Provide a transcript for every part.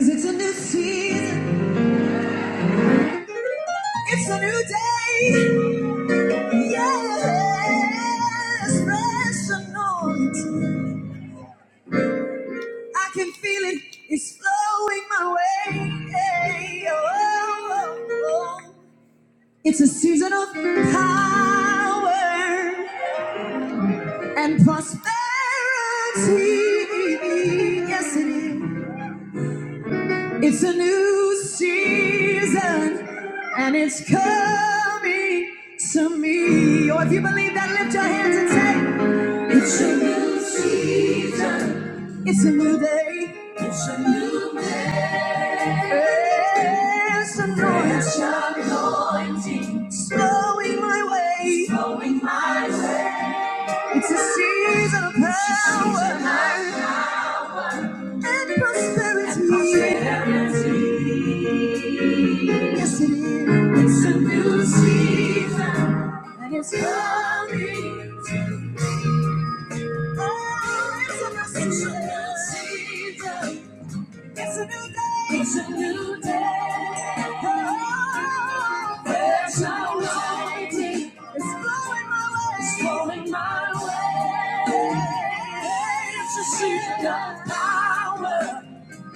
It's a new season. It's a new day. Yes, fresh anointing. I can feel it. It's flowing my way. Hey, oh, oh, oh. It's a season of power and prosperity. Yes, it is. It's a new season and it's coming to me. Or if you believe that, lift your hands and say, It's a new season. It's a new day. It's a new day. It's a Fresh anointing. Slowing my way. Slowing my way. It's a season of power and prosperity. Yes, it is. It's a new season, and it's coming. Oh, it's a new season. It's a new day. It's a new day. Oh, there's no writing. It's flowing my way. It's flowing my way. It's a season of power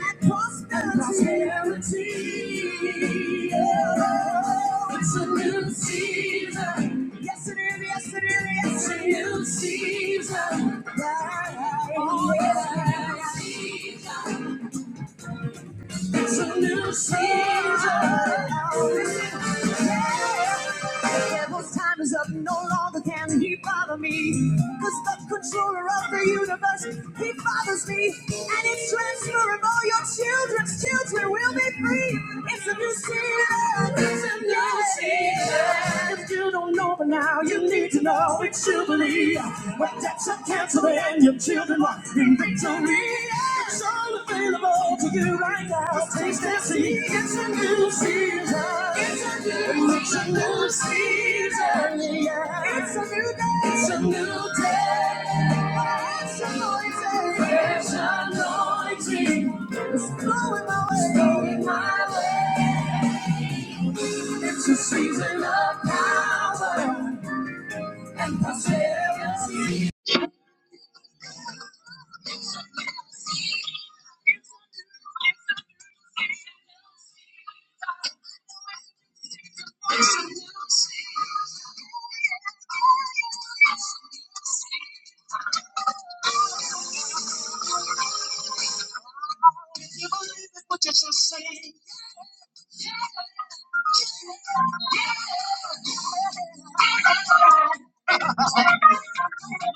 and prosperity. And prosperity. Oh, it's a new season. Yes, it is. Yes, it is. Yes, it is. It's a new season. Right. Oh, yeah. It's a new season. It's a new season. Yeah. The devil's time is up. No longer can he bother me. Cause the controller of the universe, he bothers me. And it's transferable. Your children's children will be free. It's a new season. It's a new season. If you don't know but now, you need to know it's jubilee. When debts are canceled and your children walk in victory, it's all available to you right now. Taste and see, it's a new season. It's a new, it's a new season. Yeah. It's a new day. It's a new day. It's anointing. It's anointing. It's blowing my way. It's blowing my way. It's a season of power. If you believe it, what you just say?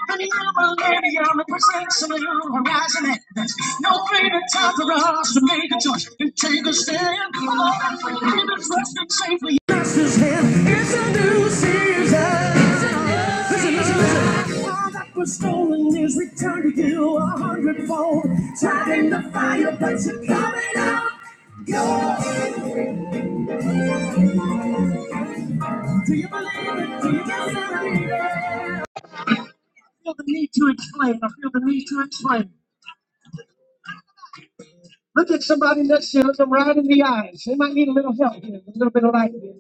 Believe already, I'm a protection of your horizon. No greater time for us to make a choice and take a stand. Come on, keep it trust and safely. That's his hand. It's a new season. Listen, listen, listen. All that was stolen is returned to you a hundredfold. Tried in the fire, but you're coming out. Go. Do you believe it? Do you believe it? feel the need to explain. I feel the need to explain. Look at somebody next to them right in the eyes. They might need a little help here, a little bit of light here.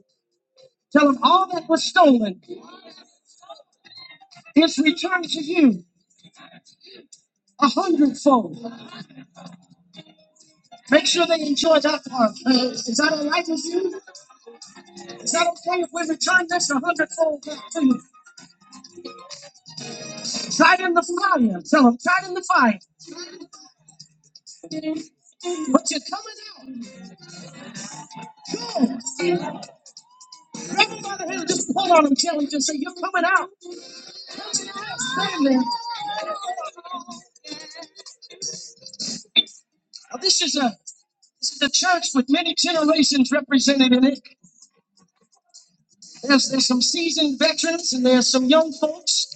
Tell them all that was stolen is returned to you a hundredfold. Make sure they enjoy that part. Uh, Is that all right with you? Is that okay if we return this a hundredfold back to you? Try it in the fire. Tell them, try it in the fire. But you're coming out. Go. Everybody here, just pull on them, tell them, just say, you're coming out. Stand there. Now, This is a This is a church with many generations represented in it. There's, there's some seasoned veterans and there's some young folks.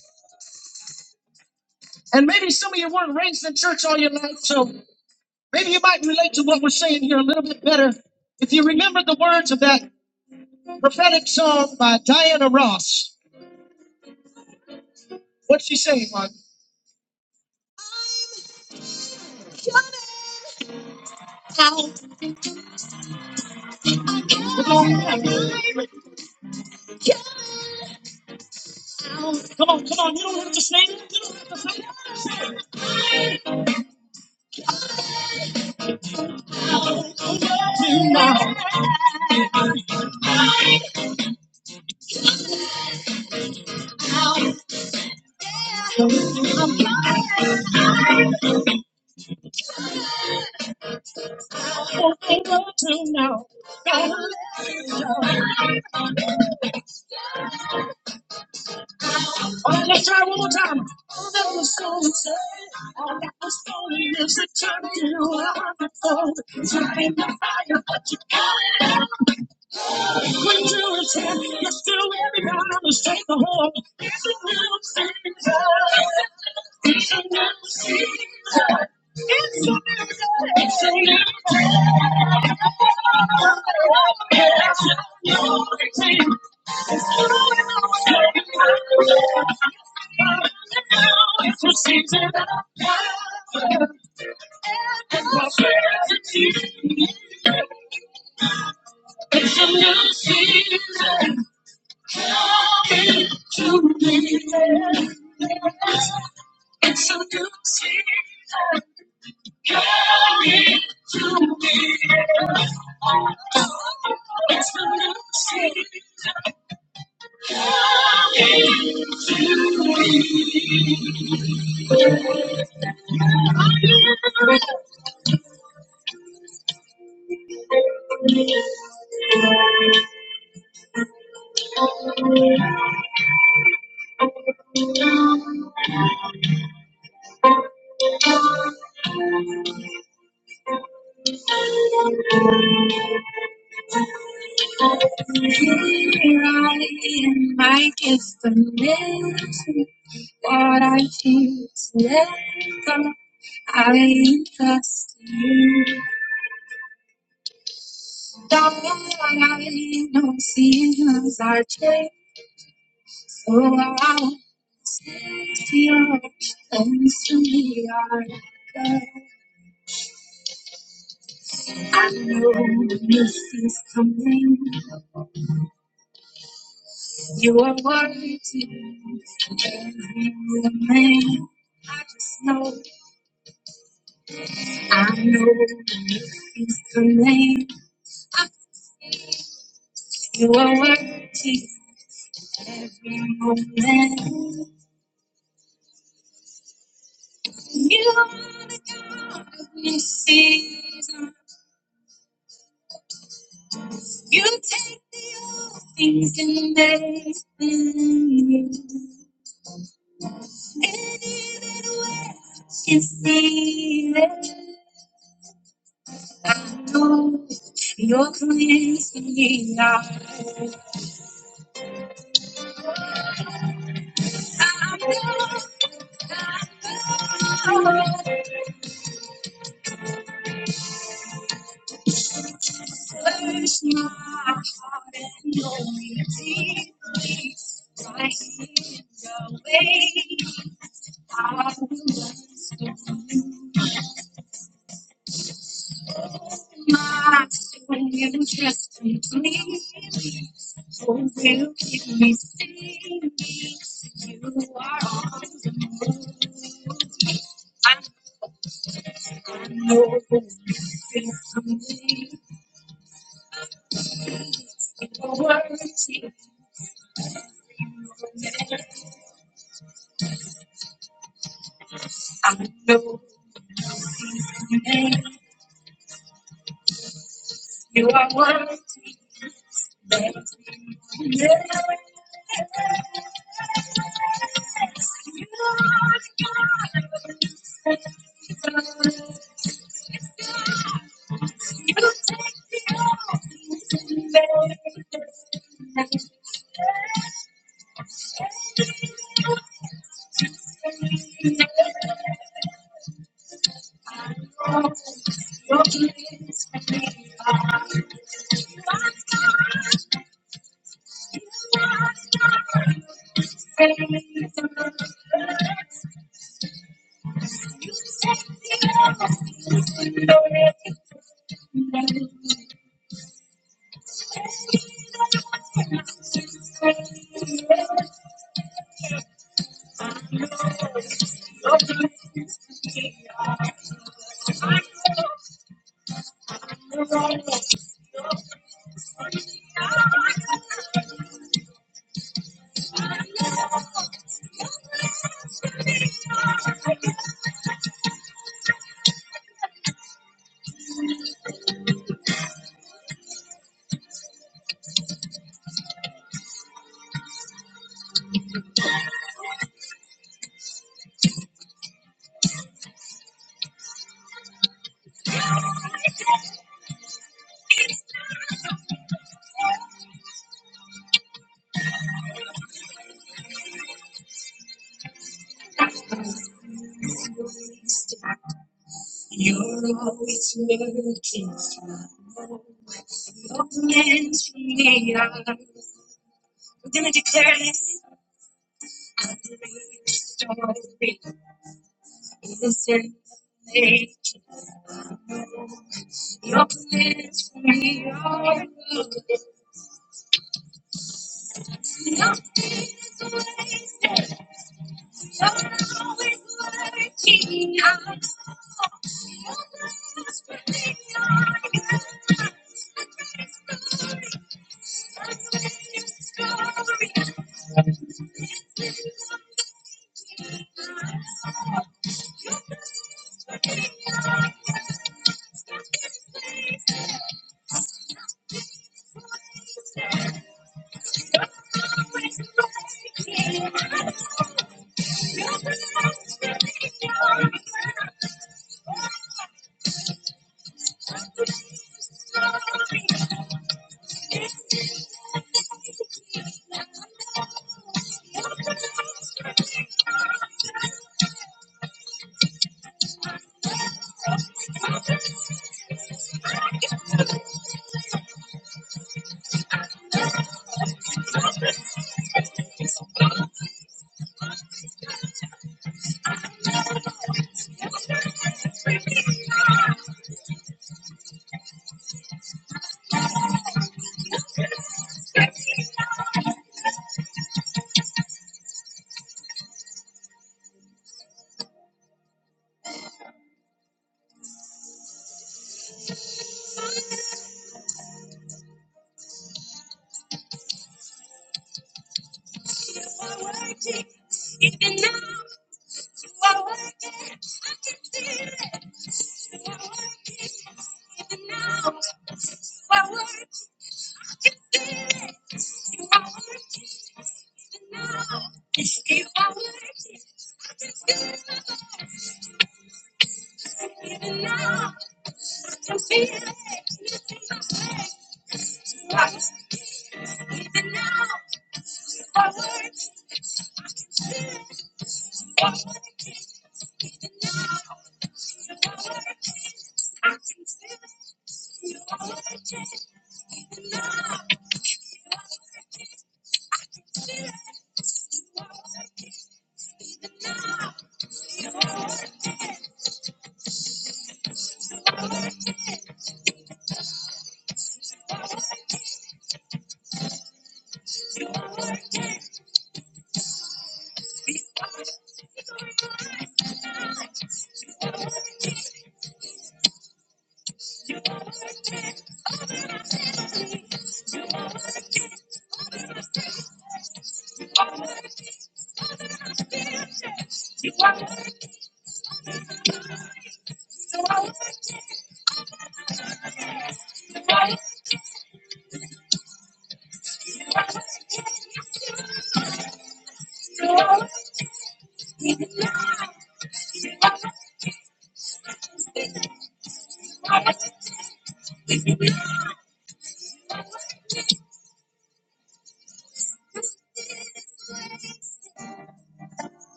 And maybe some of you weren't raised in church all your life, so maybe you might relate to what we're saying here a little bit better if you remember the words of that prophetic song by Diana Ross. What's she saying, Mark? How the Lord tonight. Let's try one more quick. Just do it. I understand the whole. It's a miracle. It's a miracle. It's a miracle. It's a new routine. It's a new It's a season of power. It's a new season. It's so good to see her coming to me. It's so good to see her.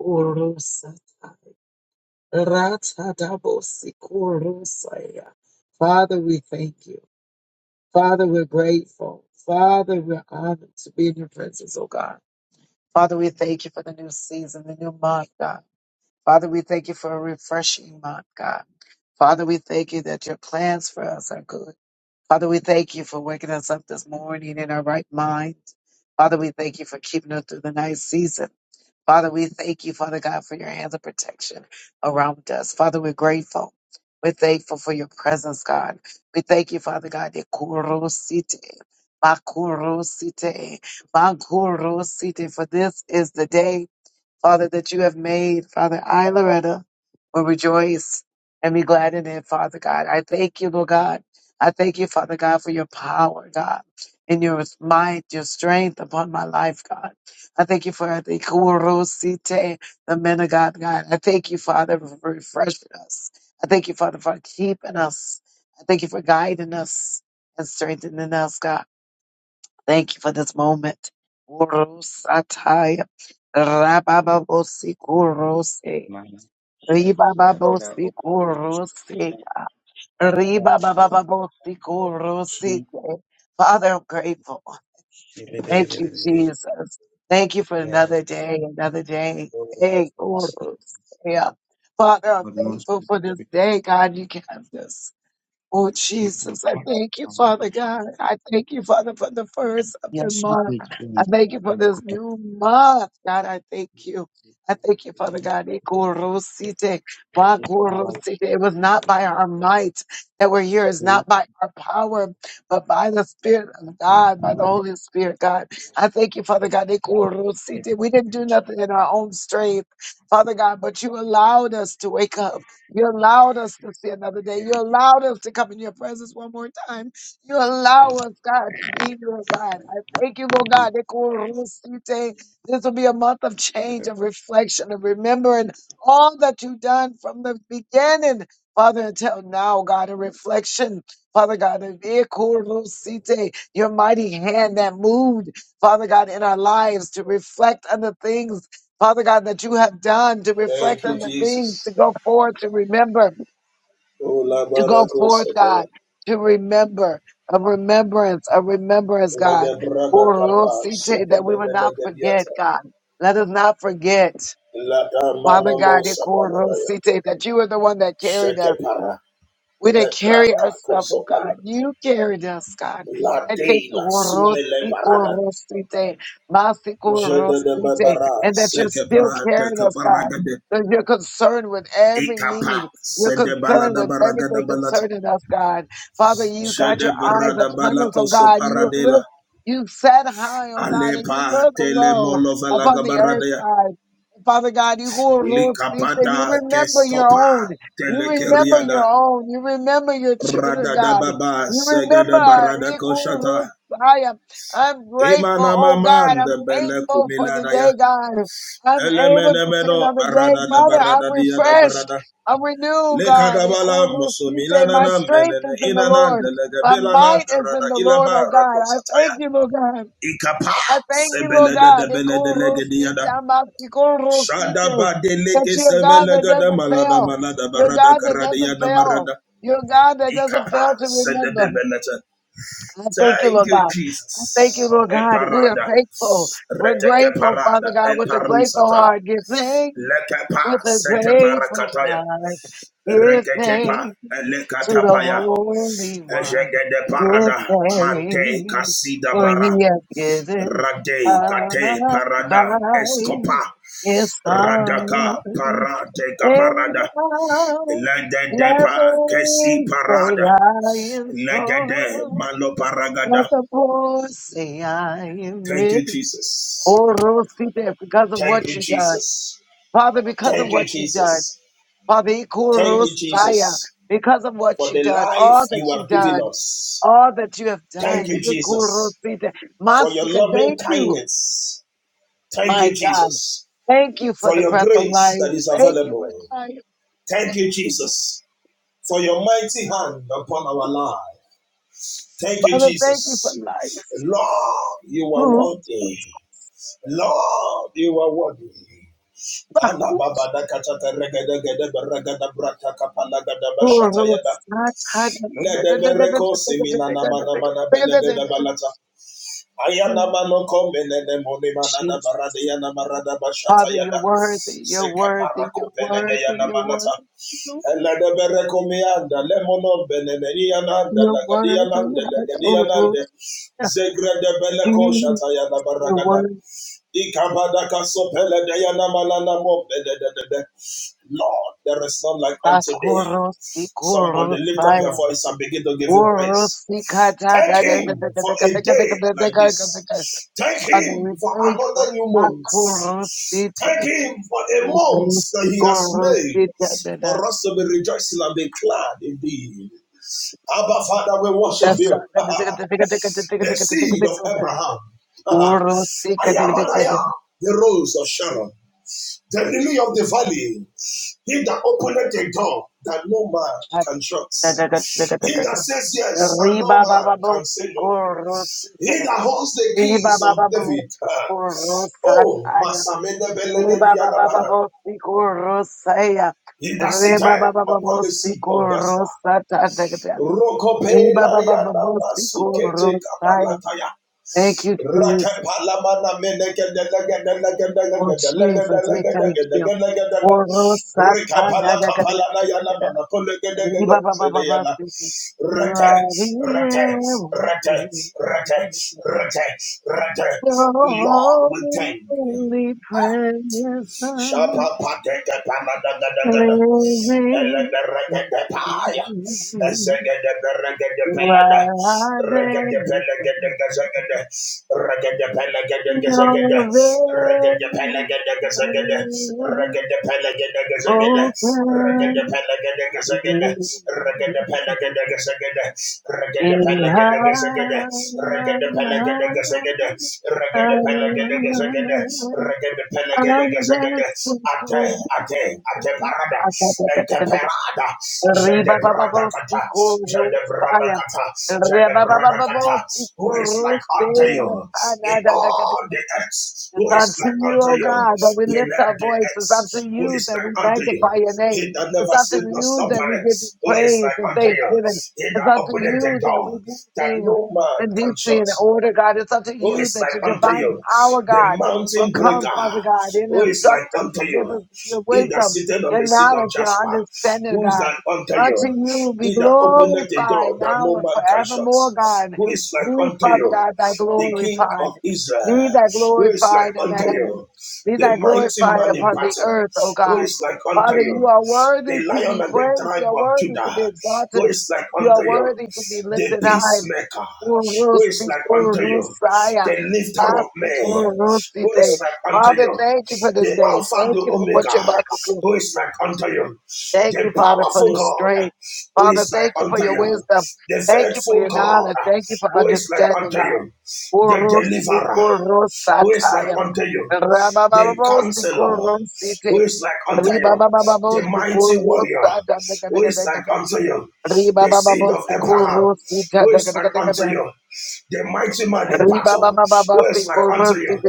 Orosata, ratadabosi, korosaya. Father, we thank you. Father, we're grateful. Father, we're honored to be in your presence, oh God. Father, we thank you for the new season, the new month, God. Father, we thank you for a refreshing month, God. Father, we thank you that your plans for us are good. Father, we thank you for waking us up this morning in our right mind. Father, we thank you for keeping us through the night season. Father, we thank you, Father God, for your hands of protection around us. Father, we're grateful. We're thankful for your presence, God. We thank you, Father God, that kurosite, makurosite, makurosite, for this is the day Father, that you have made. Father, I, Loretta, will rejoice and be glad in it, Father God. I thank you, Lord God. I thank you, Father God, for your power, God, and your might, your strength upon my life, God. I thank you for the kurosite, the men of God, God. I thank you, Father, for refreshing us. I thank you, Father, for keeping us. I thank you for guiding us and strengthening us, God. Thank you for this moment. Urusataya, rabababosikoroseya, Mana shakatara ribababosikoroseya, opasa chi ribabababosikoroseya. Father, I'm grateful. Thank you, Jesus. Thank you for another yes day, another day. Lord, we Hey, receive Urusaya. it. Father, I'm Lord, most thankful for this we day, God, you kept us. Oh, keep what Jesus, I thank you, Mama Father God. I thank you, Father, for the first of the yes we month. did I things thank you for oh this God new month. God, I thank you. I thank you, Father God. Ikorosite, Mama wakorosite. It was not by our might that we're here. It's we not by our power, but by the Spirit of Mama God, by the Mama Holy Spirit, God. I thank you, Father God. Ikorosite. We didn't do nothing in our own strength, Father God, but you allowed us to wake up. You allowed us to see another day. You allowed us to come in your presence one more time. You allow us, God, to be your God. I thank you, Lord God. Ekorosite. This will be a month of change, of reflection, of remembering all that you've done from the beginning, Father, until now, God, a reflection, Father God, of your mighty hand that moved, Father God, in our lives to reflect on the things Father God, that you have done to reflect Thank on you, the things to Jesus. go forward, to remember, O la to go barako forth, sataya. God, to remember, a remembrance, a remembrance, La God. de brada kapa Orosite, That we will not forget, God. Let us not forget, La da Father manomo God, sapala daya. Ikorosite, that you are the one that carried us. Sheke para. We Le didn't carry krata ko ourselves, oh God. You carried us, God. La I thank you, deila la sume le Orosi, parada. Orosi Te, Masi, Je de de Orosi Te, babara and that you're seke still prate carrying us, God. kaparaga de. That you're concerned with every Ikapa need. You're sede concerned balada with baraga da everything balat. concerning us, God. Father, you Je got de your eyes brada upon us, balako oh God. You have soparadela. looked, you sat high, oh God, and you Alepa look tele low molo upon valaga the earth, God. Father God, you Orosi Te, you Likapada remember your keskopa own. You remember your telekeriada own. You remember your children, God. radadababa You segede remember. barada koshata Ikurusaya. I'm grateful, imana oh God. I'm mamanda bele thankful for the kumilada ya day, God. I'm able elemene to see meno another day. barada da Father, I'm barada dia da refreshed. barada I'm renewed, God. lekadabala Ikurusite. mosomilana My na strength menene is in the inana Lord. My delegebilana might is in garada the Lord, ilaba oh God. I rakosataya thank you, Lord God. ikapa I thank you, Lord sebele de God. They debele call delegediada Rosita, I'm about to call Shada Rosita. ba That deleke you're a God semele that gada doesn't malada fail. malada You're a barada God that karada doesn't yana marada fail. You're a God that doesn't Ikapa fail to remember. sedebelete. I thank you, Thank Lord you, God. Jesus. I thank you, Lord E God. We are parada thankful. We're reteke grateful, Father parada, God, E with a grateful eparusata, heart. Give thanks lekepa, with a sete grateful parakataya, heart. Give reketepa, thanks to the elekatapaya, Holy One. ejegede Give parada, mante thanks, kasida for bara, he has given rade kate up parada, Christ, escopa, his son. radaka parade And parada, now, lende let depa, the kesi weak say parada, I am legede strong. malo Let paragada the poor say I am Thank rich. you, Jesus. Oh, Rosita, because of Thank, what you done. Father, because of what you done. Father, thank you, Ikurosaya, Jesus, because of what for you the done, life all that you you have given done us. all that you have Thank done. you, Jesus, Ekorosita. for your Masika, loving thank you, kindness. Thank you, my God. Jesus, Thank you for for the your breath of grace life. that is Thank you for available. life. Thank you, Jesus, for your mighty hand upon our life. Thank you, Father, thank you for Jesus. life. Lord, you are Mhm. worthy. Lord, you are worthy. Ana Baku. baba da kata ta rega da da ba rega da bra ta Orosata. Ledebereko simina na mana mana belegede balata. Ayana Mm. mano komene ne moni mana da Jesus. barade yana marada bashata Father, you're yada. worthy, you're Seke worthy, parako you're belede worthy, yana you're manata. worthy, Ledebereko mianda lemono benene yananda you're lagadi worthy. yanande lagadi Orosata. yanande. Zegre de Zegrede beleko You're shata yana baragada. worthy. Ikabadaka sopele deya namalana mo bedededede. Lord, there is none like unto thee. Somebody Bakorosikoros. lift up your voice and begin to give him Father, praise. Thank him for we a day like this. Thank him for thank you. another new month. Thank Makurusite. him for a month that he has made for Urusikurusitadada. us to be rejoicing and be glad indeed. Abba, Father, we worship Dasa- you. the seed of Urusikadadada. Abraham. I am and I am, the rose of Sharon, the lily of the valley, he that openeth the door that no man can shut, he that Atadadadadadada. says yes and no man can say no. He Ribabababosikurusite. that holds the keys of David. Oh, Ribabababosikurusataya. Masamene Reba baba Belegediadabara. baba siku rosaya. He that Reba sitteth baba baba upon the seat siku of Jasper. rosata. Reba rosaya. Ribababababosikorosaya. Rokopela Yada Ribababababosikorosatadagada. Masukete rosaya. Thank you, Jesus. Rakapalamana Oh, Jesus, we thank you. menegedelegedelegedelegedelegedelegedelegedelegedelegedelegedele. Oh rosata. da da da da da da Rikapalakapalanayana da da Reba Orosatadagadagadagada. manakolegedegedegedeyana. Ribababababasiki. You Rete, are rete, the rete, everything. rete, rete, rete. Your Lord, we thank you. holy presence Shapa pateke panadagadaga. living Elebereketepaya. in me. in Ezegedeberegedepelada. heaven. Regedepelegedegezegede. Regedepelegedegezegede. Regedepelegedegezegede. Regedepelegedegezegede. Regedepelegedegezegede. Regedepelegedegezegede. Regedepelegedegezegede. Regedepelegedegezegede. Regedepelegedegezegede I'm ate desperate. ate ate parada ete parada jede brada kata jede Ribabababosikorutsaya. who is like unto you in all Ribabababosikorutsaya. the earth It's who is unto like you, unto O you God, that we in lift all our the voice. earth It's unto who you is that like we unto you magnify your name. he that It's never unto sleep nor you that slumber we give you who is praise like and unto you thanksgiving. he It's that unto openeth the you that we door do that things no man and do can things in shut order, God. It's unto who you is that like your unto divine you, power, the God, will mountain come, breaker, Father God, and who is like instruct us, unto give you, us your he that wisdom, sitteth on your the seat of knowledge, your Jasper, understanding, who is God. like unto Unto you, you be he that openeth the glorified door that now no and man can shut, forevermore, God. who is like We, unto Father you, God, thy the king glorified. of Be Israel, thy who is glorified in like the unto heavens. you, Be the thy mighty glorified man in upon the battle, earth, O who God. is like unto Father, you you, are the worthy to lion be and the praised. tribe You are of worthy to Judah, be exalted. who is like You unto are you, worthy to be the lifted high. peacemaker, who is like unto you, Urusikurulusaya. the lifter of men, who Asikurulusite. is like unto Father, you, thank you for this the day. Alpha, Thank the you for what you're about Omega, to do. who is like unto you, Thank the you, Father, for powerful this God, strength. who Father, is thank like you for unto your you, wisdom. the Thank you for faithful your knowledge. God, Thank you for who is like understanding, unto God. you, the Urusi deliverer, who is kurusataya. like unto you, the Rabababosi counselor, who kurusite. is like unto you, the Ribabababosi mighty warrior, kurusata. who is Ribabababosi like unto you, the seed of Abraham, kurusita. Ribabababosi who is like unto kurusite. you, the mighty man in battle, who is like unto you,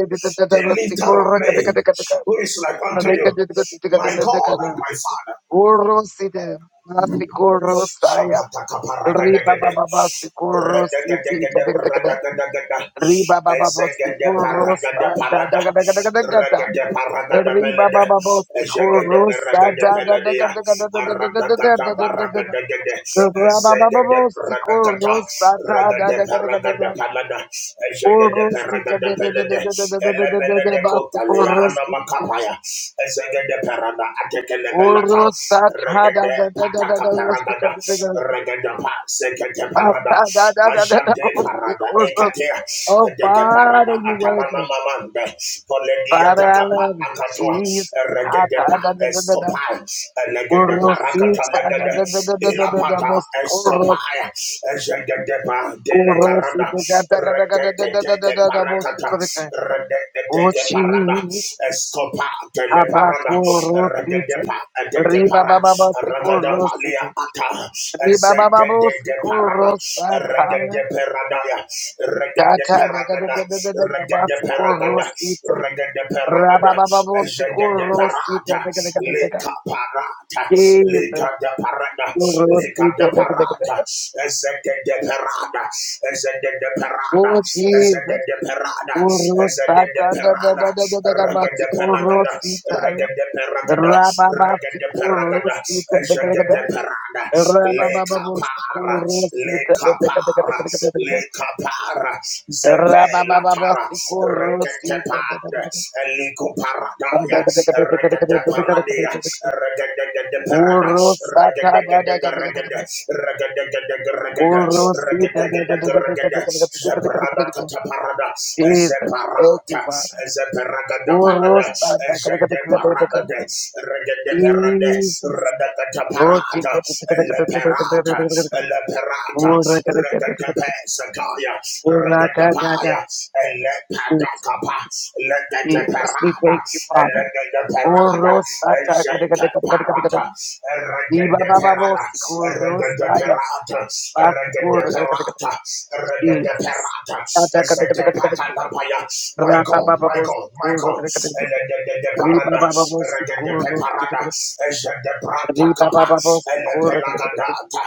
the leader of men, who is like unto you, Ribabababosi my God kurusita. and my Father. Uroside, Nasikorosaya, Shapataka Riba paragadagada. Baba Basikorositi, Radagadagada radagadagada. Riba Baba Ezegede paragada Basikorosa, palada. Dadagadagadagadagata, Ragada paragada Riba belada. Baba Ezegede Basikorosa, paragada peladia. Aragada Dadagadagadagadagadagadagada, paragadagada. Rabba Baba Ezegede paragada. Basikorosa, Ragada paragada Dadagadagadagadagada, palada. Ezegede Urosika, paragada belada. Dadadadadadadadadadada, Elebelede kotalea Basikorositi, anamakapaya. Ezegede parada atekelebelata Urosa, regede pataka Dadadadadadadadada, paragada Rosika, regede pa sekete Oh, parada da- da- da- da- da- da- ajade oh, speak, parada oh, oh, ekate oh, deke parada Father, you atamana worthy. mamande poledi Father, I atakapa love you. akatua Jesus. Ah, regede da- pa da- da- da- da- da. eskopai Oh, Elegede parakata Rosita, da- legede. da- da- da- da- da- da- da. Oh, Ilapata speak, oh, Ro- escopaya. Ezegede pa oh, delekarada. Rosita, da- da- da- da- da- da- da- da- da- Rekeketeke da- da. Oh, speak, parakata. oh, Rosita. Oh, Rekeketeke parada. Jesus. Escopa teleparada. Abaco, Regede Rosita. pa eteke Riba para. Baba Bosico Regede palia Rosite. ata. Riba Baba Ezegede Bosico parada. Rosakaya. Regede peradaya. Regede Tata peragada. Regede Dagadagadagadagabasico peragada. Rosite. Regede peragada. Ezegede Rababababosikurosita, parata. teka, teka, teka, teka. Leka parata, leka Jesus. de parada, leka Kurosita, de teka, teka, parada, teka. ezeke de parada, ezeke de parada, Oh, ezeke Jesus. de parada, ezeke de Kurosata, da, da, parada, da, da, da, da, da, rega de parada, basikurosita, ya. rega de parada, rega de parada, Rababasikurosita, teka, teka, ezeke de teka. parada, leka para, Rababababosikurosita, leka teka, teka, teka, teka, para, teka, teka, teka. leka para, zebe la tara, rega de Rababababosikurosita, teka, teka, parada, teka. Eliku Teka, paradaya, teka, teka, teka, teka, teka, regede teka, teka, paradia, teka, teka. regede parada, Kurosata, regede da, da, da, regede da, da, da, da. regede regede Orosita. de de de regede de de de regede de zebrada kata parada, de de de Jesus. Thank zeparata, you, Father. zeparada parada, Orosata. zede de de de de de parada de, regede parade, de de Jesus. regede Oh, parada, chico. ele parada, ele parada, regede pesakaya, regede Orakadada. Jesus. Elepadakapa, Jesus, We Legedeperada, thank you, Father. Elegedeperada, Orosata. de de de de de de de de. Ezekeparata, Iba baba Eregedeperada, bosico. Rosaya. Eregedeperata, Basico. Eregedeperata, Jesus. Eregedeperata, Ezekepatalapaya. My Rapa God, baba my God, my God, bosico. Riba Elegedeperada, Baba Bosi Kurdo, Eregedeperada, Riba Ezekepratakapa, Baba Bosi Kurdo, Elepelagadata.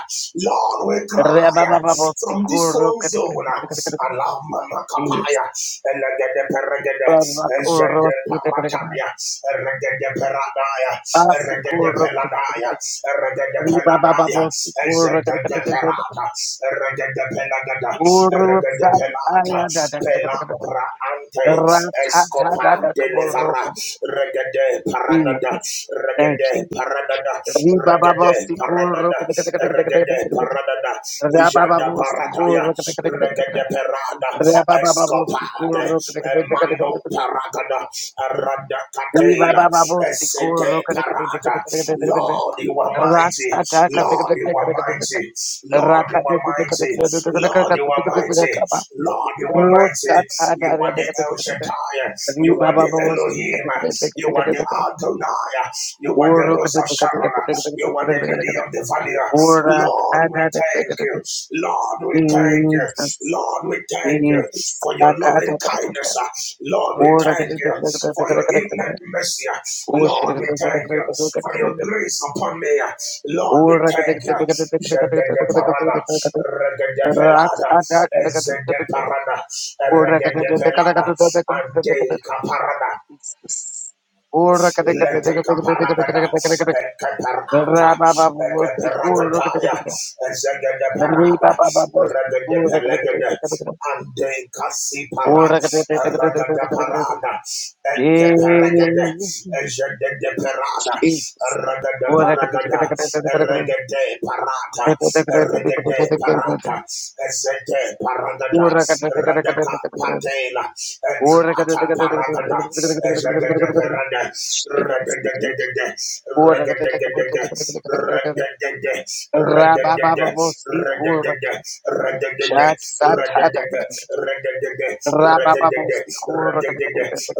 Lord, we Reba cry Baba Bosi from this Kurdo, throne zone. uh, Alama Makapaya, Elegede Peregede, Baba Kurdo, Ezede Parataya, Eregede Peradaya, Basi Eregede Kurdo, Peladaya, Eregede Riba Baba Peladaya, Bosi Kurdo, Ezede Perada, Eregede Pelagada, Uru Eregede Pelada, Satayada, Ratatada Pelabra Ante, Escopa Kurdo, Delivera, Regede Paradada, Jesus. Thank you. Regede Paradada, Regede Paradada paradada, regede paradada, Thank ijanda paradaya, regede you. perada, Raka escopade, emano paragada, arada Ri ba ba catela, ba esete parada. Lord, you are mighty. Lord, you are mighty. Lord, you are mighty. Lord, you are mighty. Lord, you are mighty. You are the El Shaddai. You are the ba si ka te Elohim. ka te ka te ka You te ka are te the te ka. Adonai. You you are the Oro ka rose te of ka te ka te Sharon. ka te You ka are the te ka te lily of the valley. Ora ta Lord, we te ka te thank ka te ka you. te. Lord, we thank you. Jesus, Lord, we thank you Jesus. for your ka te loving ka te ka te. kindness. Lord, we Ora ka thank te you ka te ka te for ka your te ka te ka te. infinite mercy. Oh shit. Lord, we thank you for your grace upon me. Lord, Oh, we thank you. Jegedeparada, Rats regedepelada, attack. ezedeparada, Oh, rats. regedepelada, ante Letekaparagada, Ekaparata, Ekaparagadaya, Ezegadaparada, Regedepelegade, Ande Kasipara, Ragadaparada, Ekeperegade, Ezegedeperada, Ragadaparagada, Regade Parata, Regade Parata, Ezeg. Ete paragada, radaka patela, Jesus, etrata paragada, ejagada parada, we thank you. radadadadada, radadadadada, radadada, radadada, radadada, radadada, radadada, radadada, Rabababosikur, radadada,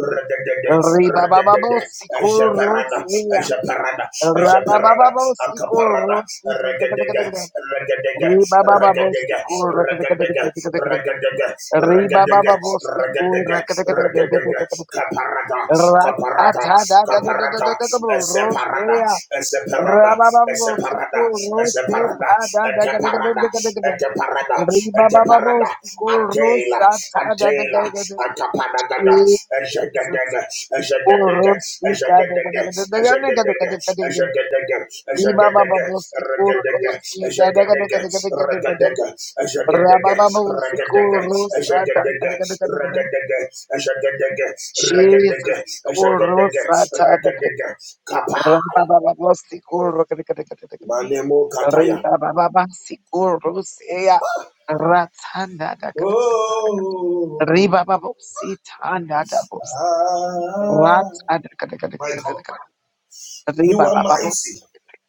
radadada, radadada, radadada, ejaparada, Ejaparada, Ejaparada, Akaparada, Regadega, Regadega, Regadega, Regadega, Regadega, Regadega, Regadega, Regadega, Caparada, Rosea, Caparada, Caparada, Eseparada, Eseparada, Rababo, Eseparada, Sikur, Rose, Eseparada, Pada, Eteparada, Dagadagadagadagada, Eteparada, Ribababo, Eteparada, Sikur, Adela, Rosa, Tada, Adela, Dagadagada, Atapanagada, Jesus, Ezagadaga, Ezagadaga, Orosika, Ezagadaga, Ezagadaga, Dagadagadagadagadagadagada, Ezagadaga, Ezagadaga, Ribababo, Sikur, Ragadaga, Rosi, Ezagadaga, Dadagadagadagadagadagada, Ragadaga, Ezagadaga, Rabababo, Ragadaga, Sikur, Rosa, Tada, Ezagadaga, Dagadagadagadagada, Ragadaga, Ezagadaga, Jesus, Ragadaga, Sikur, Ezagadaga, Rosa, Ragadaga, Reba Kapaya, ba ba ba si Kurus, re re re re re re Manemo Kataya. reba ba ba ba si Kurus, eya, reba ba ba ba si tan da da, Oh, reba ba ba ba si tan da da, ah, Michael. reba You are ba ba ba mighty.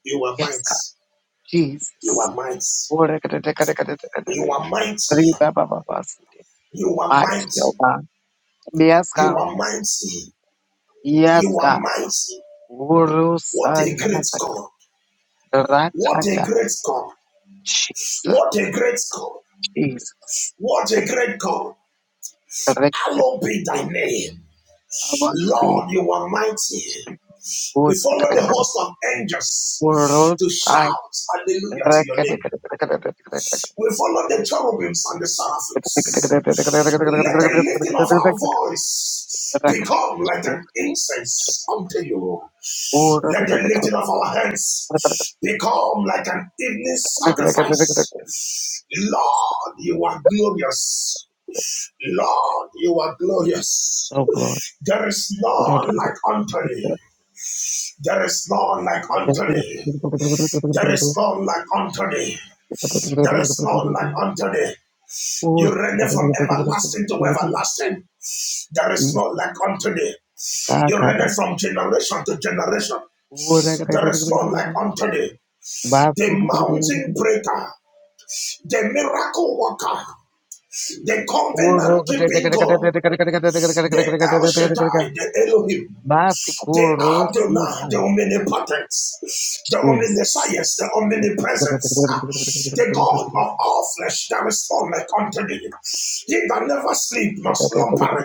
You are Yes, mighty. God, You Jesus, are mighty. re re re re re re You are mighty. reba ba ba ba si, You are my mighty. savior, You Yeska, are mighty. You are Yeska, mighty. Kurus, What a reba great ba God. ba ba tan What a da, great God. Jesus, What a great God. Jesus, What a great God. re re. Hallowed be thy name. I want to be Lord, you are mighty. We good follow the host of angels world. to shout I hallelujah to your name. We follow the cherubims and the seraphims. Let the lifting of our voice become like an incense unto you. Let the lifting of our hands become like an evening sacrifice. Lord, you are glorious. Lord, you are glorious. Oh God. There is none like unto thee. There is none like unto thee. There is none like unto thee. There is none like unto thee. You reign from everlasting to everlasting. There is no like unto thee. You reign from generation to generation. There is Wood. no like unto thee. The Babu. mountain breaker, the miracle worker, the Oro covenant keeping God, the El Shaddai, the Elohim. They Masikoro are the Sita man, the omnipotence, the Jesus. omniscience, the omnipresence, the God of all flesh that is formed unto thee. He that never sleep must slumber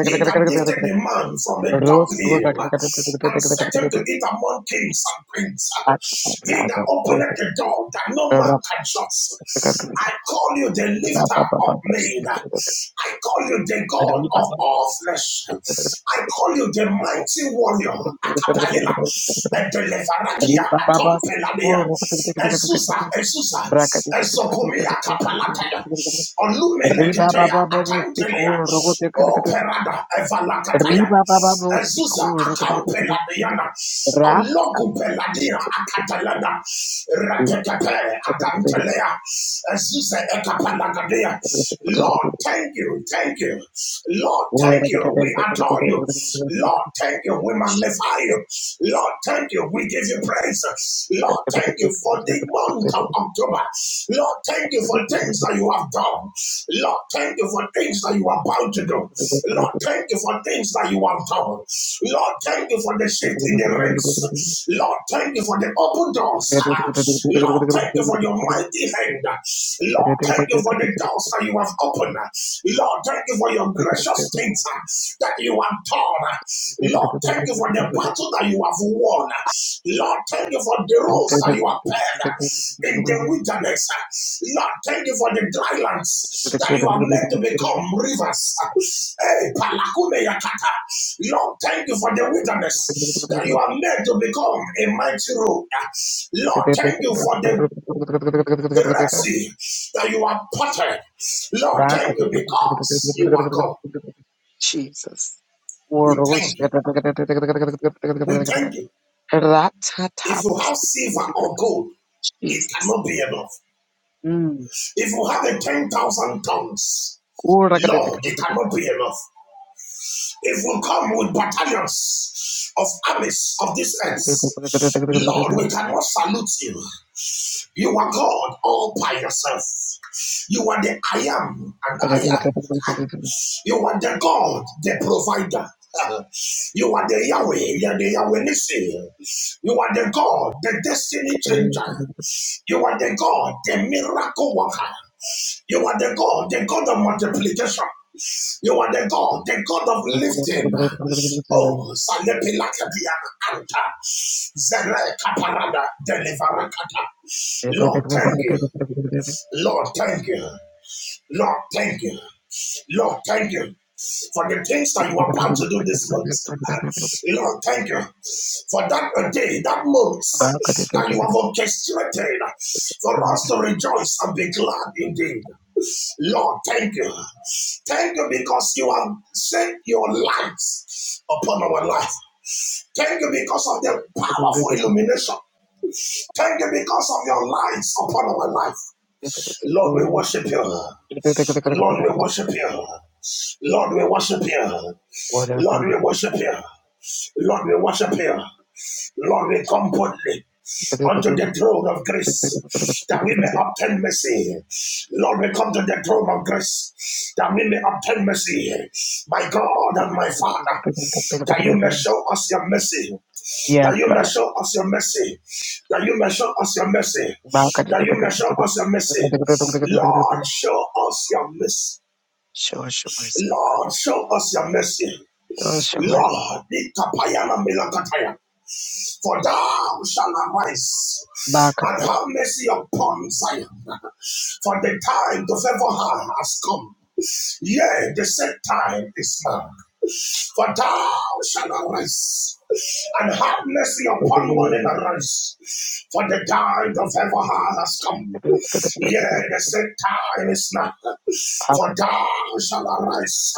He that lifted the man from the dunghill and set him to eat among kings and queens. Rosso He that openeth the door that no man can shut. I call you the lifter of men. I call you the God of all flesh. I call you the mighty warrior, Akapaela, and the Levarakia, Baba Atompelania, Ezusa, Ezusa, Ezokumia, Kapalatea, Riba Olumeleketea, baba babo Atantelea, sikul rogo teker teker. Operada, Evalakataya, Riba baba babo Ezusa, sikul rogo teker teker. Akampeladiana, Rap. sasa. Ologupeladia, Akatalana, Raketepe, Adantelea, Ezusa, Ekapalagadea, Lord, Thank you. Thank you. Lord, thank you. We adore you. Lord, thank you. We magnify you. Lord, thank you. We give you praise. Lord, thank you for the month of October. Lord, thank you for things that you have done. Lord, thank you for things that you are about to do. Lord, thank you for things that you have done. Lord, thank you for the shift in the race. Lord, thank you for the open doors. Lord, thank you for your mighty hand. Lord, Lord, thank you for the doors that you have opened. Lord, thank you for your gracious things uh, that you have done. Lord, thank you for the battle that you have won. Lord, thank you for the roads Jesus. that you have paved uh, in the wilderness. uh, Lord, thank you for the dry lands that you have made to become rivers. Hey, Palakune Yakata. Lord, thank you for the wilderness that you have made to become a mighty road. uh, Lord, thank you for the the Red Sea that you have parted. Lord, thank you because you are God. World. We thank you. We thank you. If you have silver or gold, it Jesus. cannot be enough. If you have a 10,000 tons, Lord, it cannot be enough. If we come with battalions of armies of this earth, Lord, we cannot salute you. You are God all by yourself. You are the I am and I am. You are the God, the provider. You are the Yahweh, you are the Yahweh Nissi. You are the God, the destiny changer. You are the God, the miracle worker. You are the God, the God of multiplication. You are the God, the God of lifting. Oh, Salepilakadia Anta. Zere Kaparada Deliverakata. Lord, thank you. Lord, thank you. Lord, thank you. Lord, thank you for the things that you Yes, are about to do this month. Lord, thank you for that uh, day, that month that you have orchestrated for us to rejoice and be glad indeed. Lord, thank you. Thank you because you have set your lights upon our life. Thank you because of the powerful illumination. Thank you because of your lights upon our life. Lord, we worship you. Lord, we worship you. Lord, we worship you. Lord, we worship you. Lord, we worship you. Lord, we come boldly unto the throne of grace that we may obtain mercy. Lord, we come to the throne of grace that we may obtain mercy. My God and my Father, that you may show us your mercy that you may God. show us your mercy, that you may show us your mercy, that you may show us your mercy. Lord, show us your mercy. Show us your mercy. Lord, show us your mercy. Show us your mercy. Lord, be kapayana melakataya. for thou shalt arise Baka. and have mercy upon Zion. For the time to favor her has come. Yea, the set time is now. For thou shalt arise and have mercy upon morning arise. For the time of favor has come. Yea, the set set time is now. For thou shall arise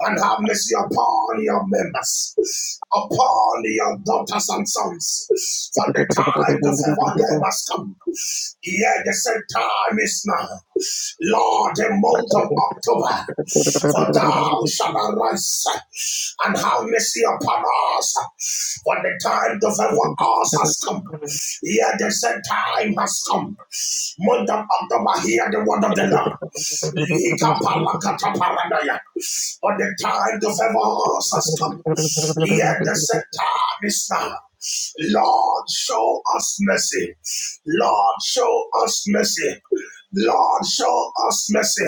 and have mercy upon your members, upon your daughters and sons. For the time to favor them has come. Yet the same time is now. Lord, the month of October. For thou shalt arise and have mercy upon us. For the time to And you favor do us has come. Here the set time has come. Month of October, hear the word of the Lord. Likapalakataparanaya. For the time to favor us has come. Here the set time is now. Lord, show us mercy. Lord, show us mercy. Lord, show us mercy.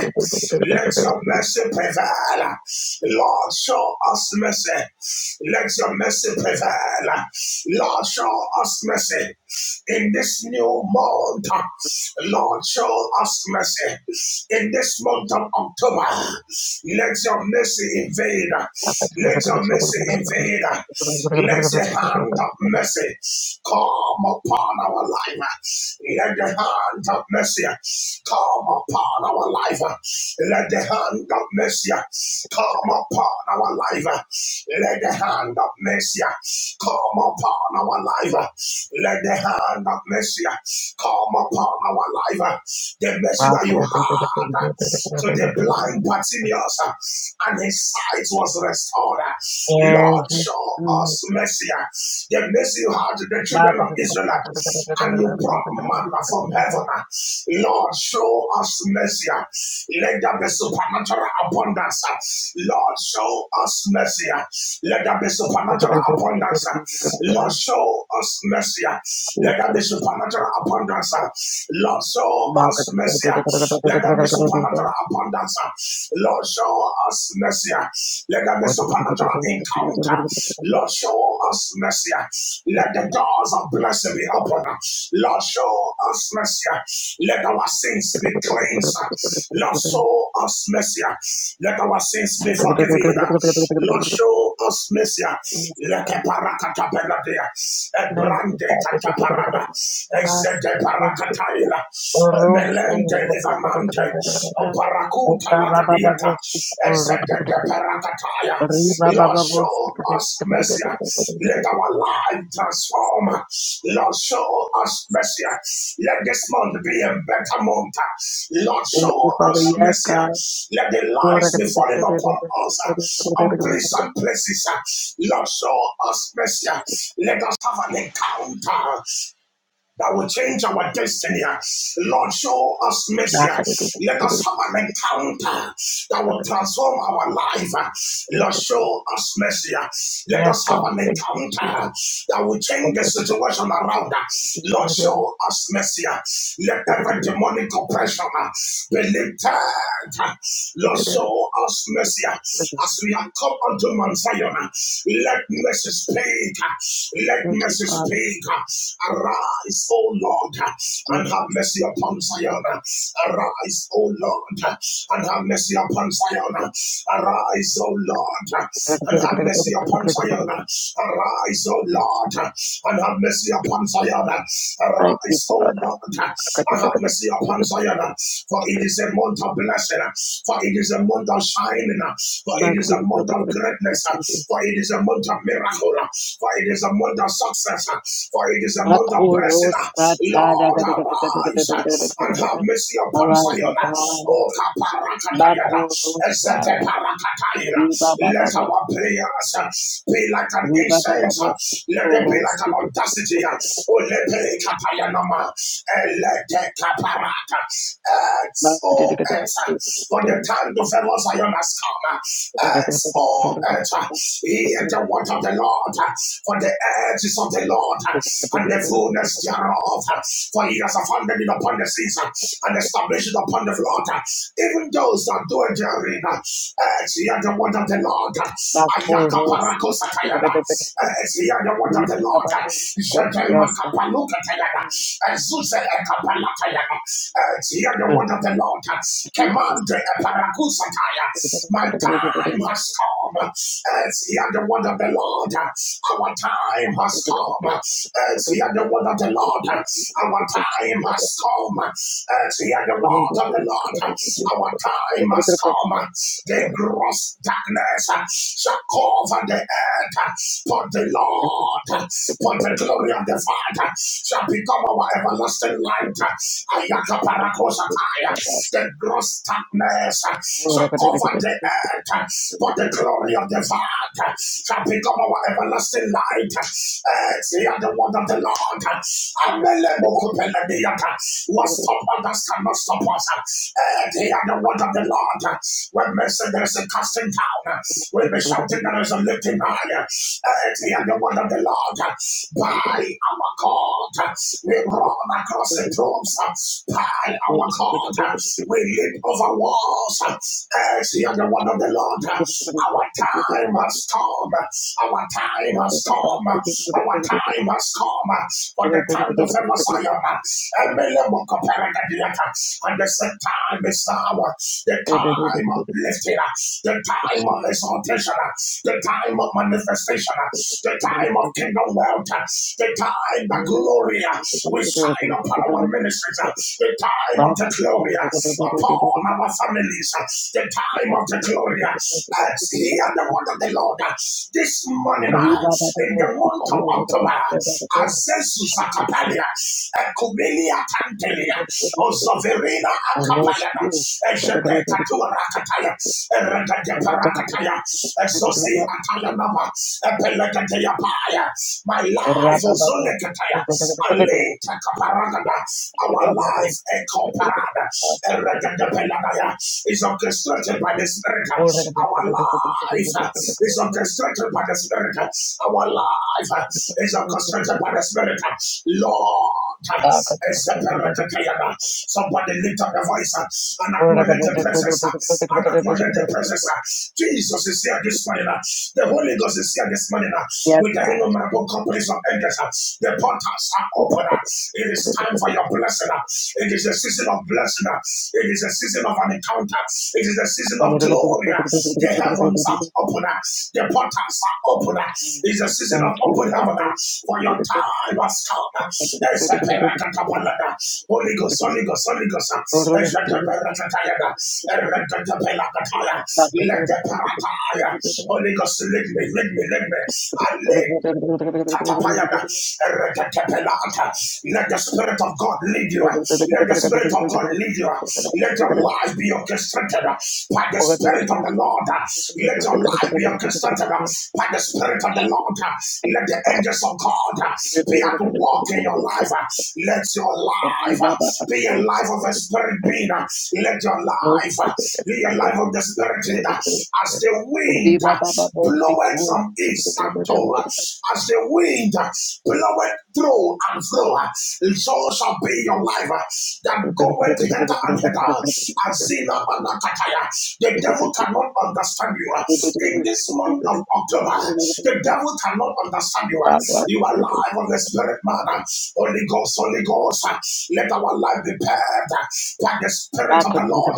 Let your mercy prevail. Lord, show us mercy. Let your mercy prevail. Lord, show us mercy in this new month. Lord, show us mercy in this month of October. Let your mercy invade. Let your mercy invade. Let your hand hand of mercy come upon our life. Let the hand of mercy come upon our life. Let the hand of mercy come upon our life. Let the hand of mercy come upon our life. Let the hand of mercy come upon our life. The mercy that you had to the blind Bartimaeus and his sight was restored forward. Lord, show us mercy. The mercy you had to the back children of of the Israel, and you brought manna from Jesus. heaven. Lord, show us mercy. Let there be supernatural abundance. Lord, show us mercy. Let there be supernatural abundance. Lord, show us mercy. Let there be supernatural abundance. Lord, show us mercy. Let there be supernatural abundance. Lord, show us mercy. Let there be supernatural encounter. Lord, Market. show us mercy. Let the doors of blessing be open. Lord, show us mercy. Let our sins Thank be you, cleansed. Lord, show us mercy. Let our sins be forgiven. Lord, show us mercy. Let a parakata penadia, a brande Father. kataparada, a zede parakataila, a Melente levamante, oparacuta lagadiata, ezede de paracataya. Lord, show us mercy. Let our life transform. Lord, show us mercy. Let this month be a better month. Lord, show us Yes, mercy. God. Let the lights be falling upon us on pleasant places. Lord, show us mercy. Let us have an encounter that will change our destiny. Lord, show us mercy. Let us have an encounter that will transform our life. Lord, show us mercy. Let Yes, us have God. an Thank you, encounter that will change the Jesus. situation around us. Thank you, Lord, Father Jesus. show us mercy. Let every demonic oppression be lifted. Lord, show us mercy. As we have come unto Mount Zion, let mercy speak. Let Thank mercy speak. Arise, O Lord, and have mercy upon Zion. Arise, O Lord, and have mercy upon Zion. Arise, O Lord, and have mercy upon Zion. Arise, O Lord, and have mercy upon Zion. Arise, this stone. I have mercy upon Zion, for it is a month of blessing, for it is a month of shining, for it is you, a month of Father. greatness, for it is a month of miracle, for it is a month of success, for it is a month of blessing. Akuros katada. Lord, arise and have mercy upon Arise, O Zion. God. O Kaparakatayada, Esete Makorosara. Parakatayra. Riba baba Let baba. our prayers be like an Riba baba baba. incense, let it be like Korosi. an audacity. Ulepe kapayanama. Elete kaparata. Expo enter. For the time the fellows I has come. Expo enter. Hear the word of the Lord, for the earth is of the Lord, and the fullness thereof. For he has founded it upon the seas, and established it upon the Yes, flood. Even those that do it therein, hear the word of the Lord. Ayaka parako satayana. hear the word of the Lord. Jetema God. kapaluka tayana. Ezuse ekapala tayana. hear the word of the Lord. Command the parakusataya. My God time has come. It's the other word of the Lord. Our time has come. It's the other word of the Lord. Our time has come. It's the other word of the Lord. Our time has come. The gross darkness shall cover the earth. But the Lord, but the glory of the Father shall become our everlasting light. The gross darkness shall cover the earth, but the glory of the Father shall become our everlasting light. Earth, hear the word of the Lord. Amele mokupelemiyata. What stop others cannot stop us. Earth, hear the word of the Lord. When men say there is a casting down, when men shouting there is a lifting higher. Earth, hear the word of the Lord. By our God, we run across the tombs. By our God, Yes. we leap over walls. As you are the word of Thank the Lord, uh, our time has come. uh, Our time has come. uh, Our time has come uh, for the time to favor Zion. Emele mokoperegadiata. And the set time is now. uh, The time of lifting. uh, The time of exaltation. uh, The time of manifestation. uh, The time of kingdom wealth. uh, The time the glory uh, will shine upon our ministries. uh, the time of the glory upon our families, the time of the glory as he and the word of the Lord. This morning, in the month of October, Azesus Akapalia, Ekumelia Tantelia, Osoverina Akapaya, Ejede Katura Kataya, Eregade Parakataya, you. Ezosi Atayanama, Epelegade Yapaya, my life, Ozole Jesus, Kataya, Alita our life, Echo Parada, is orchestrated by the Spirit. Our life uh, is orchestrated by the Spirit. Our life uh, is orchestrated by the Spirit. Lord. uh, Somebody lift up the voice uh, and acknowledge the presence uh, and acknowledge the presence. uh. Jesus is here this morning. uh. The Holy Ghost is here this morning uh, with the innumerable companies of angels. uh. The portals are open. It is time for your blessing. It is a season of blessing. It is a season of an encounter. It is a season of glory. The heavens are open. The portals are open. It is a season of thank you, open heaven. For your time has come. Ezeperakatapalada. Holy Ghost, Holy Father. Ghost, Holy Ghost. It's a Ezeperakatayada. Erekatapelakataya. Legeperataya. Holy Ghost, lead me, lead me, lead me. Thank I'll let the Spirit of God lead you. Let the Spirit of God lead you. Let your life be orchestrated by the Spirit of the Lord. Let your life be orchestrated by the Spirit of the Lord. Let the angels of God be at work in your life. Let your life be a life of a spirit being. Let your life uh, in the life of the spirit leader, as the wind you, uh, Father. bloweth from east and toward, as the wind uh, bloweth through and through, uh, so shall be your life uh, that goeth hither and hither. Azina manakataya. The devil cannot understand you uh, in this month of October. The devil cannot understand you. uh, You are alive on the spirit man. Holy Ghost, Holy Ghost, let our life be paved by the spirit Yes. of the Lord.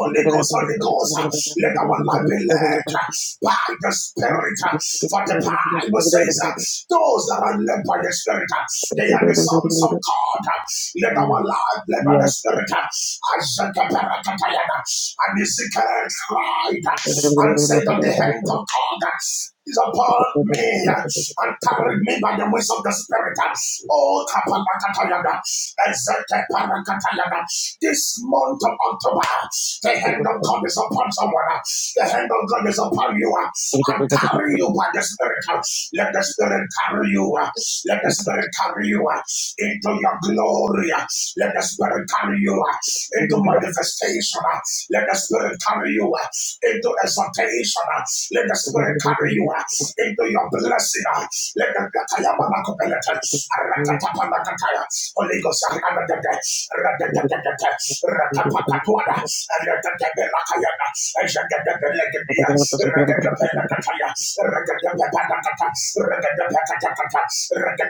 Holy Ghost, Holy Ghost, let our life be led by the spirit. For the Bible says, those that are led by the spirit, they are the sons of God. Let our life be led by the Yes. spirit. Isaac And Ezekiel cried and said that the hand of God is upon me and carried me by the ways of the Spirit. Oh, kapalakatayada, ezekeparakatayada. this month of October, the hand of God is upon someone. The hand of God is upon you and carry you by the Spirit. Let the Spirit carry you. Let the Spirit carry you into your glory. Let the Spirit carry you uh, into manifestation. Uh, Let the Spirit carry you uh, into exaltation. Uh, Let the Spirit carry you uh, into your blessing. Uh, Let the Katayamanakopelet, Arakatapanakataya, Holy Ghost, Arakatapakatuada, Arakatapelakayana, Arakatapelakadia, Arakatapelakataya, Arakatapelakataya, Thou spirit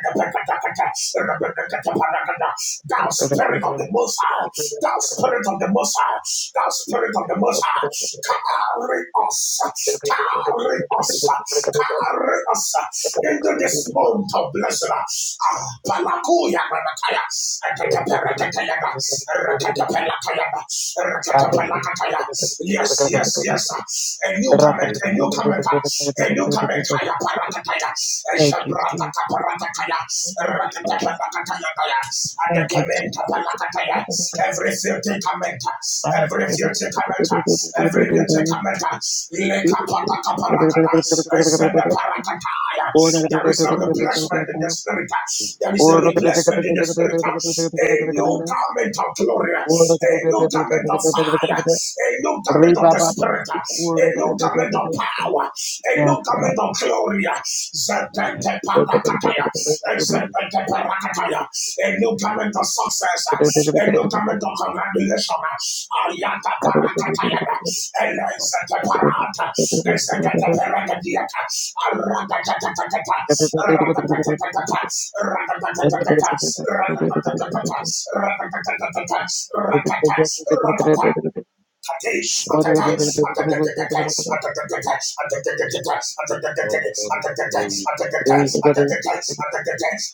of the Most High, thou spirit of the Most High, thou spirit of the Most High, carry us, carry us, carry us into this month of blessing. Ah, Palakuya Manakaya, Atataparatayaga, Ratatapelakayaba, Thank you, Jesus. Ratatapelakataya. Yes, yes, yes. A new garment, a new garment, a new Elukametaya parakataya. Thank Ejabrata parakataya. Rakata And the you, Adakamenta Jesus. parakataya. Every filthy commenter. Every filthy commenter. Every filthy commenter. Lekapataka parakata. Ezende parakataya. There is a replacement in the spirit. There is a replacement in the spirit. A new garment of glory. A new garment of fire. A new garment of the spirit a new garment of power, a new Yes, garment of glory, Zetetepatakataya, God. Zetetepatakataya, a new garment of success, Thank a new garment of congratulation, Ayata Parakatayana, Mama, Elezeteparata, Ezeteteperakadiata, Aratatatata, Ratatatatata, Ratatatatata, Ratatatatata, Ratatatatata, Ratata, Ratata, we align Isa, I am the Lord your God, who brought you out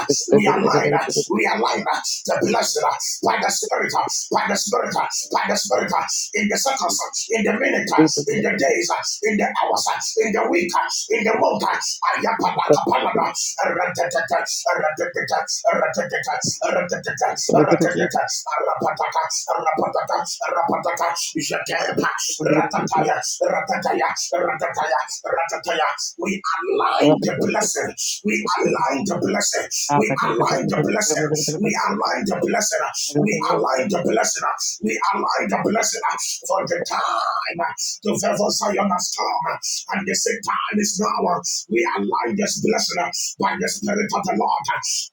us, we align us, we align us, the blessed us by the Spirit, by the Spirit, by the Spirit, of in the circles, Egypt, in the minutes, in the days, in the from hours, in the week, in the mountains. Ayapadakapalada, Ratatata, Ratatata, Ratatata, Ratatata, the land of slavery. Ratatata, Rapatata, Rapatata, Rapatata, Jadepa, Ratataya, Ratataya, Ratataya, Ratataya. We align the blessings. We align the blessings. We align the blessings. We align the blessing. We align the blessing. We align the blessing for the time to favor Zion has come. And the same time I am is now. We align this blessing by the Spirit of the Lord.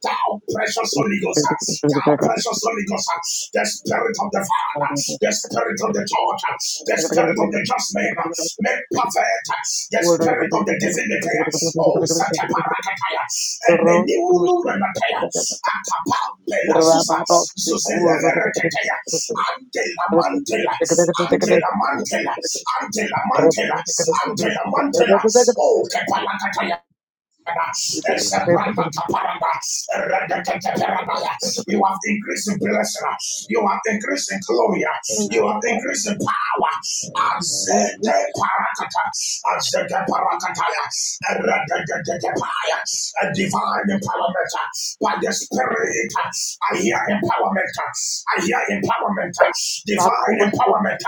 Thou the precious Holy Ghost, thou precious Holy Ghost, the Lord your God, who brought Spirit of the Father, the Spirit of the you. you Church, the Thank Spirit of the just man, make perfect the Spirit of the divinity. Oh, Santa Parakataya, and the new Numanataya, Akapa, Bela Susa, Zuzeleve Reketeya, Antela Mantela, Antela Mantela, Antela Mantela, Antela Mantela, Oh, Kepala Kataya. You out of Egypt, are increasing blessing. You are increasing glory. You you, are Father. increasing power. Thank you. Azete parakata. Azete parakataya. A Divine empowerment by the Spirit. I hear empowerment. I hear empowerment. Divine Bakuwa empowerment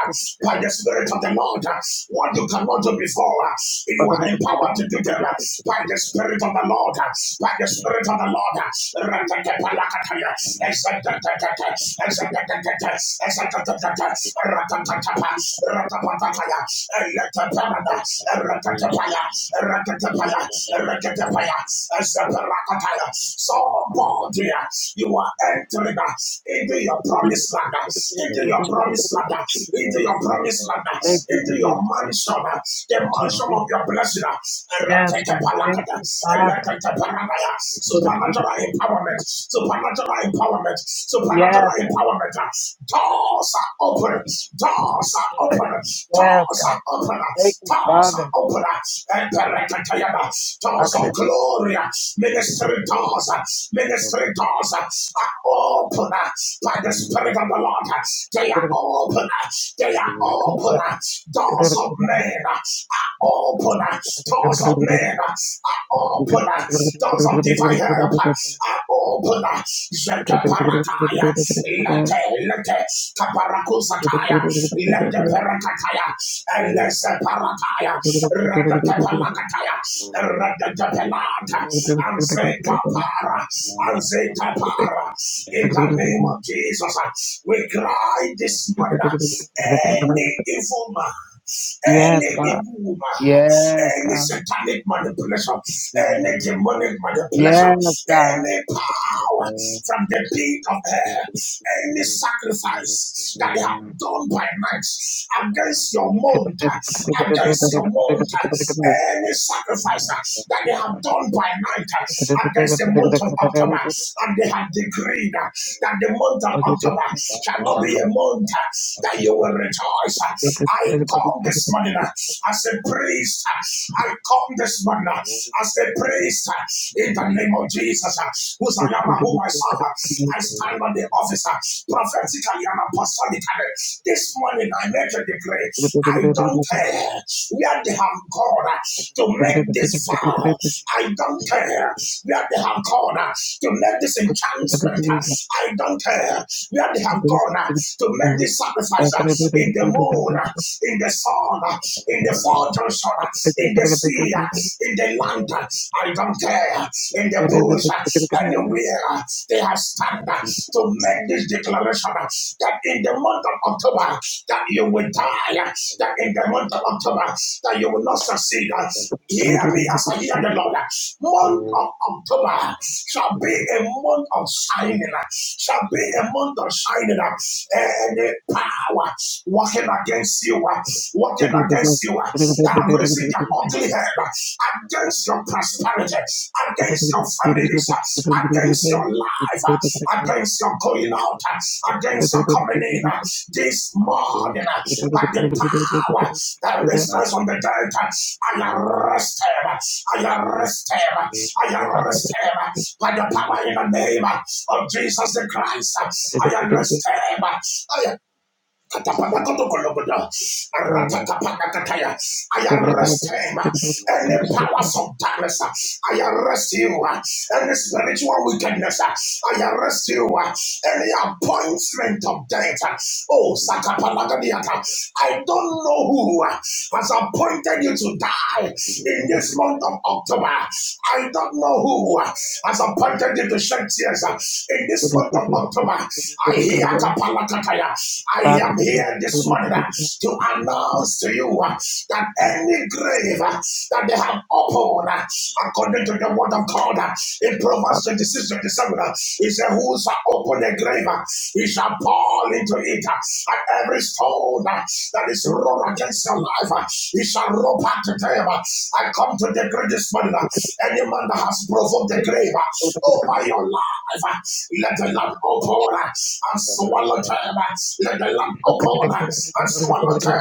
by the Spirit of the Lord. What you could not do before, you are empowered to do now by the Spirit of the Lord, by the Spirit of the Lord. Ratatapalakataya, exatatatata, exatatatata, exatatatata, ratatapa, ratapataya, eletaparada, ratatapaya, ratatapaya, ratatapaya, exaparakataya. Somebody, you are entering into your promised land, into your promised land, Jesus. into your promised land, Thank you, into your Jesus. mansion, the Thank you, mansion Jesus. of your blessing, Yes, God. Thank Ratekepalakata, you, Father. Eleketeparanaya, supernatural empowerment, supernatural empowerment, Yes, supernatural God. empowerment. Doors are open, doors are Good. open, Yes, doors God. are open, Thank you, doors are Father. open, and Yes, doors from of the glory, ministry land of doors, ministry doors are open by the slavery. Spirit of the Lord. They are open, they are open, doors of men are open uh, doors of men. uh, I open uh, doors of divine help. uh, I open uh, Zekaparataya. Lete, lete, Kaparakusataya. Lete perakataya. Elese parataya. Redetepelakataya. Redetepelata. Anzeta para. Anzeta para. In the name of Jesus, uh, we cry this morning. uh, Any evil man any God. evil woman, Yes, any God. satanic manipulation, any demonic manipulation, Yes, God. any power from the pit of hell, any sacrifice that they have done by night against your Thank month, against your month, any sacrifice that they have done by night against the month of October, and they have decreed that the month of October shall not be a month that you will rejoice, I come this morning uh, as a priest. uh, I come this morning uh, as a priest uh, in the name of Jesus, uh, whose I am and whom I serve. uh, I stand on the officer prophetically and apostolically. This morning I make a decree. I don't care where they have gone uh, to make this vow. I don't care where they have gone uh, to make this enchantment. I don't care where they have gone uh, to make this sacrifice. uh, In the moon, uh, in the sun, uh, in the fortress, uh, in the sea, uh, in the land. uh, I don't care. uh, In the bush, uh, anywhere uh, they have stand Thank uh, to you. make this declaration uh, that in the month of October, that you Thank will die, uh, that in the month of October, that you will not succeed, Hear me as I hear the Lord. Month of October shall be a month of shining, shall be a month of shining, and the power working against you, working against you, that have risen their ugly head against your prosperity, against your families, against against your life, uh, you. against your going out, uh, Jesus. against your coming in uh, this morning uh, by the power that raised from the dead. uh, I arrest him. uh, I arrest him. uh, I arrest him uh, by the power in the name uh, of Jesus the Christ. uh, I arrest him. uh, I arrest him. Any powers of darkness, I arrest you. Any spiritual wickedness, I arrest you. Any appointment of death. Oh, Sakapalagadiata. I don't know who has appointed you to die in this month of October. I don't know who has appointed you to shed tears in this month of October. I hear Kapalakataya. I am here this morning uh, to announce to you uh, that any grave uh, that they have opened, uh, according to the word of God, uh, in Proverbs 26 27, uh, he said, Who shall open a grave, uh, he shall fall into it. uh, And every stone uh, that is rolled against your life, uh, he shall roll back to them. uh. I come to the grave this morning. uh, Any man that has provoked the grave, uh, over your life. Let the land open and swallow them. Let the land open and swallow them.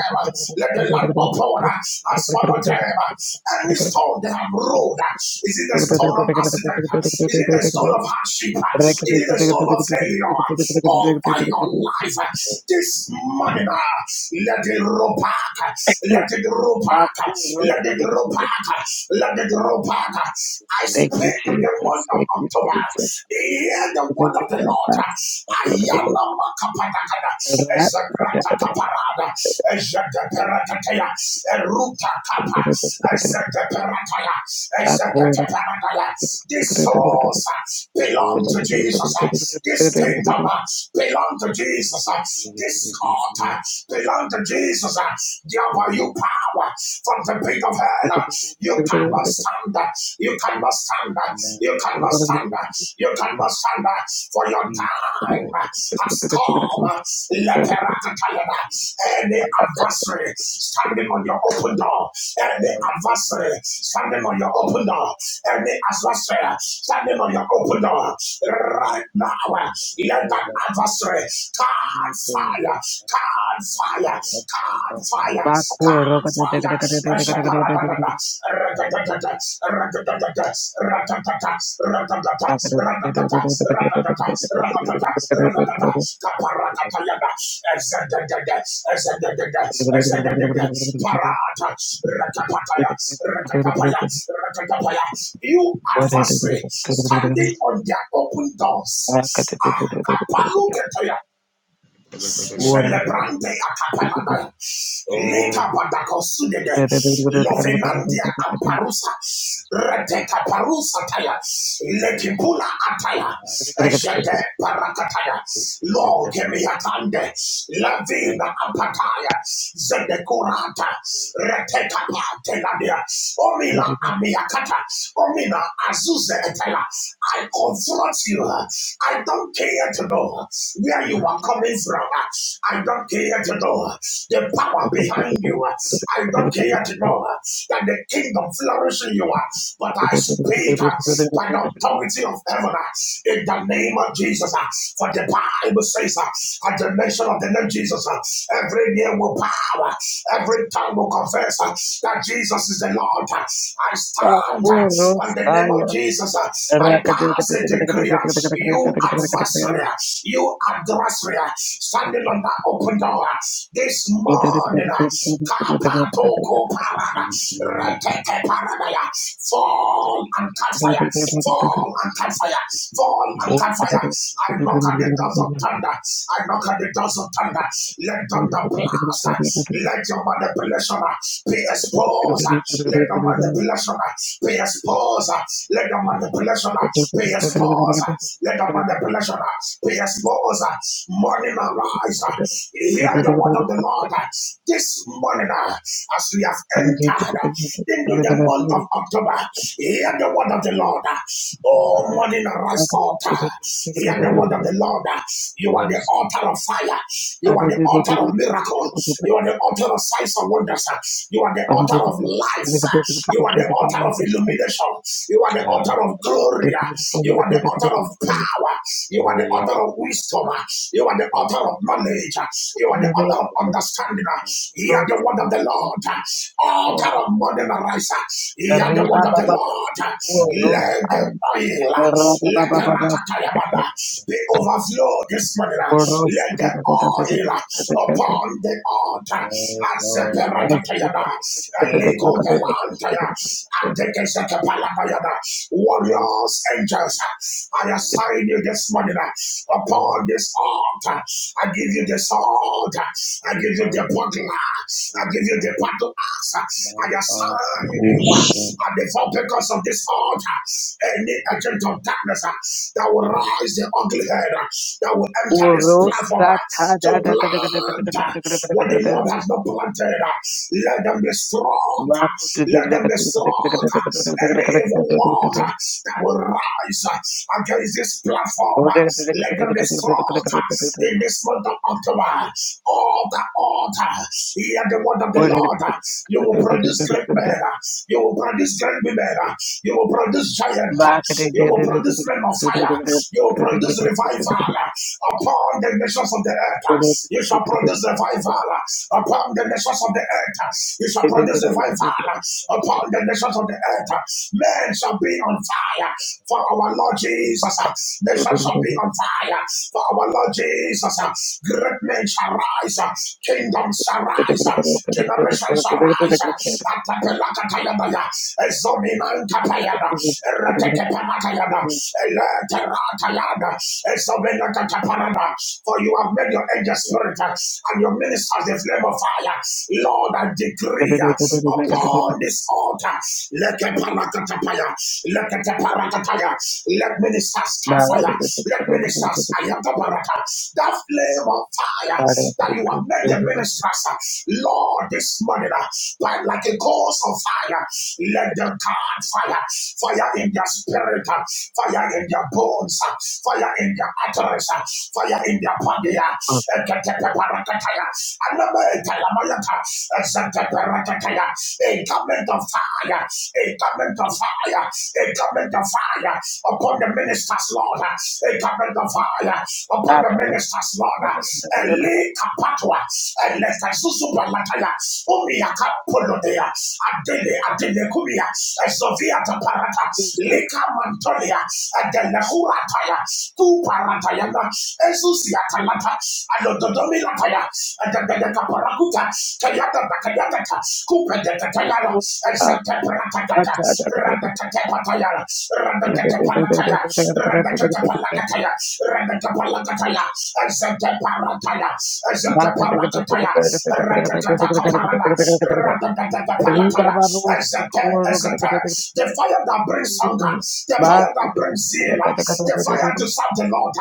Let the land open and swallow them. Any stone they have rolled, is it a stone of accident? Is it a stone of hardship? Is it a stone of failure? Over your life this morning, let it roll back. Father, Let it roll we back. love Let it you. roll back. Let it roll Park. I Thank you, speak in the Jesus. month of Thank you, October. Jesus. Hear the word Thank you, of the Lord. I am a makapadakada. As a gratata parada. As a deperatataya. A ruta kapa. As a deperataya. As a deperataya. These souls uh, belong to you. Jesus. uh, This kingdom uh, belong to Jesus. uh, This court uh, belong to Jesus. uh, There were you power from the pit of hell. You cannot stand. You cannot stand. You cannot stand. You cannot stand. For your time has come. Leperakatayana. Any adversary standing on your open door. Any adversary standing on your open door. Any adversary standing on your open door. Right now, let that adversary turn fire. Turn fire fire, God fire, God fire. Ashaparadadada, ragadadada, ragadadada, ragadadada, ragadadada, ragadadada, ragadadada, ragadadada, ragadadada, kaparakatayada, ezadadada, ezadadada, ezadadada, parata, rakapataya, rakatapaya, Jesus. rakatapaya. You Thank adversary you. standing on their open doors. Ah, kapalugetaya, Zelebrande atapanada. Leka badakosudede. Lovenandia amparusa. Reteka parusa taya. Lekipula ataya. Ejede parakataya. Lord, kemiatande. Lavina apataya. Zedekurata. Reteka pateladia. Omina amiakata. Omina azuze etela. I confront you. I don't care to know where you are coming from. uh, I don't care to know uh, the power behind you. uh, I don't care to know uh, that the kingdom flourishes in you. uh, But I speak uh, by the authority of heaven uh, in the name of Jesus. uh, For the Bible says, uh, at the mention of the name Jesus, uh, every knee will bow, uh, every tongue will confess uh, that Jesus is the Lord. uh, I stand uh, on the name of Jesus. uh, I pass a decree. uh, You you adversary, you adversary, standing on that open door this morning. Kapatoko parada, reteke paradaya, fall and catch fire, fall and catch fire, fall and catch fire. I knock at the doors of thunder, I knock at the doors of thunder. Let thunder blast, let your manipulation be exposed, let the manipulation be exposed, let the manipulation be exposed. Let the manipulation be exposed. Morning arise. Hear the word of the Lord. This morning, as we have entered into the month of October, hear the word of the Lord. Oh, morning arise, altar. Hear the Oh, word of the Lord. You are the yes, altar of fire. You are the altar of miracles. You are the altar of signs and wonders. You are the Mama. altar of life. You are the altar of illumination. You are the Share. author of glory. You are the author of power. You are Oh the yeah, author of wisdom. You are the okay. author of knowledge. You are the author of Just, understanding. You are the word of the Lord. Author of modern rise. You are the Arriba, word of the baba, dos, Lord. uh, uno, Let dos, just, the ay. oil, Arriba, let the baba, rakatayabana, the overflow this morning. Let the oil dos, upon the uh, altar. As the no, no, no, perakatayana, a Thank no, legal no, belantaya, and the kesakapalabayana um, warriors, angels. I uh, assign you this morning uh, too upon much, this altar. I give you uh, this altar. I too give you the much, bottle. I give you uh, the bottle axe. I now, uh, assign oh, you uh, shit. at the because of this altar. Any agent of darkness uh, that will rise the ugly head, uh, that will enter this platform uh, to plant uh, what the Lord has not planted, uh, let them be strong. uh, let them be strong. Any evil word that will rise against this platform, let them be strong in this month of October. Order, order. Hear the word of the Lord. You will produce great men. You will produce great women. You will produce giants. You will produce men of fire. You will produce revival upon the nations of the earth. You shall produce revival upon the nations of the earth. He shall produce revival uh, upon the nations of the earth. uh, Men shall be on fire for our Lord Jesus. uh, Nations shall be on fire for our Lord Jesus. uh, Great men shall rise. uh, Kingdoms shall rise. uh, Generations shall rise. Atapelakatayabaya. Ezominankapayada. Eretekepanatayada. you. Eleteratayada. Ezominakataparada. For for you have made your angel spirit uh, and your ministers the flame of fire. Lord, I Bye. decree uh, upon this altar, let the parakatapaya, let the parakataya, let ministers stand fire, let ministers ayatabarata, that flame of fire that you have made the ministers, uh, Lord, this morning, uh, by, like a course of fire, let them card fire, fire in their spirit, uh, fire in their bones bones, uh, fire in their arteries, uh, fire in their body. uh, eketepeparakataya, alametalamayata, eseteperakataya, A garment of fire, a garment of fire, a garment of fire upon the ministers, Lord, uh, a garment of fire upon the ministers, Lord. uh, Eli kapatwa, eleta susupalataya, umiaka polodea, adele adele kumia, a Sofia parata, parata leka mantolia, adelahura taya, tu paratayana, esusia talata, adododomi lataya, adadadaka parakuta, kayata bakayatata, kupedeta tayana, randa paratakata, radakate randa radakate panataya, radakate palakataya, radakate palakataya, ezete parataya, exante parataya randa parakataya, radakataka randa. The fire that brings hunger, the fire that brings zeal, the fire to serve the Lord,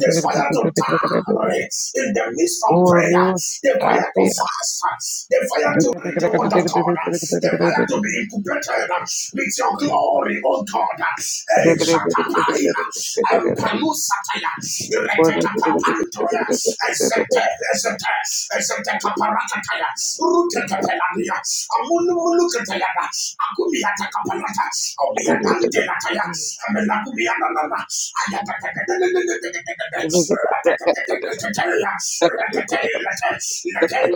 the fire to tarry in the midst of prayer, the fire to fast, the fire to read the word of God, the fire to be incubated with your glory, O God. Eh, shakaparila, empalusataya, ireketapapantoya, ezete, ezete, Ezetekaparatataya, Rutekepelania, Amunumuluketayana, Akumiatakaparata, Omianandelataya, Amelakumianana, Ayatatatatatatatatatata, Ratatatatatatataya, Ratatatelata,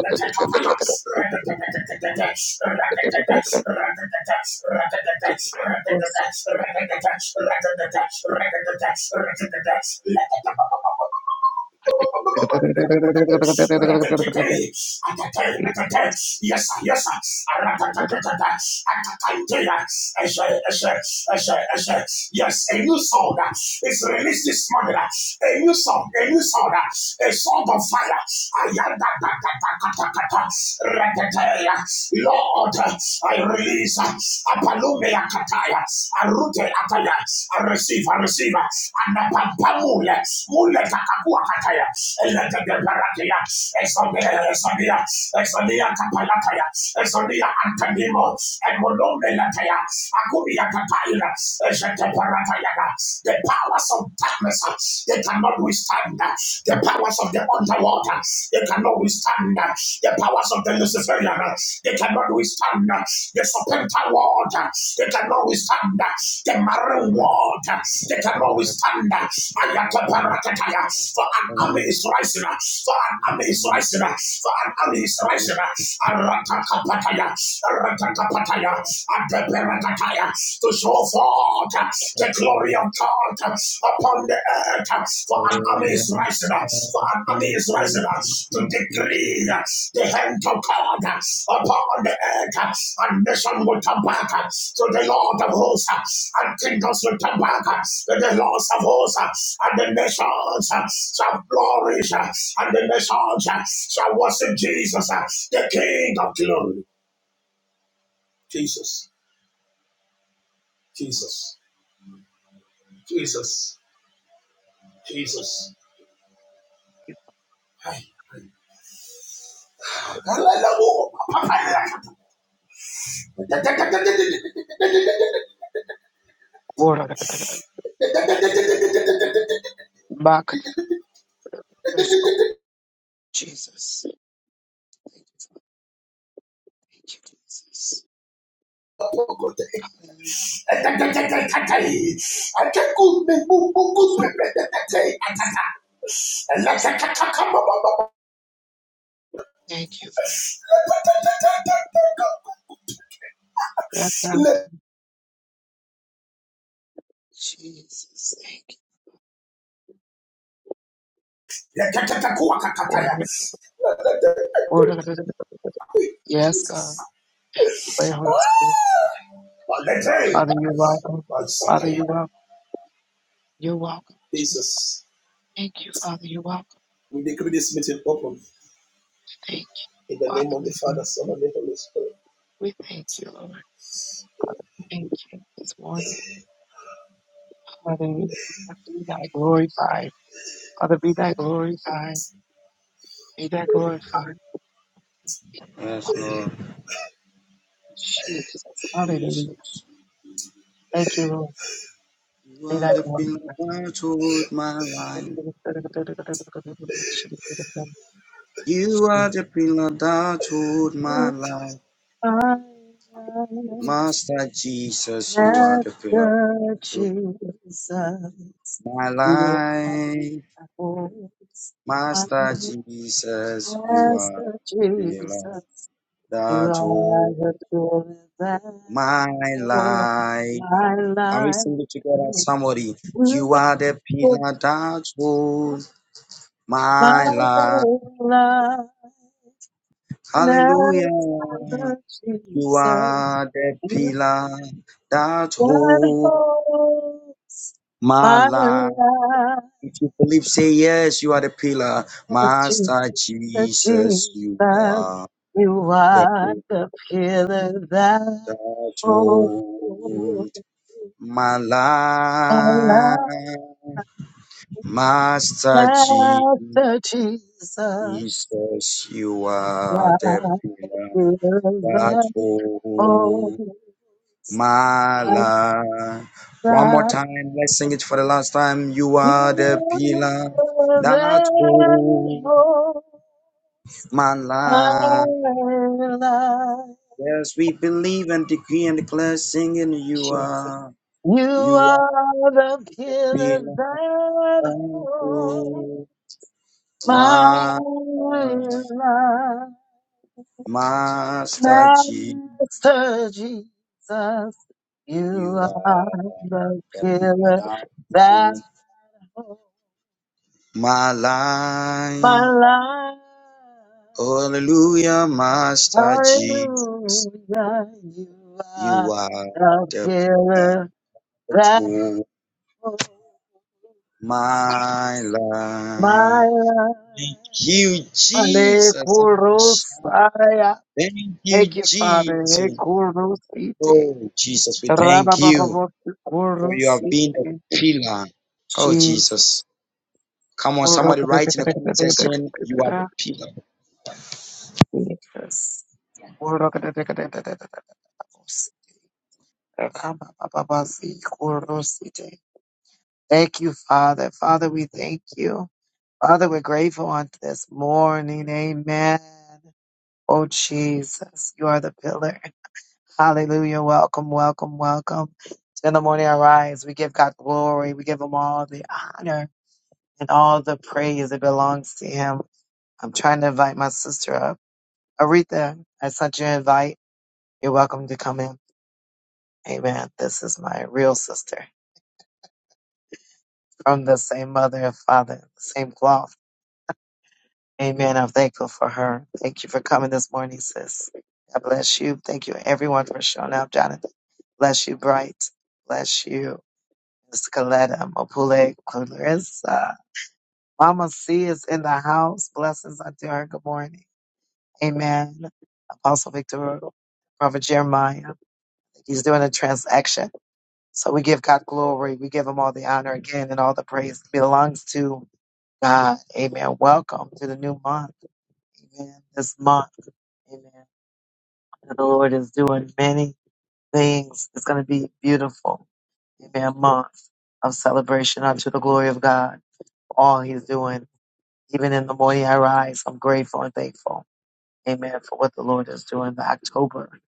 Latelatekapala, Ratatatatata, Ratatata, Ratatata, Ratatata, Ratatata, Ratatata, Ratatata, Ratatata, Ratatata, Ratatata, Ratatatae, atatae, atatae. Yes, sir, yes, sir. Aratatatata, atatatea. Eshe, eshe, eshe, eshe. Yes, a new song uh, is released this morning. uh, A new song, a new song, uh, a song of fire. Lord, uh, I release a Apalumea Kataya, a root Rute Ataya, I receive, I receive, and the Pampamule, Mule Kakakua Kataya, Elegate Paratia, Exodia, Exodia, Exodia Kapalataya, Exodia Antanimo, and Molome Lataya, Akubia Kataya, Eshete Parataya, the powers of darkness, they cannot withstand, the powers of the underwater, they cannot withstand, the powers of the Luciferian, uh, they cannot withstand uh, the serpentine world. uh, They cannot withstand uh, the marine world. uh, They cannot withstand uh, Ayataparakataya. For an army is rising. uh, For an army is rising. uh, For an army is rising. uh, Aratakapataya. Aratakapataya. Adaparakataya. To show forth uh, the glory of God upon the earth. uh, For Oh, an army is yes, rising up. For God. an army Thank is you. rising up to decree Jesus. uh, the hand of God uh, upon the earth. uh, And nation will come back uh, to the Lord of hosts. uh, And kingdoms will come back uh, to the Lord of hosts. uh, And the nations uh, shall flourish. uh, And the nations uh, shall worship Jesus, uh, the King of glory. Jesus, Jesus, Jesus, Jesus. Hey. Back. Jesus. Thank you, Jesus. Hallelujah. Thank you, Father. Jesus. Thank Jesus. Order it. Order it. Yes, God. Pray, Holy Spirit. Father, you're welcome. Father, you're welcome. You're welcome, Jesus. Jesus, Thank you, Father. You're welcome. we decree this meeting open Thank you. in the Father, name of we the Father, thank Son, and the Holy Spirit. we thank you, Lord. Thank you this morning. Father, we have to be thy glorified. Father, be thy glorified. Be thy glorified. Yes, Lord Jesus. Hallelujah. Jesus. Thank you, Lord. You Be are thy the glorified. pillar that hold my life. You are the pillar that hold my Oh, life. my God. Master Jesus, you are the pillar Master that hold Jesus, my you are life. the voice. I Master am Jesus, you are Master the pillar Jesus, you that are the hold glory that my holds life. my Can we life. sing it together? You Somebody, are you are the the pillar that holds my my life. life. Hallelujah. Master You Jesus, are the you pillar that are the holds voice. my My life. life, If you believe, say yes, you are the pillar. Jesus, Master Jesus, you Jesus. are You the pillar are the pillar that that holds holds my my life. life. Master Jesus. Master Jesus, Jesus, you you are the are pillar that that holds holds my my life. One more life. time, let's sing it for the last time. You You are are the the pillar pillar that that holds holds my my life. life. Yes, we believe and decree and declare, singing, You are, You you are are the the pillar pillar that that holds holds my life. my life. Master G, Master Jesus, you you are are. the pillar that holds My my life, life. hallelujah, Master Jesus, Hallelujah, you you are are the the people pillar that of holds my my life. Thank life. you, Jesus. Somebody shout, Alekurusaya. Thank you, Thank you, Father. Jesus. Alekurusite. Oh, Jesus, we thank you for you have been the Rababababosikurusi. pillar. Oh, Jesus. Come on, Jesus. somebody write in the comment section, you are the pillar. Thank you, Father. Father, we thank you. Father, we're grateful on this morning. Amen. Oh, Jesus, you are the pillar. Hallelujah. Welcome, welcome, welcome. In the morning arise. We give God glory. We give him all the honor and all the praise that belongs to him. I'm trying to invite my sister up. Aretha, I sent you an invite. You're welcome to come in. Amen. This is my real sister from the same mother and father, the same cloth. Amen. I'm thankful for her. Thank you for coming this morning, sis. God bless you. Thank you, everyone, for showing up. Jonathan, bless you, Bright. Bless you, Miss Coletta, Mopule, Clarissa. Mama C is in the house. Blessings unto her. Good morning. Amen. Apostle Victor, Prophet Jeremiah. He's doing a transaction So we give God glory. We give him all the honor again and all the praise belongs to God. Amen. Welcome to the new month. Amen. This month. Amen. The Lord is doing many things. It's going to be beautiful. Amen. Month of celebration unto the glory of God. All he's doing. Even in the morning I rise, I'm grateful and thankful. Amen. For what the Lord is doing in October.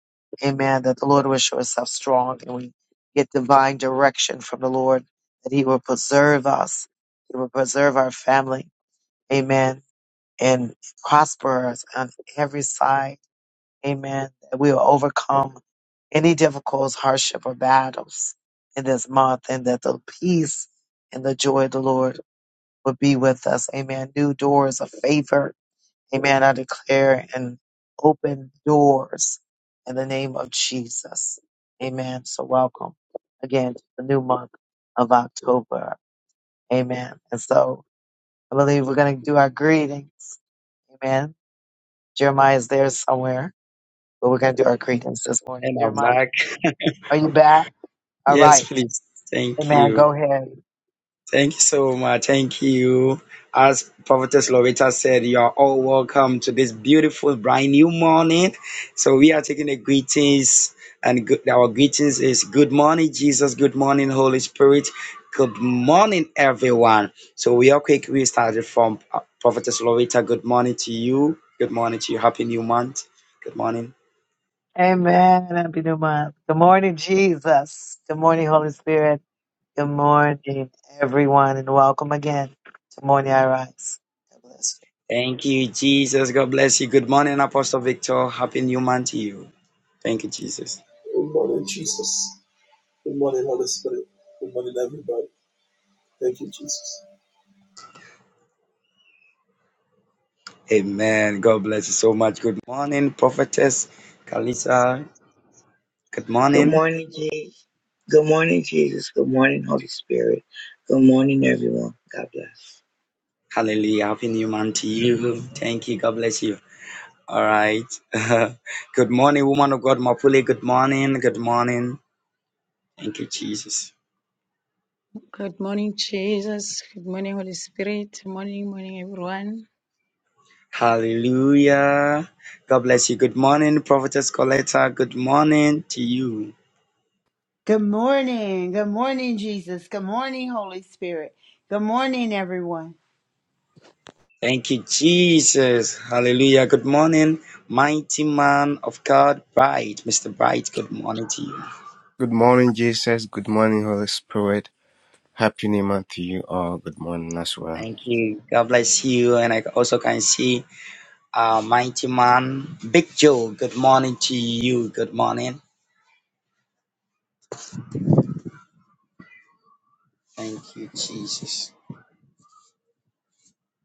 Amen. That the Lord will show himself strong and we get divine direction from the Lord that he will preserve us. He will preserve our family. Amen. And prosper us on every side. Amen. That we will overcome any difficult hardship or battles in this month and that the peace and the joy of the Lord will be with us. Amen. New doors of favor Amen. I declare and open doors in the name of Jesus. Amen. So welcome again to the new month of October. Amen. And so I believe we're going to do our greetings. Amen. Jeremiah is there somewhere, but we're going to do our greetings this morning. And I'm Jeremiah, like, are you back? All yes, right. please. Thank Amen. you. Go ahead. Thank you so much. Thank you. As Prophetess Loretta said, you are all welcome to this beautiful, brand new morning. So we are taking the greetings, and good, our greetings is good morning, Jesus. Good morning, Holy Spirit. Good morning, everyone. So we are quick. We started from uh, Prophetess Loretta. Good morning to you. Good morning to you. Happy new month. Good morning. Amen. Happy new month. Good morning, Jesus. Good morning, Holy Spirit. Good morning, everyone, and welcome again to Morning I Rise. God bless you. Thank you, Jesus. God bless you. Good morning, Apostle Victor. Happy new month to you. Thank you, Jesus. Good morning, Jesus. Good morning, Holy Spirit. Good morning, everybody. Thank you, Jesus. Amen. God bless you so much. Good morning, prophetess Kalisa. Good Good morning. morning, Jesus. Good morning, Jesus. Good morning, Holy Spirit. Good morning, everyone. God bless. Hallelujah. Happy new month to you. Thank you. God bless you. All right. Good morning, woman of God, Mapule. Good morning. Good morning. Thank you, Jesus. Good morning, Jesus. Good morning, Holy Spirit. Morning, morning, everyone. Hallelujah. God bless you. Good morning, prophetess Coletta. Good morning to you. Good morning. Good morning, Jesus. Good morning, Holy Spirit. Good morning, everyone. Thank you, Jesus. Hallelujah. Good morning, mighty man of God, Bright. Mr. Bright, good morning to you. Good morning, Jesus. Good morning, Holy Spirit. Happy New Month to you all. Good morning as well. Thank you. God bless you. And I also can see uh, Mighty Man, Big Joe. Good morning to you. Good morning. Thank you, Jesus.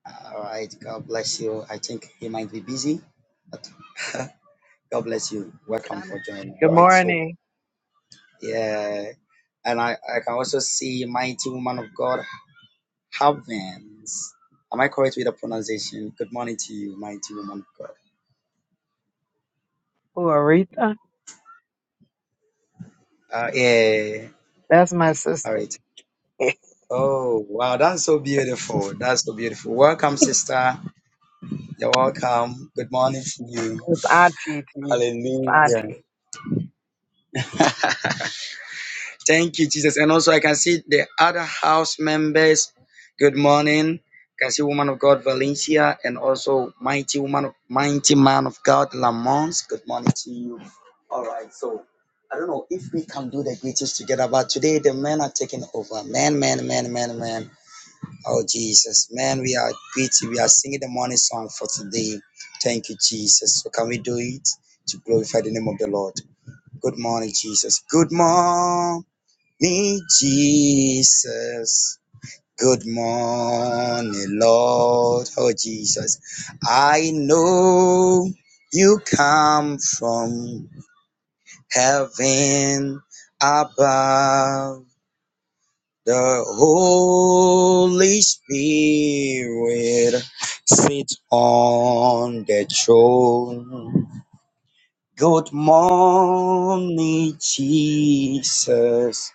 All right. God bless you. I think he might be busy, but God bless you. Welcome for joining. All Good right. So, morning, yeah. And I, I can also see Mighty Woman of God, Havens. Am I correct with the pronunciation? Good morning to you, Mighty Woman of God. Who, Aretha. Uh, yeah. That's my All sister. right. That's Oh, wow, that's so beautiful. That's so beautiful. Welcome, sister. You're welcome. Good morning to you. Auntie to you. That's Hallelujah. Auntie. Thank you, Jesus. And also, I can see the other house members. Good morning. I can see woman of God, Valencia, and also mighty woman, of, mighty man of God, Lamont. Good morning to you. All right, so I don't know if we can do the greetings together, but today the men are taking over. Man, man, man, man, man. Oh, Jesus. Man, we are great. We are singing the morning song for today. Thank you, Jesus. So, can we do it to glorify the name of the Lord? Good morning, Jesus. Good morning, Jesus. Good morning, Lord. Oh, Jesus. I know you come from heaven above. The Holy Spirit sits on the throne. Good morning, Jesus.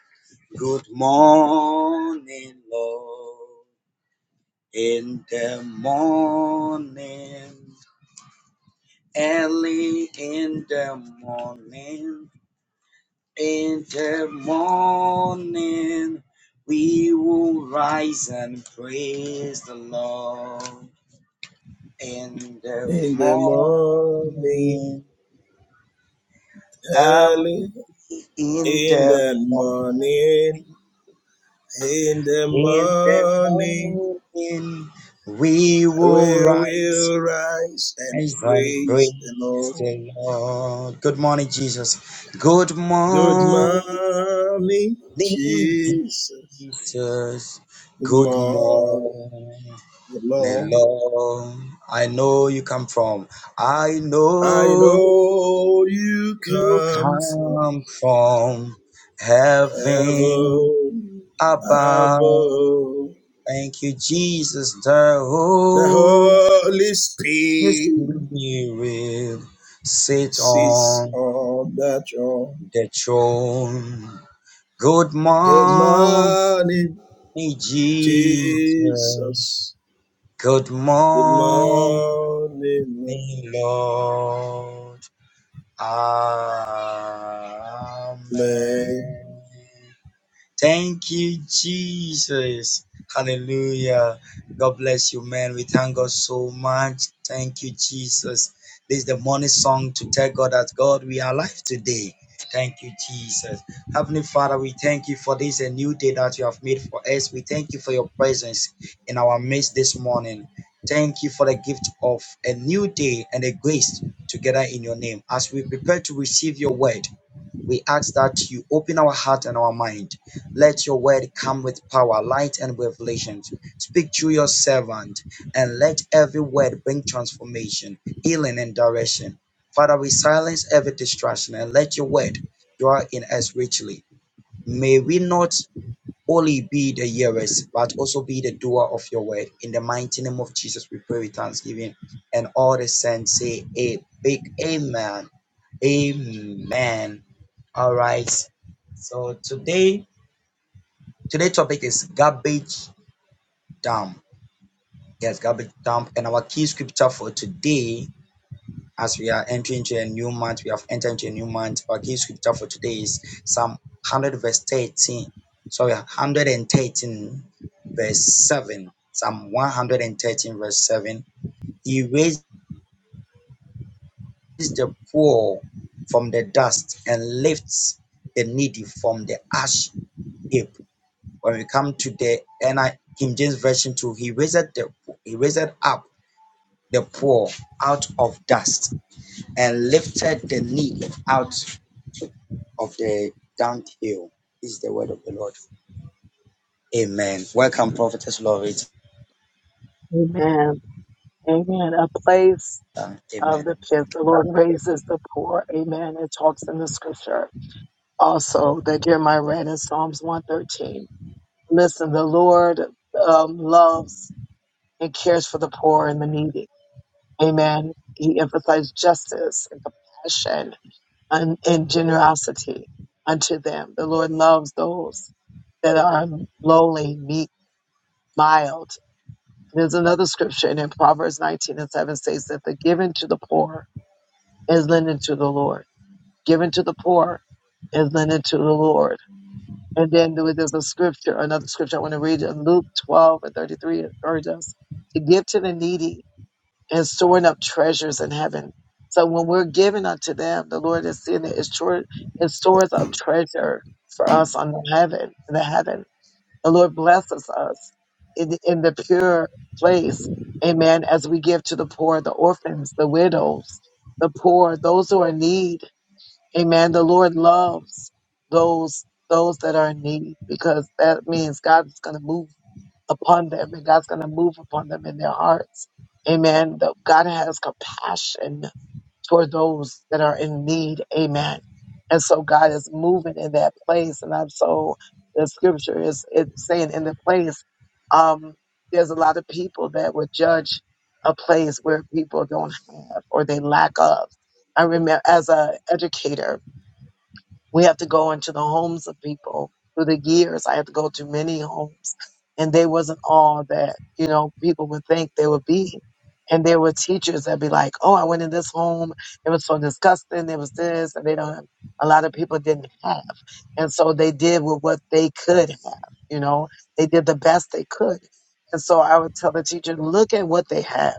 Good morning, Lord. In the morning, early in the morning. In the morning we will rise and praise the Lord. In the In the morning, morning, early early in in the the morning, morning, in the in the morning, morning we will we rise will rise and and praise the praise Lord. the Lord. Good morning, Jesus. Good Good morning, morning, Jesus. Jesus, Good good morning, morning, Lord. Lord. I know you come from, I I know know you you come from come from heaven heaven above. above. Thank you, Jesus, the The Holy Holy Spirit Spirit sit sits on on the throne. the throne. Good Good morning, morning, Jesus. Jesus. Good Good morning. morning, me, Lord. man. Amen. Thank you, Jesus. Hallelujah. God bless you, man. We thank God so much. Thank you, Jesus. This is the morning song to tell God that God, we are alive today. Thank you, Jesus. Heavenly Father, we thank you for this a new day that you have made for us. We thank you for your presence in our midst this morning. Thank you for the gift of a new day and a grace together in your name. As we prepare to receive your word, we ask that you open our heart and our mind. Let your word come with power, light, and revelation. Speak through your servant and let every word bring transformation, healing, and direction. Father, we silence every distraction and let your word dwell in us richly. May we not only be the hearers, but also be the doer of your word. In the mighty name of Jesus, we pray with thanksgiving. And all the saints say a big amen. Amen. All right. So today, today's topic is garbage dump. Yes, garbage dump. And our key scripture for today, as we are entering into a new month, we have entered into a new month. Our key scripture for today is Psalm 100 verse 13. Sorry, 113 verse 7. Psalm 113 verse 7. He raises the poor from the dust and lifts the needy from the ash heap. when we come to the NI King James Version 2, he raised the he raised up the poor out of dust and lifted the needy out of the dunghill. This Is the word of the Lord. Amen. Welcome, Prophetess Loretta. Amen. Amen. A place of the Amen. pit. The Lord raises the poor. Amen. It talks in the scripture also that Jeremiah read in Psalms 113. Listen, the Lord um, loves and cares for the poor and the needy. Amen. He emphasized justice and compassion and, and generosity unto them. The Lord loves those that are lowly, meek, mild. There's another scripture and in Proverbs 19 and 7 says that the given to the poor is lending to the Lord. Given to the poor is lending to the Lord. And then there- there's a scripture, another scripture I want to read in Luke 12 and 33. It urges us to give to the needy and storing up treasures in heaven. So when we're given unto them, the Lord is seeing that it, sure, it stores up treasure for us on the heaven, in the heaven. The Lord blesses us in, in the pure place. Amen. As we give to the poor, the orphans, the widows, the poor, those who are in need. Amen. The Lord loves those, those that are in need because that means God's going to move upon them and God's going to move upon them in their hearts. Amen. That God has compassion toward those that are in need. Amen. And so God is moving in that place. And I'm so, the scripture is it's saying in the place, um, there's a lot of people that would judge a place where people don't have or they lack of. I remember as a educator, we have to go into the homes of people. Through the years, I had to go to many homes, and they wasn't all that you know people would think they would be. And there were teachers that be like, "Oh, I went in this home. It was so disgusting. It was this, and they don't." A lot of people didn't have, and so they did with what they could have. You know, they did the best they could. And so I would tell the teacher, "Look at what they have.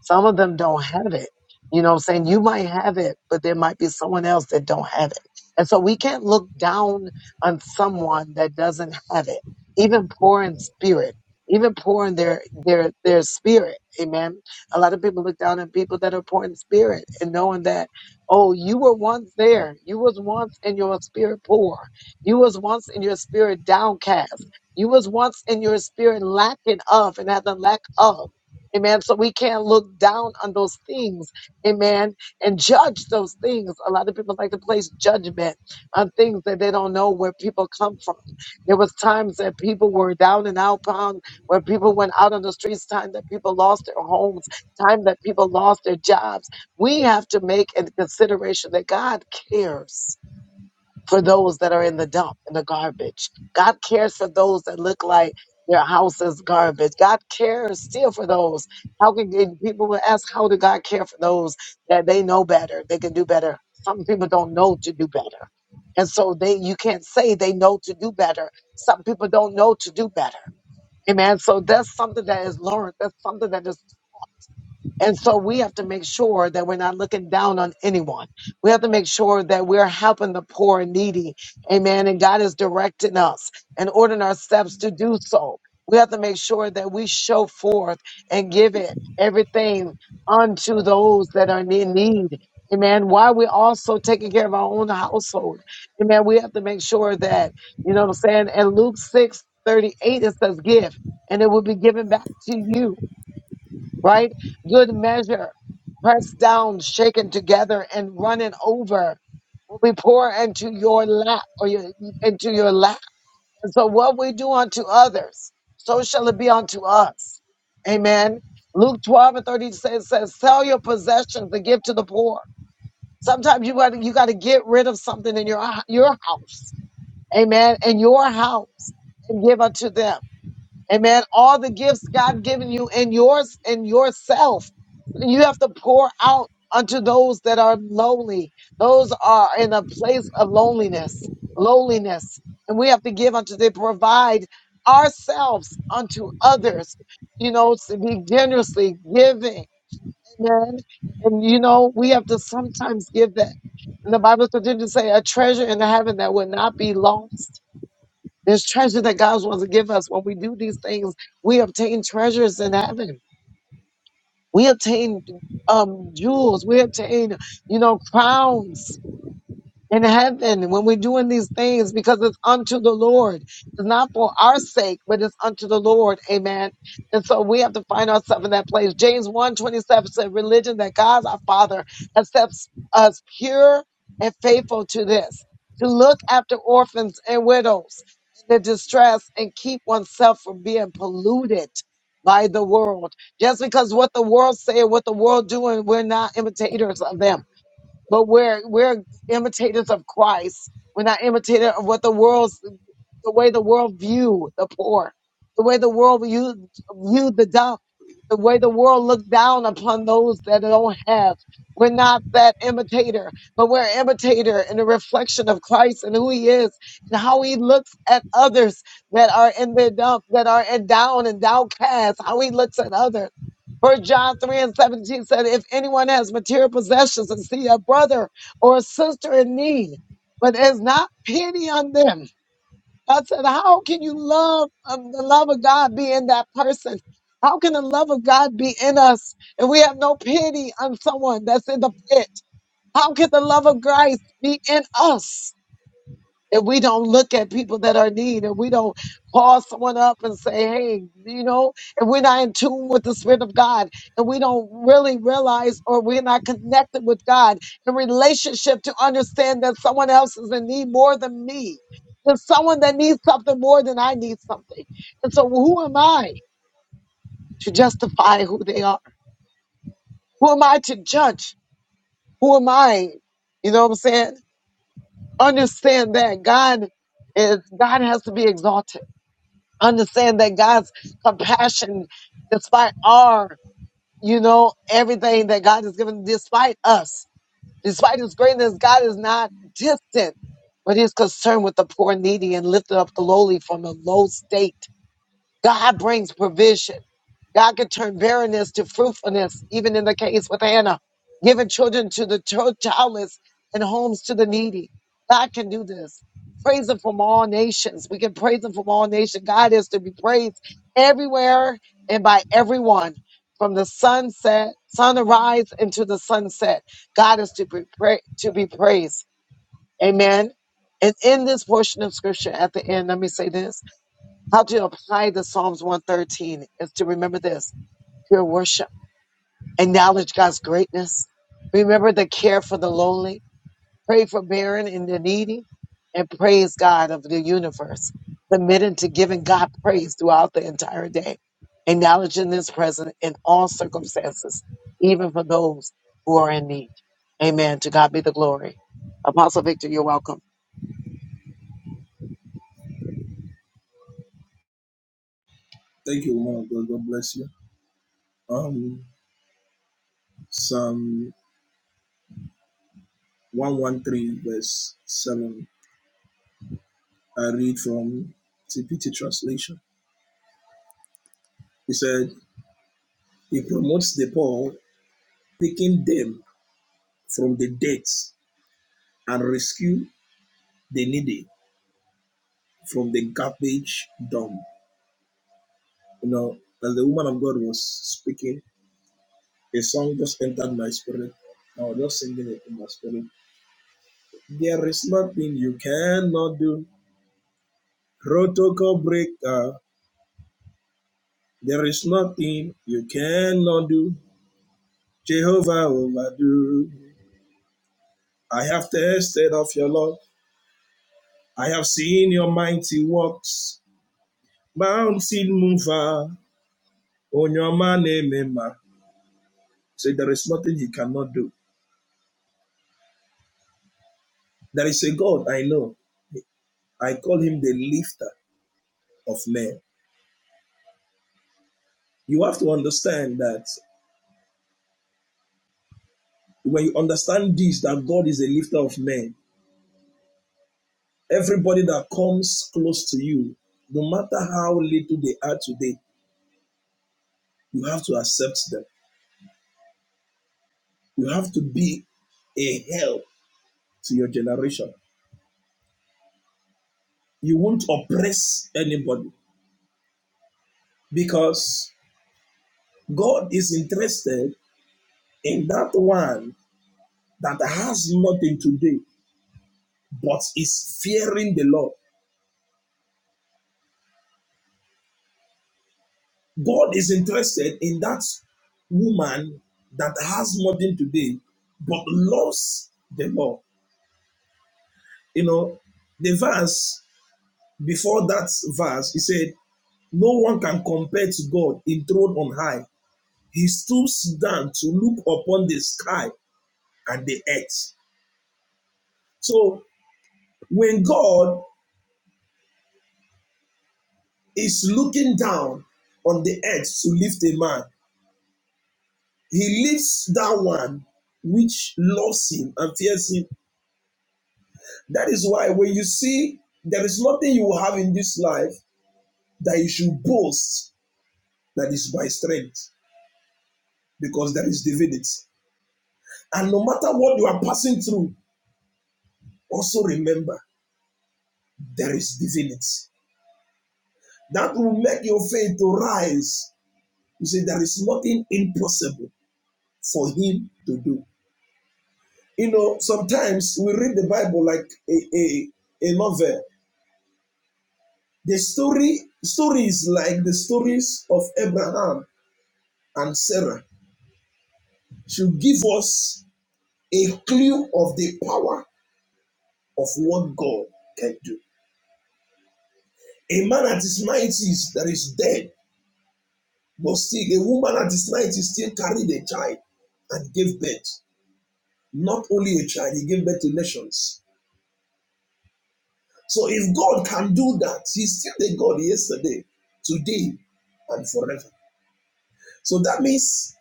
Some of them don't have it. You know, what I'm saying you might have it, but there might be someone else that don't have." it and so we can't look down on someone that doesn't have it, even poor in spirit, even poor in their, their, their spirit. Amen. A lot of people look down on people that are poor in spirit and knowing that, oh, you were once there. You was once in your spirit poor. You was once in your spirit downcast. You was once in your spirit lacking of and had the lack of. Amen. So we can't look down on those things. Amen and judge those things. A lot of people like to place judgment on things that they don't know where people come from. There was times that people were down and out bound, where people went out on the streets, time that people lost their homes, time that people lost their jobs. We have to make a consideration that God cares for those that are in the dump, in the garbage. God cares for those that look like their house is garbage. God cares still for those. How can and people will ask, how did God care for those that they know better? They can do better. Some people don't know to do better. And so they you can't say they know to do better. Some people don't know to do better. Amen. So that's something that is learned. That's something that is and so we have to make sure that we're not looking down on anyone. We have to make sure that we're helping the poor and needy. Amen. And God is directing us and ordering our steps to do so. We have to make sure that we show forth and give it everything unto those that are in need. Amen. While we are also taking care of our own household. Amen. We have to make sure that, you know what I'm saying? And Luke 6 38 it says, give, and it will be given back to you right? Good measure, pressed down, shaken together, and running over will be poured into your lap or your, into your lap. And so, what we do unto others, so shall it be unto us. Amen. Luke 12 and 30 says, says sell your possessions and give to the poor. Sometimes you got to you got to get rid of something in your your house, amen, in your house, and give unto them. Amen. All the gifts God given you in yours in yourself. You have to pour out unto those that are lonely. Those are in a place of loneliness. Loneliness. And we have to give unto they provide ourselves unto others. You know, to be generously giving. Amen. And you know, we have to sometimes give that. And the Bible continues to say a treasure in heaven that will not be lost there's treasure that God wants to give us. When we do these things, we obtain treasures in heaven. We obtain um, jewels. We obtain, you know, crowns in heaven when we're doing these things because it's unto the Lord. It's not for our sake, but it's unto the Lord. Amen. And so we have to find ourselves in that place. James one twenty seven said, Religion that God our Father accepts us pure and faithful to this, to look after orphans and widows in their distress and keep oneself from being polluted by the world. Just because what the world say, what the world doing, we're not imitators of them but we're we're imitators of Christ. We're not imitator of what the world's the way the world view the poor, the way the world view view the dumb, the way the world look down upon those that don't have. We're not that imitator, but we're imitator in the reflection of Christ and who He is and how He looks at others that are in the dump, that are in down and downcast. How He looks at others. First John 3 and 17 said, If anyone has material possessions and see a brother or a sister in need, but has not pity on them, God said, How can you love um, the love of God be in that person? How can the love of God be in us if we have no pity on someone that's in the pit? How can the love of Christ be in us? if we don't look at people that are in need, if we don't call someone up and say, hey, you know, if we're not in tune with the Spirit of God and we don't really realize or we're not connected with God in relationship to understand that someone else is in need more than me, there's someone that needs something more than I need something. And so who am I to justify who they are? Who am I to judge? Who am I? You know what I'm saying? Understand that God is, God has to be exalted. understand that God's compassion, despite our, you know, everything that God has given, despite us, despite His greatness, God is not distant, but He's concerned with the poor, and needy, and lifted up the lowly from a low state. God brings provision. God can turn barrenness to fruitfulness, even in the case with Hannah, giving children to the chil- childless and homes to the needy. God can do this. Praise Him from all nations. We can praise Him from all nations. God is to be praised everywhere and by everyone, from the sunset, sunrise, into the sunset. God is to be pra- to be praised. Amen. And in this portion of Scripture, at the end, let me say this. How to apply the Psalms 113 is to remember this pure worship, acknowledge God's greatness, remember the care for the lonely, pray for barren and the needy, and praise God of the universe, submitting to giving God praise throughout the entire day, acknowledging His presence in all circumstances, even for those who are in need. Amen. To God be the glory. Apostle Victor, you're welcome. Thank you, man. God, God bless you. Um, Psalm 113, verse 7. I read from TPT translation. He said, He promotes the poor, taking them from the debts and rescue the needy from the garbage dump. You know, as the woman of God was speaking, a song just entered my spirit. I was just singing it in my spirit. There is nothing you cannot do. Protocol breaker. There is nothing you cannot do. Jehovah overdo. I have tasted of your love. I have seen your mighty works. Mountain mover. On your man, amen. ma. Say there is nothing he cannot do. There is a God I know. I call him the lifter of men. You have to understand that when you understand this, that God is a lifter of men, everybody that comes close to you, no matter how little they are today, you have to accept them. You have to be a help to your generation. You won't oppress anybody because God is interested in that one that has nothing today but is fearing the Lord God is interested in that woman that has nothing today but loves the law. You know, the verse before that verse, he said, No one can compare to God enthroned on high. He stoops down to look upon the sky and the earth. So when God is looking down on the earth to lift a man, he lifts that one which loves him and fears him That is why when you see there is nothing you will have in this life that you should boast that is by strength, because there is divinity. And no matter what you are passing through, also remember there is divinity. That will make your faith to rise. You see, there is nothing impossible for him to do. You know, sometimes we read the Bible like a, a, a novel. The story stories like the stories of Abraham and Sarah should give us a clue of the power of what God can do. A man at his 90s that is dead, but still, a woman at his 90s still carried a child and gave birth. Not only a child, he gave birth to nations. So if God can do that, he's still the God yesterday, today, and forever. So that means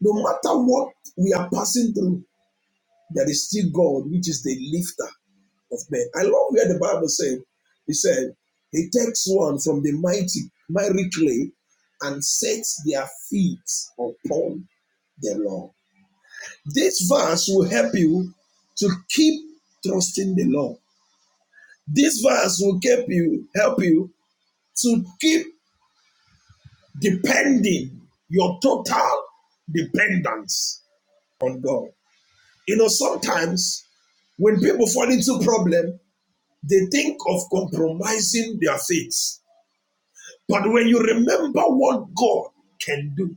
no matter what we are passing through, There is still God, which is the lifter of men. I love where the Bible said, He said, He takes one from the mighty, mighty clay and sets their feet upon the Lord. This verse will help you to keep trusting the Lord. This verse will help you, help you to keep depending your total dependence on God. You know, sometimes when people fall into problem, They think of compromising their faith. But when you remember what God can do,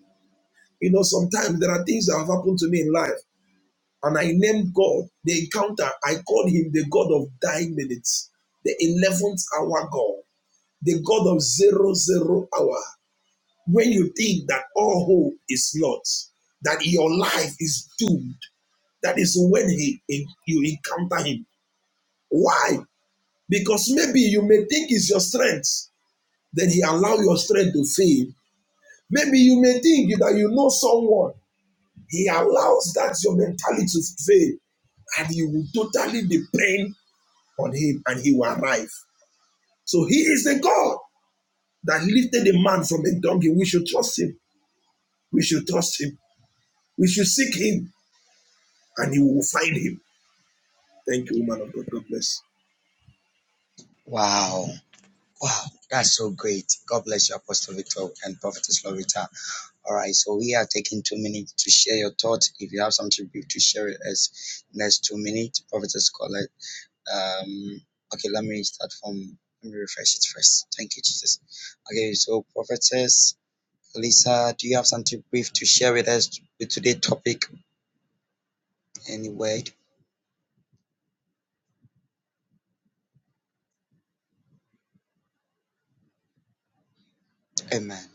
you know, sometimes there are things that have happened to me in life, and I named God the encounter. I called him the God of dying minutes, the 11th hour God, the God of zero zero hour. When you think that all hope is lost, that your life is doomed, that is when he, in, you encounter him. Why? Because maybe you may think it's your strength, Then he allow your strength to fail. Maybe you may think that you know someone. He allows that your mentality to fail and you will totally depend on him and he will arrive. So he is the God that lifted a man from a donkey. We should trust him. We should trust him. We should seek him and he will find him. Thank you, woman of God. God bless. Wow. Wow. That's so great. God bless you, Apostle Victor and Prophetess Loretta. All right. So we are taking two minutes to share your thoughts. If you have something brief to share with us, next two minutes, Prophetess Colette. Um, okay, let me start from, let me refresh it first. Thank you, Jesus. Okay, so prophetess Lisa, do you have something brief to share with us with today's topic? Any word? Amen.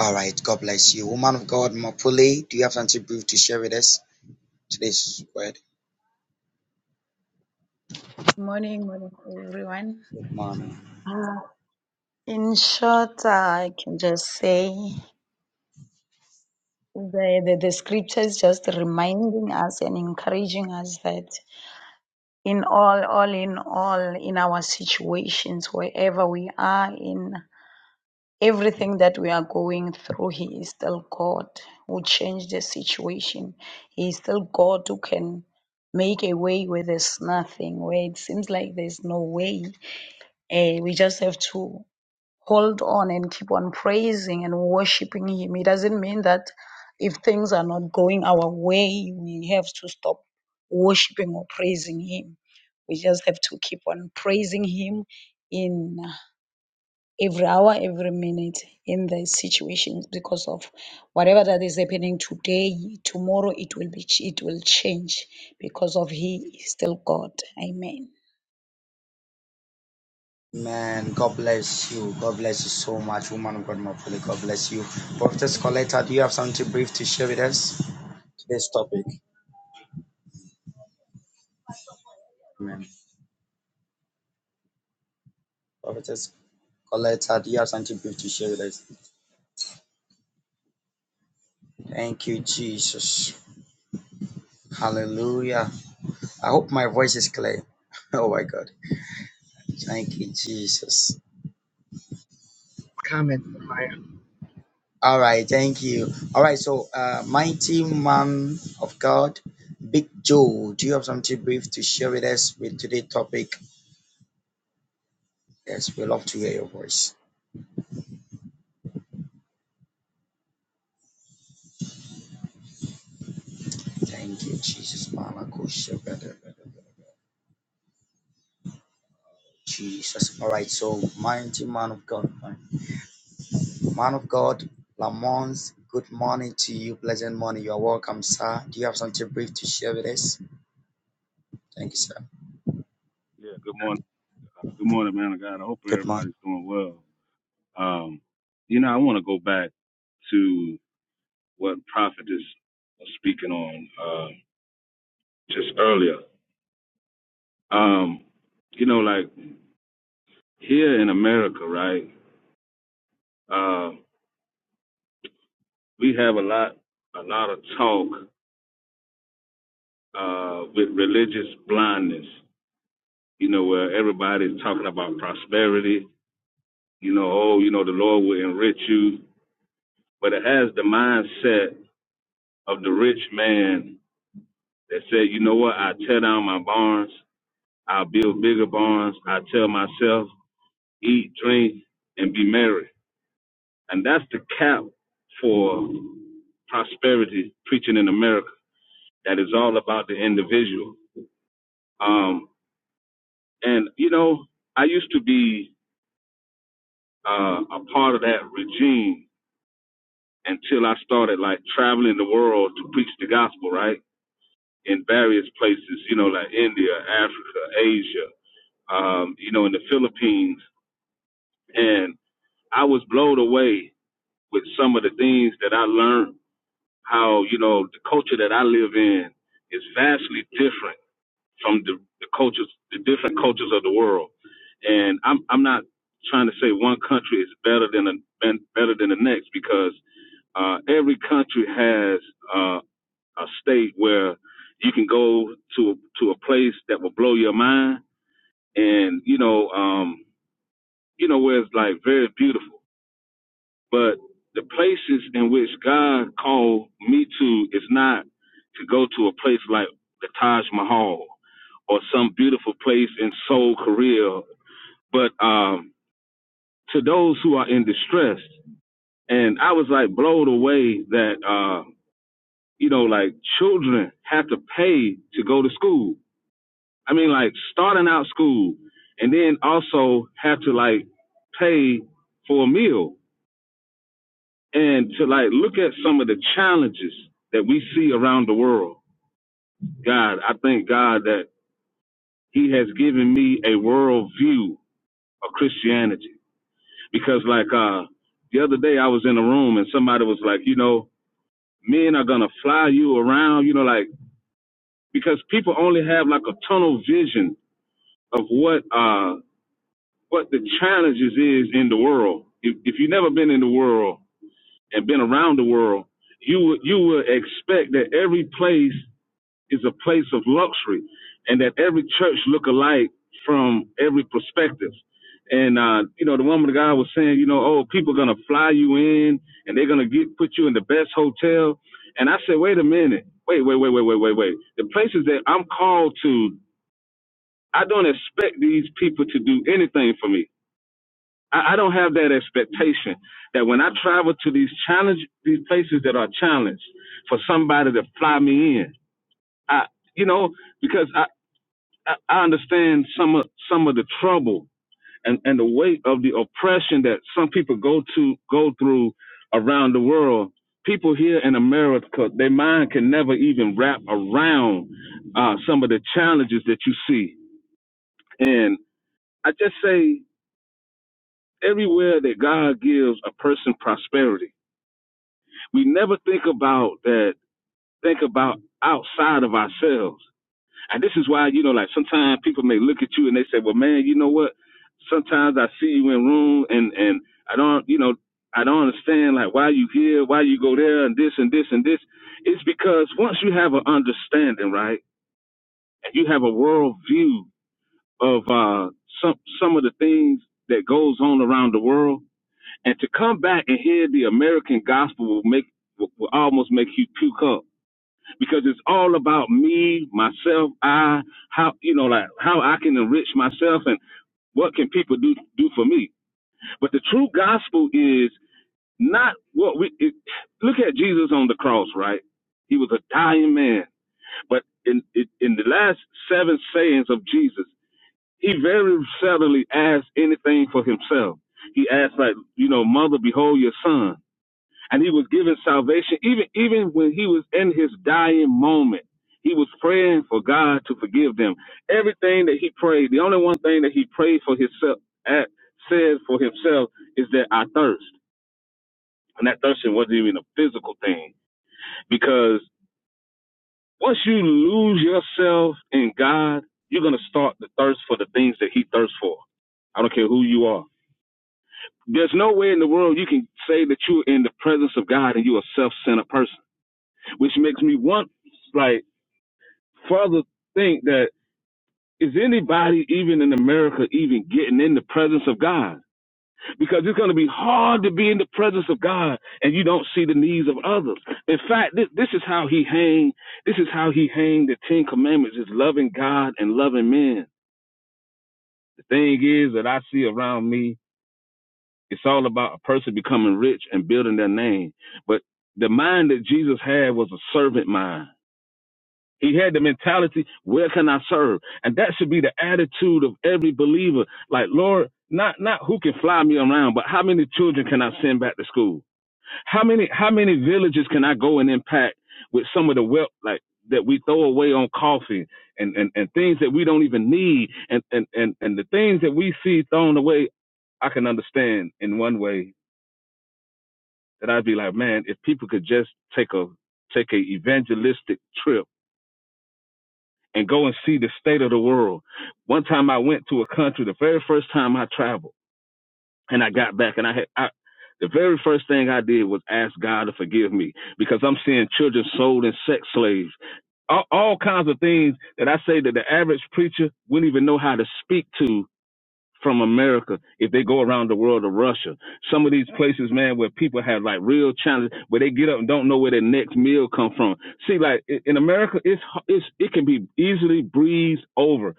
All right, God bless you. Woman of God, Mapule, do you have something brief to share with us today's word? Morning, morning, everyone. Good morning. Uh, in short, uh, I can just say the, the, the scriptures just reminding us and encouraging us that in all, all in all, in our situations, wherever we are in, Everything that we are going through, He is still God who changed the situation. He is still God who can make a way where there's nothing, where it seems like there's no way. Eh, we just have to hold on and keep on praising and worshiping Him. It doesn't mean that if things are not going our way, we have to stop worshiping or praising Him. We just have to keep on praising Him in every hour, every minute in the situations because of whatever that is happening today, tomorrow it will be it will change because of He is still God. Amen. Man, God bless you. God bless you so much, woman of God, Mapule. God bless you. Prophetess Coletta, do you have something brief to share with us today's topic? Amen. Prophetess. Collect our dear something brief to share with us. Thank you, Jesus. Hallelujah. I hope my voice is clear. Oh my God. Thank you, Jesus. All right. Thank you. All right. So, uh, mighty man of God, Big Joe, do you have something brief to share with us with today's topic? Yes, we love to hear your voice. Thank you, Jesus. Malako Shepherd. Jesus. All right. So, mighty man of God. Man of God, Lamont, good morning to you. Pleasant morning. You are welcome, sir. Do you have something brief to share with us? Thank you, sir. Yeah, good morning. Uh, good morning, man of God. I hope Good everybody's morning. doing well. Um, you know, I want to go back to what Prophet is was speaking on uh, just earlier. Um, you know, like here in America, right? Uh, we have a lot, a lot of talk uh, with religious blindness. You know, where everybody's talking about prosperity. You know, oh, you know, the Lord will enrich you, but it has the mindset of the rich man that said, you know what, I tear down my barns, I'll build bigger barns, I tell myself, eat, drink, and be merry. And that's the cap for prosperity preaching in America. That is all about the individual. Um, and you know, I used to be uh, a part of that regime until I started like traveling the world to preach the gospel, right? In various places, you know, like India, Africa, Asia, um, you know, in the Philippines, and I was blown away with some of the things that I learned. How you know the culture that I live in is vastly different from the, the cultures, the different cultures of the world. And I'm I'm not trying to say one country is better than a, than- better than the next because uh, every country has uh, a state where you can go to to a place that will blow your mind, and you know um, you know where it's like very beautiful But the places in which God called me to is not to go to a place like the Taj Mahal or some beautiful place in Seoul, Korea, but um, to those who are in distress. And I was like blown away that, uh, you know, like children have to pay to go to school. I mean, like starting out school and then also have to like pay for a meal and to like look at some of the challenges that we see around the world. God, I thank God that He has given me a world view of Christianity. Because like uh the other day I was in a room and somebody was like, you know, men are gonna fly you around, you know, like because people only have like a tunnel vision of what uh what the challenges is in the world. If if you've never been in the world and been around the world, you would you would expect that every place is a place of luxury and that every church look alike from every perspective. And, uh, you know, the woman of God was saying, you know, oh, people are going to fly you in and they're going to get, put you in the best hotel. And I said, wait a minute. Wait, wait, wait, wait, wait, wait, wait. The places that I'm called to, I don't expect these people to do anything for me. I, I don't have that expectation that when I travel to these challenge, these places that are challenged for somebody to fly me in, I, you know, because I. I, I understand some of some of the trouble and, and the weight of the oppression that some people go to go through around the world. People here in America, their mind can never even wrap around uh, some of the challenges that you see. And I just say, everywhere that God gives a person prosperity, we never think about that. Think about outside of ourselves. And this is why, you know, like sometimes people may look at you and they say, Well man, you know what? Sometimes I see you in room and and I don't you know, I don't understand like why you here, why you go there and this and this and this. It's because once you have an understanding, right, and you have a world view of uh some some of the things that goes on around the world and to come back and hear the American gospel will make will will almost make you puke up because it's all about me, myself, I, how you know, like how I can enrich myself and what can people do do for me. But the true gospel is not what we it, look at Jesus on the cross, right? He was a dying man, but in in in the last seven sayings of Jesus, he very seldomly asked anything for himself. He asked like, you know, mother, behold your son and he was given salvation even even when he was in his dying moment he was praying for god to forgive them everything that he prayed the only one thing that he prayed for himself at said for himself is that i thirst and that thirsting wasn't even a physical thing because once you lose yourself in god you're going to start to thirst for the things that he thirsts for i don't care who you are there's no way in the world you can say that you're in the presence of god and you're a self-centered person which makes me want like further think that is anybody even in America even getting in the presence of God? Because it's going to be hard to be in the presence of God and you don't see the needs of others. In fact, this, this is how he hang. This is how he hang the Ten Commandments: is loving God and loving men. The thing is that I see around me, it's all about a person becoming rich and building their name. But the mind that Jesus had was a servant mind He had the mentality, where can I serve? And that should be the attitude of every believer. Like, Lord, not not who can fly me around, but how many children can I send back to school? How many how many villages can I go and impact with some of the wealth like that we throw away on coffee and, and, and things that we don't even need and, and, and, and the things that we see thrown away, I can understand in one way that I'd be like, man, if people could just take a take a evangelistic trip and go and see the state of the world. One time I went to a country, the very first time I traveled, and I got back, and I had I, the very first thing I did was ask God to forgive me because I'm seeing children sold as sex slaves, all, all kinds of things that I say that the average preacher wouldn't even know how to speak to from America if they go around the world to Russia. Some of these places, man, where people have like real challenges, where they get up and don't know where their next meal come from. See, like in America, it's it's it can be easily breezed over.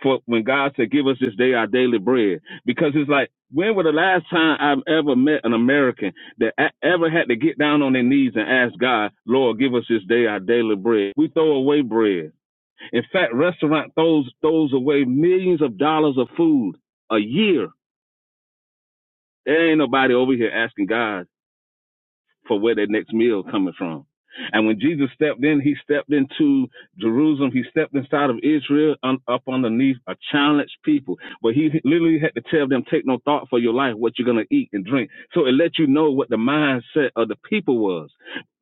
For when God said, "Give us this day our daily bread," because it's like, when was the last time I've ever met an American that a- ever had to get down on their knees and ask God, "Lord, give us this day our daily bread"? We throw away bread in fact, restaurant throws throws away millions of dollars of food a year. There ain't nobody over here asking God for where their next meal coming from. And when Jesus stepped in, he stepped into Jerusalem. He stepped inside of Israel un, up underneath a challenged people. But he literally had to tell them, take no thought for your life, what you're going to eat and drink. So it let you know what the mindset of the people was.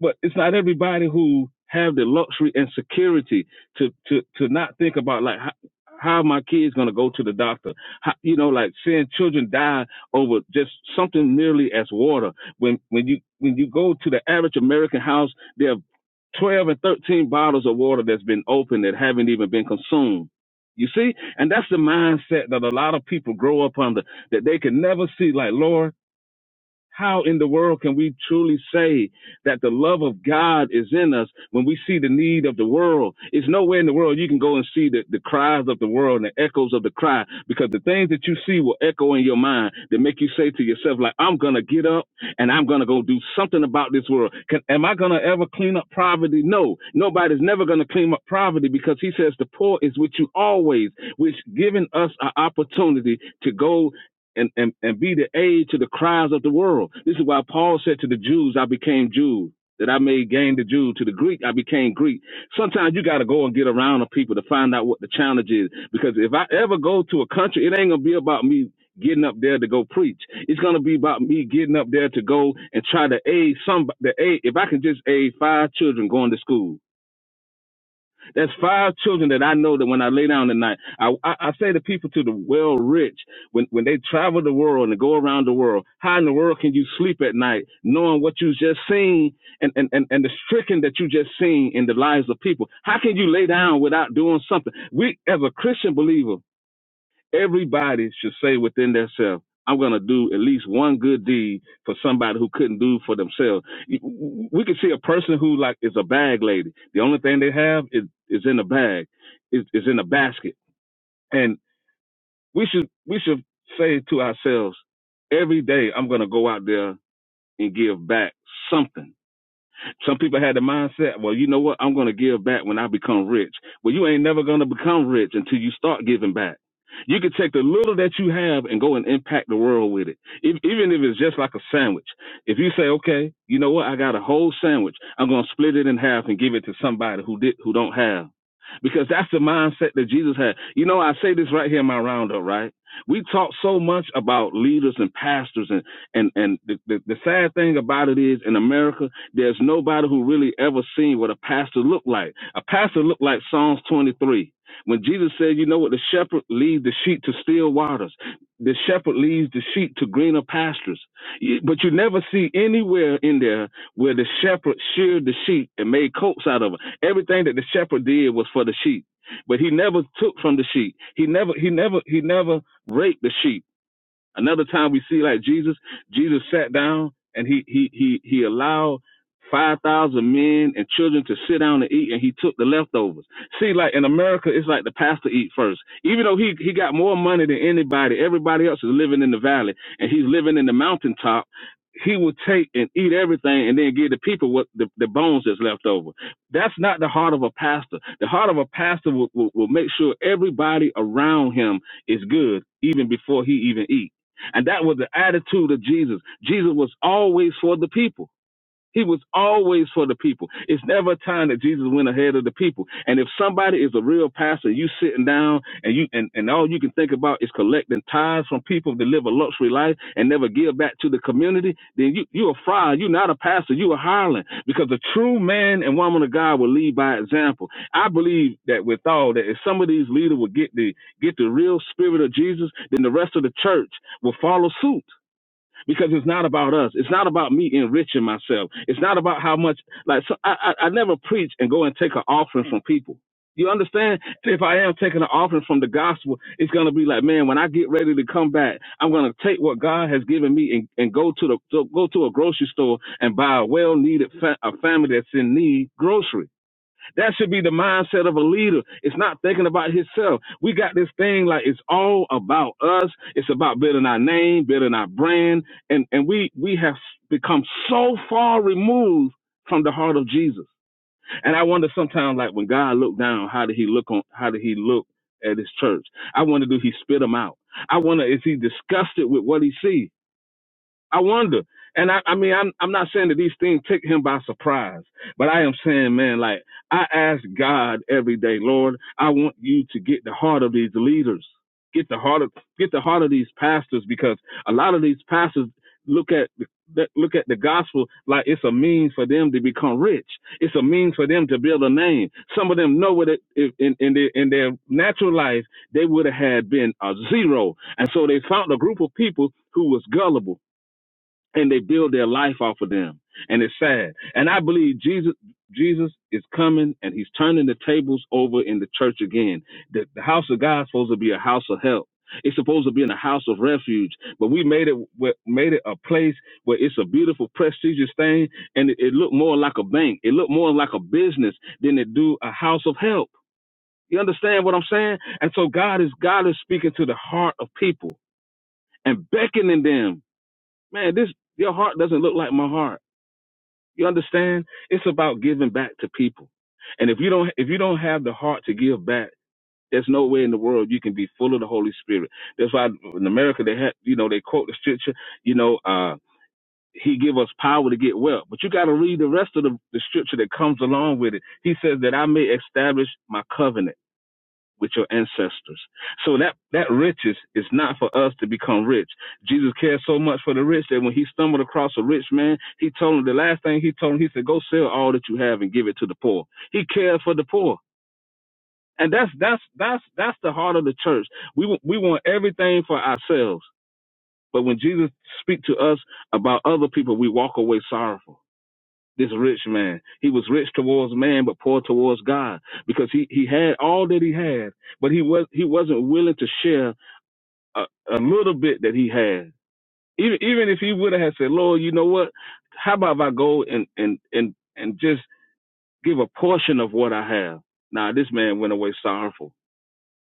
But it's not everybody who have the luxury and security to, to, to not think about like, how, how are my kids going to go to the doctor? How, you know, like seeing children die over just something merely as water when when you when you go to the average American house, there are 12 and 13 bottles of water that's been opened that haven't even been consumed. You see? And that's the mindset that a lot of people grow up under that they can never see like, Lord, how in the world can we truly say that the love of God is in us when we see the need of the world? It's nowhere in the world you can go and see the, the cries of the world and the echoes of the cry because the things that you see will echo in your mind that make you say to yourself, like, I'm going to get up and I'm going to go do something about this world. Can, am I going to ever clean up poverty? No, nobody's never going to clean up poverty because he says the poor is with you always, which giving us an opportunity to go and, and, and be the aid to the cries of the world. This is why Paul said to the Jews, I became Jew, that I may gain the Jew. To the Greek, I became Greek. Sometimes you got to go and get around the people to find out what the challenge is. Because if I ever go to a country, it ain't going to be about me getting up there to go preach. It's going to be about me getting up there to go and try to aid some, the aid, if I can just aid five children going to school there's five children that I know that when I lay down tonight, I, I, I say to people to the well rich, when, when they travel the world and go around the world, how in the world can you sleep at night knowing what you just seen and, and, and, and the stricken that you just seen in the lives of people? How can you lay down without doing something? We, as a Christian believer, Everybody should say within themselves, I'm going to do at least one good deed for somebody who couldn't do for themselves. You- We can see a person who like is a bag lady. The only thing they have is, is in a bag, is, is in a basket. And we should, we should say to ourselves, every day I'm going to go out there and give back something some people had the mindset, well, you know what? I'm going to give back when I become rich. Well, you ain't never going to become rich until you start giving back. You can take the little that you have and go and impact the world with it. If, even if it's just like a sandwich. If you say, okay, you know what? I got a whole sandwich. I'm going to split it in half and give it to somebody who did, who don't have. Because that's the mindset that Jesus had. You know, I say this right here in my roundup, right? We talk so much about leaders and pastors and, and, and the, the, the sad thing about it is in America, there's nobody who really ever seen what a pastor looked like. A pastor looked like Psalms 23. When Jesus said, you know what, the shepherd leads the sheep to still waters. The shepherd leads the sheep to greener pastures. But you never see anywhere in there where the shepherd sheared the sheep and made coats out of it. Everything that the shepherd did was for the sheep. But he never took from the sheep. He never, he never, he never raped the sheep. Another time we see like Jesus, Jesus sat down and he he he he allowed five thousand men and children to sit down and eat, and he took the leftovers. See, like in America, it's like the pastor eat first, even though he he got more money than anybody. Everybody else is living in the valley, and he's living in the mountaintop. He will take and eat everything, and then give the people what the, the bones that's left over. That's not the heart of a pastor. The heart of a pastor will, will, will make sure everybody around him is good, even before he even eats. And that was the attitude of Jesus. Jesus was always for the people. He was always for the people. It's never a time that Jesus went ahead of the people. And if somebody is a real pastor, you sitting down and you and, and all you can think about is collecting tithes from people that live a luxury life and never give back to the community, then you you're a fraud. You're not a pastor. You're a hireling. Because a true man and woman of God will lead by example. I believe that with all that, if some of these leaders will get the get the real spirit of Jesus, then the rest of the church will follow suit because it's not about us. It's not about me enriching myself. It's not about how much. Like so I, I, I never preach and go and take an offering from people. You understand? If I am taking an offering from the gospel, it's gonna be like, man, when I get ready to come back, I'm gonna take what God has given me and, and go to the go to a grocery store and buy a well needed fa- a family that's in need grocery. That should be the mindset of a leader. It's not thinking about himself. We got this thing like it's all about us. It's about building our name, building our brand, and and we we have become so far removed from the heart of Jesus. And I wonder sometimes, like when God looked down, how did He look on? How did He look at His church? I wonder, do He spit them out? I wonder, is He disgusted with what He sees? I wonder. And I, I mean, I'm, I'm not saying that these things take him by surprise, but I am saying, man, like I ask God every day, Lord, I want you to get the heart of these leaders, get the heart of, get the heart of these pastors, because a lot of these pastors look at the look at the gospel like it's a means for them to become rich. It's a means for them to build a name. Some of them know what it if- in in their in their natural life they would have had been a zero, and so they found a group of people who was gullible and they build their life off of them and it's sad and i believe jesus jesus is coming and he's turning the tables over in the church again the, the house of god is supposed to be a house of help it's supposed to be in a house of refuge but we made it made it a place where it's a beautiful prestigious thing and it, it looked more like a bank it looked more like a business than it do a house of help you understand what i'm saying and so god is god is speaking to the heart of people and beckoning them man, this your heart doesn't look like my heart. You understand? It's about giving back to people. And if you don't if you don't have the heart to give back, there's no way in the world you can be full of the Holy Spirit. That's why in America they have you know, they quote the scripture, you know, uh he give us power to get wealth. But you gotta read the rest of the, the scripture that comes along with it. He says that I may establish my covenant with your ancestors. So that, that riches is not for us to become rich. Jesus cared so much for the rich that when he stumbled across a rich man, he told him the last thing he told him, he said, go sell all that you have and give it to the poor. He cared for the poor. And that's, that's, that's, that's the heart of the church. We, we want everything for ourselves. But when Jesus speaks to us about other people, we walk away sorrowful this rich man. He was rich towards man, but poor towards God, because he he had all that he had, but he was he wasn't willing to share a, a little bit that he had. Even even if he would have said, Lord, you know what? How about if I go and and and and just give a portion of what I have? Now this man went away sorrowful.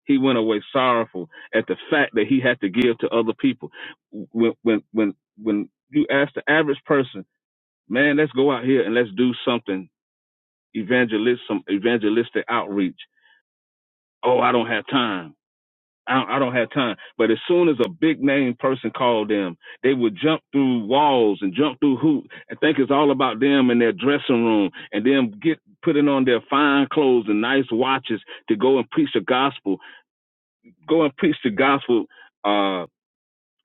He went away sorrowful at the fact that he had to give to other people. When when when when you ask the average person, man, let's go out here and let's do something Evangelism, evangelistic outreach. Oh, I don't have time. I don't, I don't have time. But as soon as a big name person called them, they would jump through walls and jump through hoops and think it's all about them and their dressing room and them get putting on their fine clothes and nice watches to go and preach the gospel. Go and preach the gospel uh,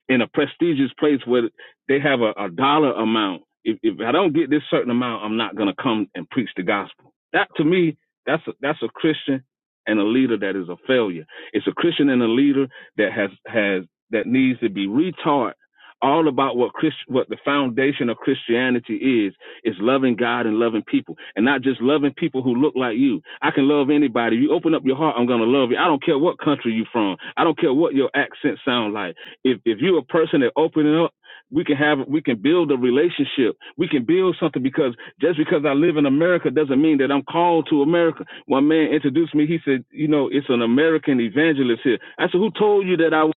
in a prestigious place where they have a, a dollar amount. If, if I don't get this certain amount, I'm not going to come and preach the gospel. That to me, that's a, that's a Christian and a leader that is a failure. It's a Christian and a leader that has has that needs to be retaught all about what Christ, what the foundation of Christianity is is loving God and loving people and not just loving people who look like you. I can love anybody. You open up your heart, I'm going to love you. I don't care what country you're from. I don't care what your accent sound like if if you're a person that opening up, we can have we can build a relationship. We can build something because just because I live in America doesn't mean that I'm called to America. One man introduced me. He said, you know, it's an American evangelist here. I said, who told you that I was?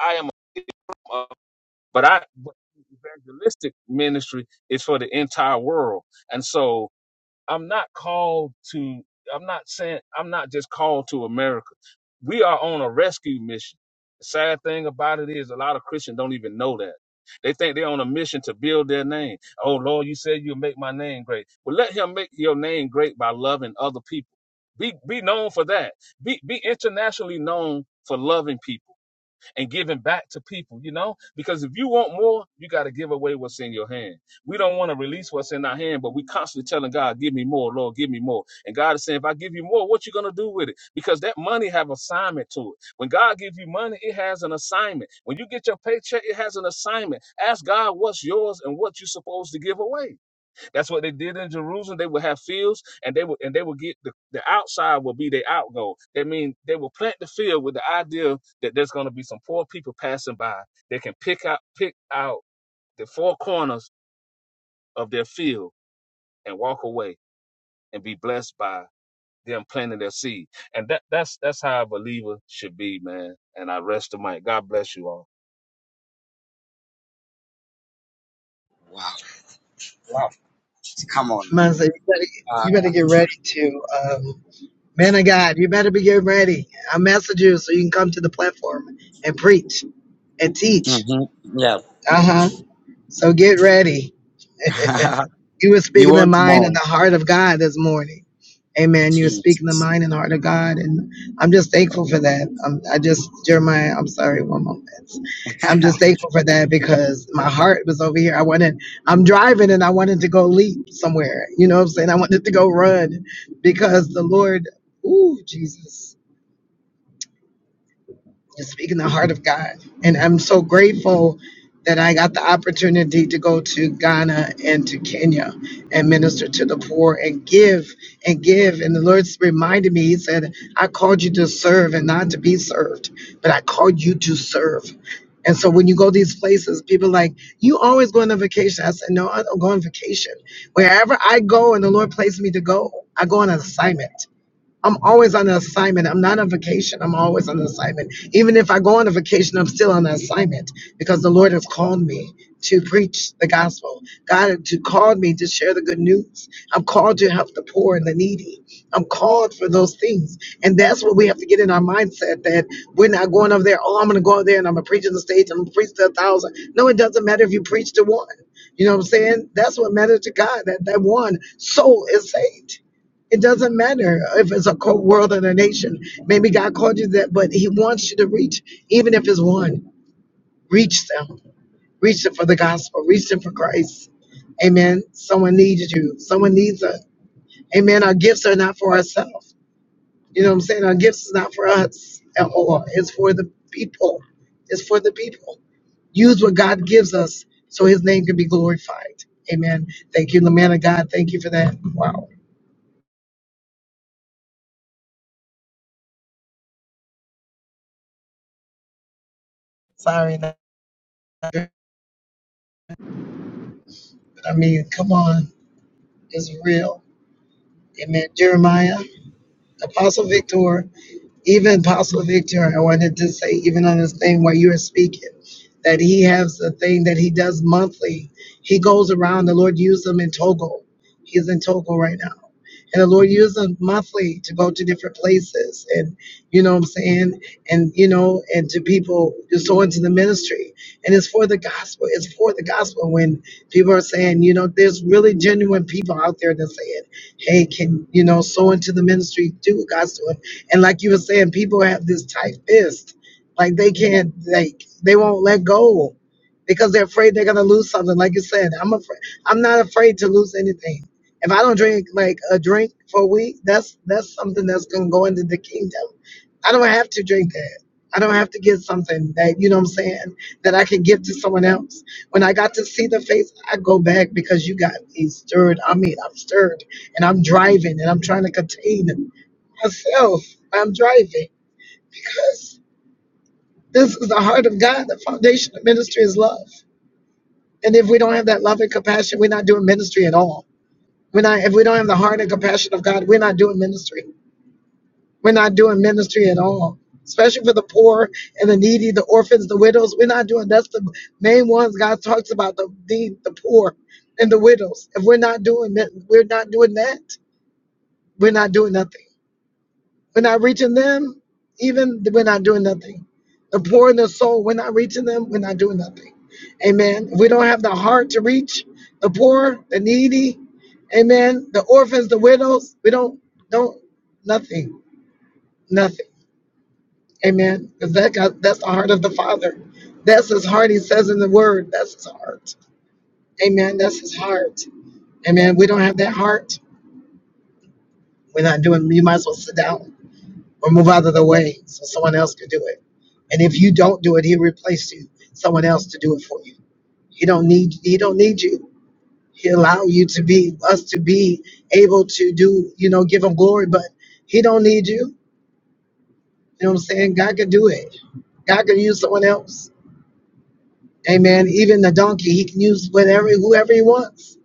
I am. A, but I but evangelistic ministry is for the entire world, and so I'm not called to. I'm not saying. I'm not just called to America. We are on a rescue mission. The sad thing about it is, a lot of Christians don't even know that. They think they're on a mission to build their name. Oh Lord, you said you'll make my name great. Well, let Him make your name great by loving other people. Be be known for that. Be be internationally known for loving people and giving back to people, you know? Because if you want more, you got to give away what's in your hand. We don't want to release what's in our hand, but we constantly telling God, give me more, Lord, give me more. And God is saying, if I give you more, what you going to do with it? Because that money have assignment to it. When God gives you money, it has an assignment. When you get your paycheck, it has an assignment. Ask God what's yours and what you're supposed to give away. That's what they did in Jerusalem. They would have fields, and they would and they would get the, the outside will be their outgo. That means they will plant the field with the idea that there's going to be some poor people passing by. They can pick out pick out the four corners of their field and walk away and be blessed by them planting their seed. And that that's that's how a believer should be, man. And I rest the mic. God bless you all. Wow. Wow. Come on. Mazda, you better, Uh, you better get ready to. Man of God, you better be getting ready. I message you so you can come to the platform and preach and teach. mhm. Yeah. Uh huh. So get ready. You were we speaking the want mind and more. the heart of God this morning. Amen. You were Jeez. speaking the mind and heart of God, and I'm just thankful for that. I'm, I just Jeremiah. I'm sorry. One moment. I'm just thankful for that because my heart was over here. I wanted. I'm driving and I wanted to go leap somewhere. You know what I'm saying? I wanted to go run because the Lord. Ooh, Jesus. to speak in the heart of God. And I'm so grateful that I got the opportunity to go to Ghana and to Kenya and minister to the poor and give and give. And the Lord reminded me, He said, I called you to serve and not to be served, but I called you to serve. And so when you go these places, people are like, you always go on a vacation. I said, no, I don't go on vacation. Wherever I go and the Lord placed me to go, I go on an assignment. I'm always on an assignment. I'm not on vacation. I'm always on an assignment. Even if I go on a vacation, I'm still on an assignment because the Lord has called me to preach the gospel. God to called me to share the good news. I'm called to help the poor and the needy. I'm called for those things. And that's what we have to get in our mindset that we're not going over there, oh, I'm gonna go over there and I'm gonna preach on the stage, and I'm gonna preach to a thousand. No, it doesn't matter if you preach to one. You know what I'm saying? That's what matters to God, that that one soul is saved. It doesn't matter if it's a co- world and a nation. Maybe God called you that, but He wants you to reach, even if it's one. Reach them. Reach them for the gospel. Reach them for Christ. Amen. Someone needs you. Someone needs us. Amen. Our gifts are not for ourselves. You know what I'm saying? Our gifts is not for us at all. It's for the people. It's for the people. Use what God gives us so His name can be glorified. Amen. Thank you, the man of God. Thank you for that. Wow. Sorry. I mean, come on. is real. Amen. Jeremiah, Apostle Victor, even Apostle Victor, I wanted to say, even on this thing while you are speaking, that he has a thing that he does monthly. He goes around, the Lord used him in Togo. He's in Togo right now. And the Lord used him monthly to go to different places. And, you know what I'm saying? And, you know, and to people just so into the ministry. And it's for the gospel. It's for the gospel when people are saying, you know, there's really genuine people out there that say it hey, can you know sow into the ministry? Do what God's doing. And like you were saying, people have this tight fist, like they can't, like they won't let go because they're afraid they're gonna lose something. Like you said, I'm afraid. I'm not afraid to lose anything. If I don't drink like a drink for a week, that's that's something that's gonna go into the kingdom. I don't have to drink that. I don't have to get something that you know what I'm saying that I can give to someone else. When I got to see the face, I go back because you got me stirred. I mean, I'm stirred and I'm driving and I'm trying to contain myself. I'm driving because this is the heart of God. The foundation of ministry is love. And if we don't have that love and compassion, we're not doing ministry at all. We're not, if we don't have the heart and compassion of God, we're not doing ministry. We're not doing ministry at all, especially for the poor and the needy, the orphans, the widows. We're not doing that's the main ones God talks about the the, the poor and the widows. If we're not doing that, we're not doing that. We're not doing nothing. We're not reaching them, even th- we're not doing nothing. The poor in the soul, we're not reaching them, we're not doing nothing. Amen. If we don't have the heart to reach the poor, the needy, amen, the orphans, the widows, we don't, don't, nothing, nothing. Amen. Because that got, that's the heart of the Father. That's his heart, he says in the word. That's his heart. Amen. That's his heart. Amen. We don't have that heart. We're not doing, you might as well sit down. or move out of the way so someone else can do it. And if you don't do it, he'll replace you, someone else to do it for you. He don't need he don't need you. He allow you to be us to be able to do, you know, give him glory, but he don't need you. You know what I'm saying? God can do it. God can use someone else. Amen. Even the donkey, he can use whatever whoever he wants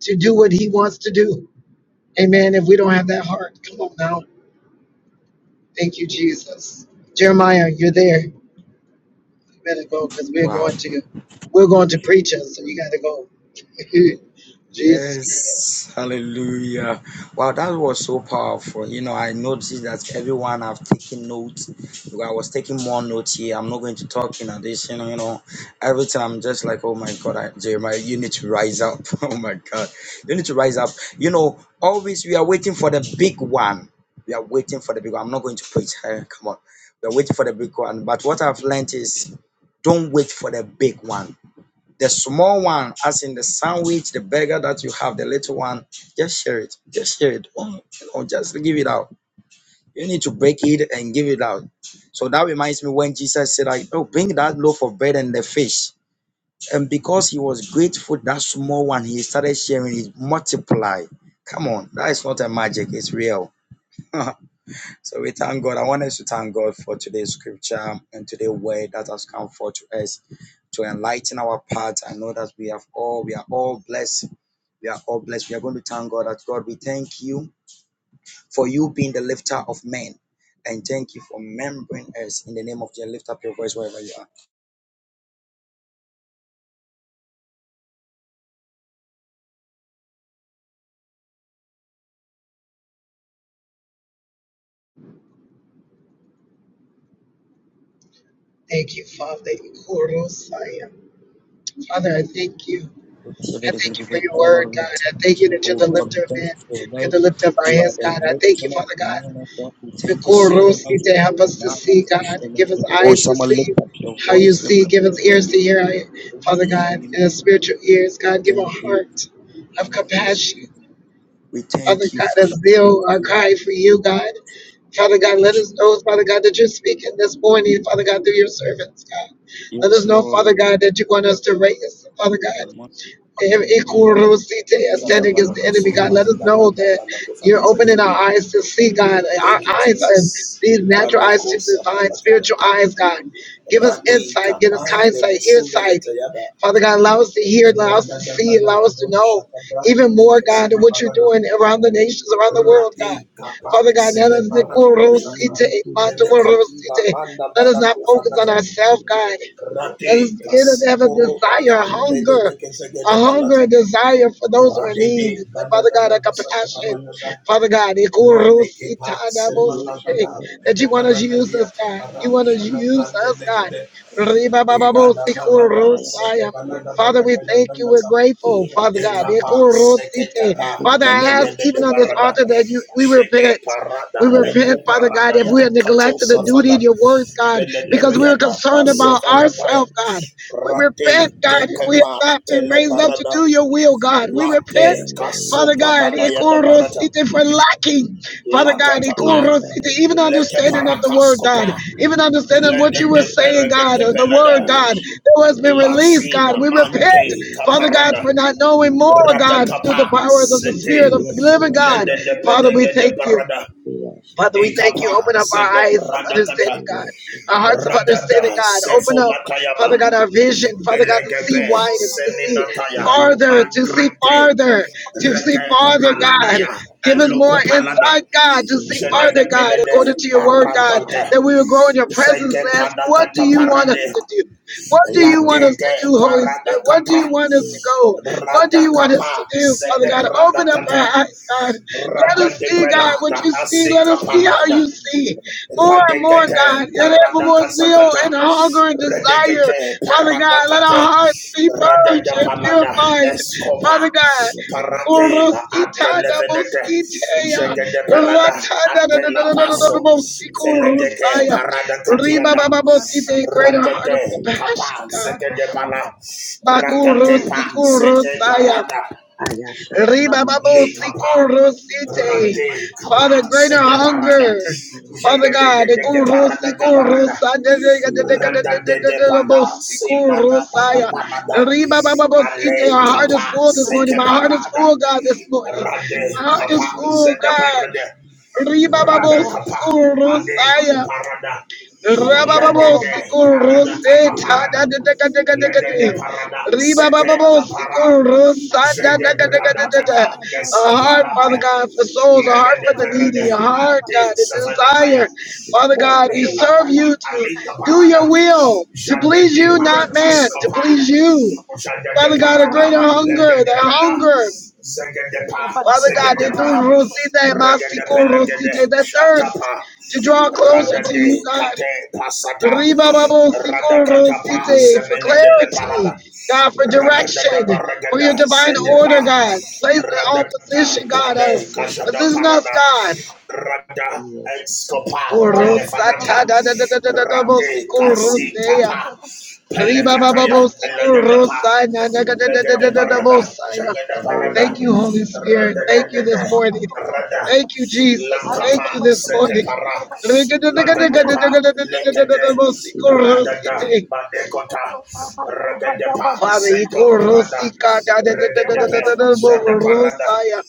to do what he wants to do. Amen. If we don't have that heart, come on now. Thank you, Jesus. Jeremiah, you're there. You better go because we're wow. going to we're going to preachers, so you gotta go. Jesus Christ. Yes, hallelujah. Wow, that was so powerful. You know, I noticed that everyone have taken notes. Because I was taking more notes here. I'm not going to talk in addition, you know. Every time I'm just like, oh my God, I, Jeremiah, you need to rise up. oh my God, you need to rise up. You know, always we are waiting for the big one. We are waiting for the big one. I'm not going to preach. eh, Come on. We are waiting for the big one. But what I've learned is don't wait for the big one the small one, as in the sandwich, the burger that you have, the little one, just share it. Just share it. do you know, just give it out. You need to break it and give it out. So that reminds me when Jesus said, like, oh, bring that loaf of bread and the fish. And because he was grateful, that small one, he started sharing it, multiply. Come on, that is not a magic, it's real. So we thank God. I want us to thank God for today's scripture and today's word that has come forth to us to enlighten our path. I know that we have all, we are all blessed. We are all blessed. We are going to thank God that God, we thank you for you being the lifter of men. And thank you for remembering us in the name of the lift up your voice wherever you are. Thank you, Father. Ikorosaya. Father, I thank you. I thank you for your word, Lord, we God. I thank thank you you, that you're oh the God, we lifter of thank you men. for your You're right. the lifter of our You are hands, the God. I thank lifter you, of Father God. man, oh God. We thank you so Ikorosi, much. To help us to Now, see, after the show, God. let Give us Oh, eyes to someone lift see up your how you voice, lift see. up Give us your voice. ears to hear, Father We God. do not And spiritual ears, God. Give a Thank you, heart of Father. We show compassion you. We Father thank you, God, Father, as for your Bill, our food. guide for you, God. Father God, let us know, Father God, that you're speaking this morning, Father God, through your servants, God. Let us Yes, know, Lord, Father we God, that you want us to raise, Father God. cannot want to Every live. Ikurusite, standing against the enemy, God, let us know that you're opening our eyes to see, God. Our eyes are these natural eyes Maroko to divine sapalataya. spiritual eyes, God. Give us Rati insight, give us kapa kind sight, ear lemosume sight. letayada. Father God, allow us to hear, allow us to see, allow us to Radadabadakadosha know even kabrante more, God, of bekesina what you're parada. doing around the nations, around the world, God. Rati Father God, kapanse let de us parakushata. Melekatila manda let us not balaku focus on fanata. ourselves, God. Let's Rati get it, have a kasiporota desire, a ka pele hunger, de a kesege de hunger balata. and desire for those who are in Rade need. de Father God, badakada a basako compassion. baradada. Father God, Rate kepa ikurusitadabosite, semalagada. that Mele you want us to use us, baradadia God. tapara. You want us to Shada use brande us, God. negede. Egada babada. Ribabababosekurusaya. Sete balada Father, we balagada thank you. Ayashakayandarakiende, We're balata. grateful, Father God. Ikapa Iyakayandarakiende, Ikurusite. seketapa Andiri Father, I ask even tenegedede on this barada. altar that you we Sheke repent. Iyashakayandarakiakoshia, We parada repent, eku Father God, parada if ya we Ayandarakoyende, have kato neglected the duty safana of your words, God, because we Iyashakayandarakiende, are pelederiada concerned about pasofanataya ourselves, God. Iyakayandarakiende, We repent, rate God, Andiri if we have dekepa not been raised up to teleparada do your Iyashakayandarakiende, will, God. We repent, late Iyandari kaso Father God, panada ya yada barata ikurosite, for lacking, Iyashakayandarakiende, Father late God, kapa Iyandara ikurosite, even leke understanding of the Iyakayandarakiende, word, God, parakaskopa even understanding of what you were Ayandarakoyende, saying, God, eperekete of the word, pelada God, Hallelujah. that has been released, God. lasina We repent, mante Father God, for kaparada not knowing more, rata God, through kapa the powers of the Spirit of sete the living God. lede de Father, we pedege de thank you. barada Father, we thank Ekapa you. Open up our de eyes of bradakata understanding, God. Our hearts of understanding, radada God. Open up, Father sefonatayaba God, our vision, Father God, to see elegebe wider, to see seminataya farther, to see mangrate farther, to see reke farther, God. paladaya Give us more eloko palada insight, God, to see jede de farther, God, according pelede to your word, God, aradade that we will grow in your presence Zege and ask, what do panakata you want us parade, to do? What do you Yes, want late us to de do, Holy Spirit? What do you paradakata, want us to go? What do you want us radakapa, to do, Father zede God? Open up our paradakata, eyes, God. Let rada us de see, God, what pelada, you see. Let aseka us see how palada, you see more and more, God. Radekete Yet ever more zeal paradakasakata. and hunger and desire. Redekete Father God, let paradakate. our hearts be purged Radada and palada purified. escopa. Father God. Paratela Urusita da adelevenete. bositea, Jegede palada ratada da da atela da da da da da da paso. bosiku Feledeke rusaya, riba paradakatiada. ba ba bosite, greater heart of Radade compassion, papa God. segede pala. Baku Rakate pa rusiku sete Ayasha rusaya, parada. Lekapa, Ribababosikurusite. Rate Kapa, Father, greater Sede Parada, hunger. Father God, the Jagade guru Parada sikuru Caparada, Rada de de Pada, Semana Mana saya. parada. Ribabababosite. Ale our heart Kapa, is full this morning. Seke My heart is Parada, full, God, this morning. My Rade heart is Kapa, full, Zede God. Parada, Rada Kapa, Ade Ribababosikurusaya. Kuparada, let the Rabababo day sikul parada rose kata ta parada. da da da da da da Let the day da. parada sete Ribababo kapara. sikul rosa da da Jede da da da brada da kata da. A heart, Father keskopanaya. God, for souls, a Let heart the for the parada needy, Yes, a I am heart, ade God, a savanataya. desire, Father God, to Ole serve lataya. you, to Alika do your parada. will, to Jada please you, depa not man, to please kaskopada. you. Father God, a Jagadeparada, greater hunger, the Legadepela, hunger. Zagadepa, Father God, they Zagadepa, do rosita, masikul rosita, Regadepelegade, the thirst Shatapa, to draw closer to you, Radade, God. Kate, Pasata, Radakatapa, Ribababosikorosite, For Semenade Leparada, clarity, God, for direction, for your Radadadabaragada, divine Zedepa, order, God. Place in all Radakata, position, God, Pade, us. Kajada Position us, Parada, God. Rada Escopa Telefanata Rade Korosatadadadadadadabosikorosea. Casitapa Pelecataya Elegadapa Legende Parada Ribabababosikorosanagadadadadadadabosaya. Jagada Thank Parada not you, Holy Rada Spirit. Thank you a this morning. Rada Thank you, Jesus. Thank Yes, you Lakapa this morning. Setepara Lagadepa Lekade Radada Badekota Regadepa Father, Zeto Iko Prada ikurusika da da da da da da da da Regadepe da Jadaparada burusaya.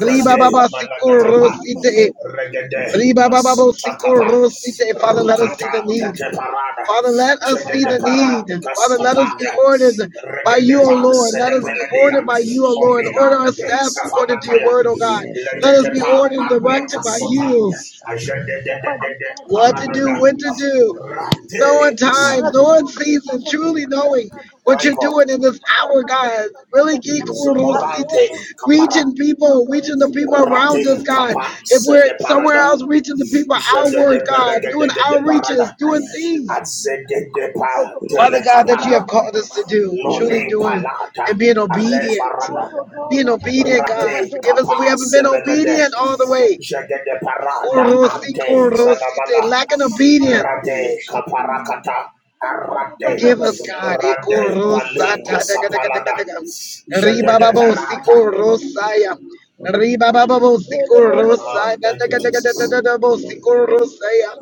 Riba baba Malagadapa sikurusite. Regade Riba baba bo Masuta Kapa sikurusite. Father, let us see the Rukata need. Keteparada Father, let us see the Jagadepara need. Father, let us be Kaskopaya ordered by you, O Regadepa Lord. Let us be Sedepeladia ordered by you, O Lord. Omina Order our De steps according to your Safanataya word, O God. Let us be Leketepa ordered and apleka directed by sota. you. Ajende de de de de What to do, paranada. Hallelujah. when to do, knowing Rate times, masama. knowing seasons, truly knowing what you're Michael doing in this hour, God. Really, ki Zamorante kurusite, kapara. reaching people, reaching the people Rate around us, God. kapa If we're sede somewhere parada. else, reaching the people Jende de outward, God, berege doing de outreaches, parada. doing things, Azede de pa Father tele God, that you have kapara. called us to do, truly Lone doing palata. and being Ale obedient. varada. Being obedient, Rate God. Forgive us if kapa we haven't been semenede. obedient all the way. Jagede parada Kurusite, ante kurusite, zanabala. Lacking obedience. Rade kaparakata. Arate. Give us God. Hallelujah. Rade Ikorosa paliko ta Yes, da ga da ga da ga sapalana. da ga. Jagede Ribababo parata. siko rosaya. Ribababo siko Ah, rosa da thank da you, ga da ga da da Jesus. da da bo siko rosaya.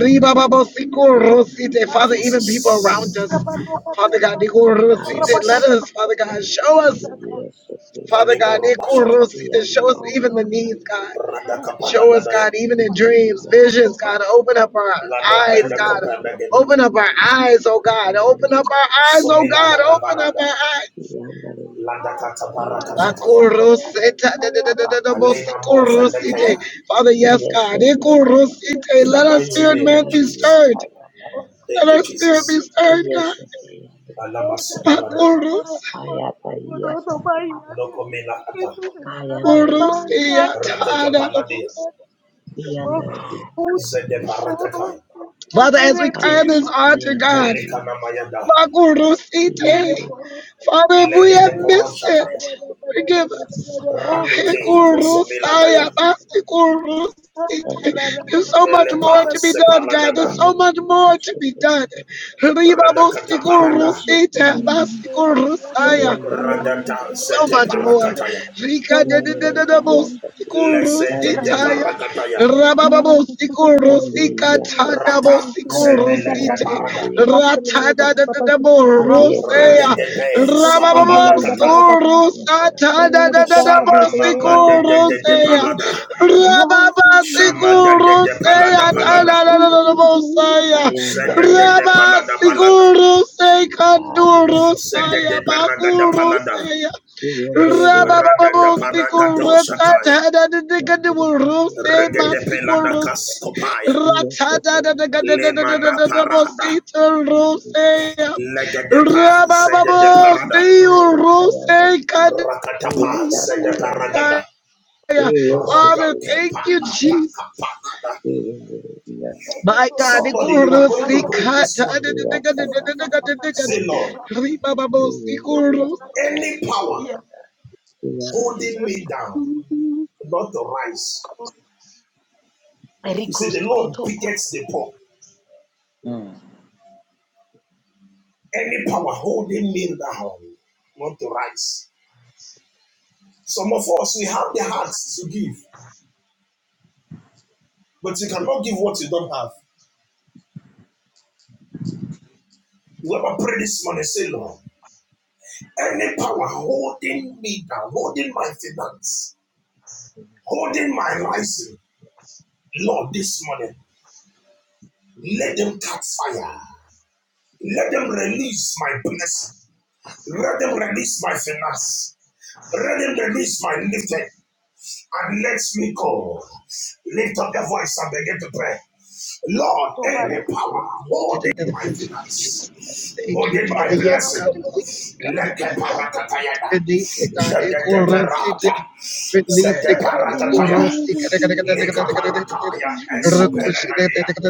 Ribababo siko rosite. Father, even Jesus. people around us, Father God, iko rosite. Jesus. Let us, Father God, show us, Father God, Kalimoro iko bashata. rosite. Show us even the needs, God. Rada kapala Show us, gadaya. God, even in dreams, visions, God, open up our Lado eyes, bende God. kopende gede. Open up our eyes, oh God. Open up our eyes, oh Somila God. da da Open up barada. our eyes. Lada kata baraka shataya. Akoroseta, da, da, da, da, da, da, Alena mo fendeteya. bosikorosite. Father, yes, God. Ikorosite. in the Let our mighty Yes, spirit name man of be Jesus. stirred. Thank Let you, our spirit be Jesus. stirred, God. Alama soparada, Akoros, lokomena ata, orosia, ta, rateka da, da, panadia, bos. zede parakata, Father, as we cry this altar, God. molika namayada, Makurusite. Father, if we have legede missed it, poroshataya, forgive us. ratete kosomela Hekurusaya, daya, Bastikurusite. There's so much more velepa to be done, God. There's sepalagada, so much more to be done. Riba radakata parada, Bastikurusite, yiyashakiyambariye Bastikurusaya Hello, arayambariye radata so yiyambariye sete much ebe more. yambara Rika de de de de yiyambariye de bos- yiyashati sikuru ntayambara sitaya. yishakiyambariye Rabababo sikuru yambere sikatanda yiyashata bo rata sikuru ntayambara semelete site. parada, kiyembere yiyashate Ratada de de de bo yiyebe rusea. yambare radedebe da da yambere sanabanakata, yiyashata yambara satada de kwayambara de de bo yambere sikuru seya. yiyeshate yambara Rababa sikuru seya tada rada, da yiyeshate de de de bo yambara saya. ayambara Raba yiyaka yambara sikuru sekanduru abiyambare yiyashati Yes, Rabababo, sequel, ratada, the Gadabul rose, my sequel, rose, ratada, the Gadabos rada, sequel, rose, rabababo, see you, rose, rada, Kadaya. Father, thank you, Jesus. My God, the Somebody you guru will break sikat, this morning. Say, Lord, ribababo, Sikuru any power holding me down, not to rise. You say, the Lord pickets the poor. Any power holding me down, not to rise. Some of us, we have the hearts to give, but you cannot give what you don't have. Whoever pray this morning, say, Lord, any power holding me down, holding my finance, holding my rising, Lord, this morning, let them catch fire. Let them release my blessing. Let them release my finance. Let them release my lifting. And let me go. Lift up your voice and begin to pray. Lord, any power Yes, holding my finance, Jesus. Thank you, holding my Father. Yes, God, blessing. and God. Leke parakatayana. Release God, Zedeke parata. Ekorosity, release Zede God, parakataya. Ekorosika, Leka parakaya. Esopelagania.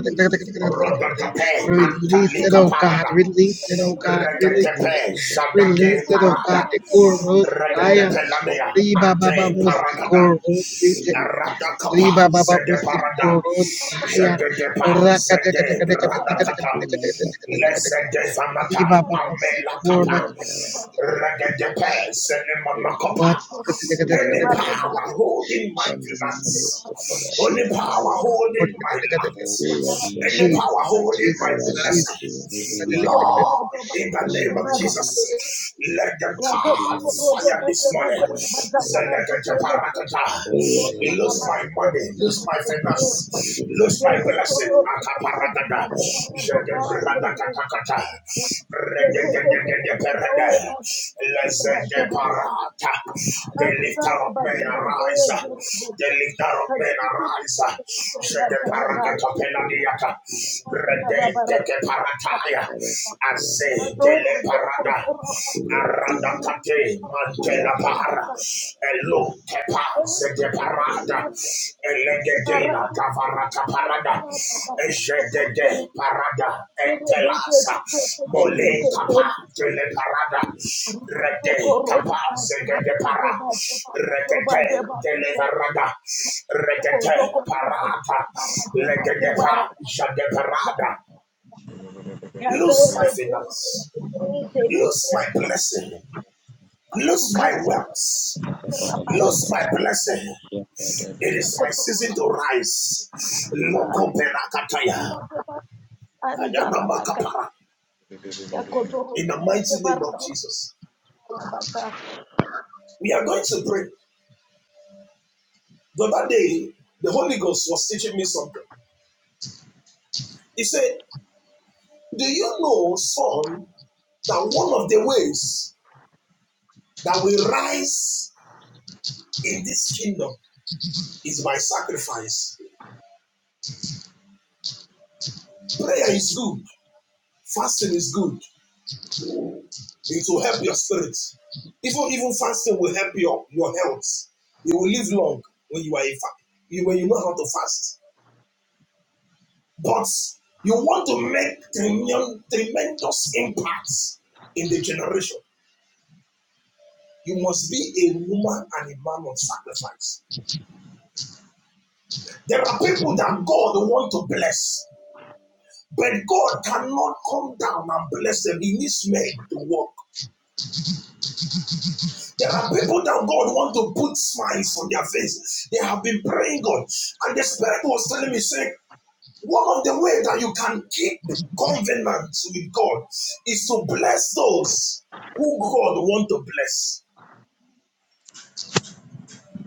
Rodotepe release it, antaliko oh God, parada. release it, oh God, release it, Regetepe zadade release it, oh parada. God, Ekorosaya, Regetepe lamea Riba Baba ante paragada. Mustikorosity. Radakapa Riba baba zede parada. musikoro saya Jededepa raka teka zede teka teka teka teka teka teka paradakata. teka teka teka teka teka. Lezedevanata Riba baba musikoro Amelakapa Regedepe Senemanakapa what any power holding my Jesus, finance, any Jesus, power Jesus, holding my Oh, Yes, light, Jesus, yes, any yes. power holding I my Jesus, am the blessing, leader. Jesus. Yes, yes, Mama. Lord. In the yes. name Yes, of yes, Jesus. Jesus, let them yes. card fire this morning. Yes, yes, yes. Yes, Zelekataparakata. yes, yes. Yes, yes, yes. Yes, Oh, yes, Lose yes. my money, lose my Yes, yes, yes. Yes, yes, yes. finance, yes. lose my Yes, yes, yes. Yes, blessing. The lifter of men arise. The lifter of men arise. Said the parakatopeladiata. Rede teke parataya. yes, yes. Yes, Aze dele yes, yes. parada. Good Aradakate mantela para. Elo kepa zede parada. Elegedina davara. Rataparada, Ejedede Parada, Etelasa, Mole Capa, Dele Parada, Rede Capa, Zegede Para, Regede Dele Parada, Parata, Legede Jade Parada. Yes, Lose my finance, lose my blessing, lose my wealth, lose my blessing. It is my season to rise. Loko Berakataya. In the mighty name of Jesus. We are going to pray. The other day, the Holy Ghost was teaching me something. He said, Do you know, son, that one of the ways that we rise in this kingdom is by sacrifice? Prayer is good, fasting is good, it will help your spirit. Even, even fasting will help your, your health. You will live long when you are in fa- when you know how to fast. but you want to make tremendous impacts in the generation. You must be a woman and a man of sacrifice. There are people that God want to bless, but God cannot come down and bless them. He needs men to work. There are people that God want to put smiles on their faces. They have been praying God, and the Spirit was telling me, saying. One of the ways that you can keep covenants with God is to bless those who God want to bless.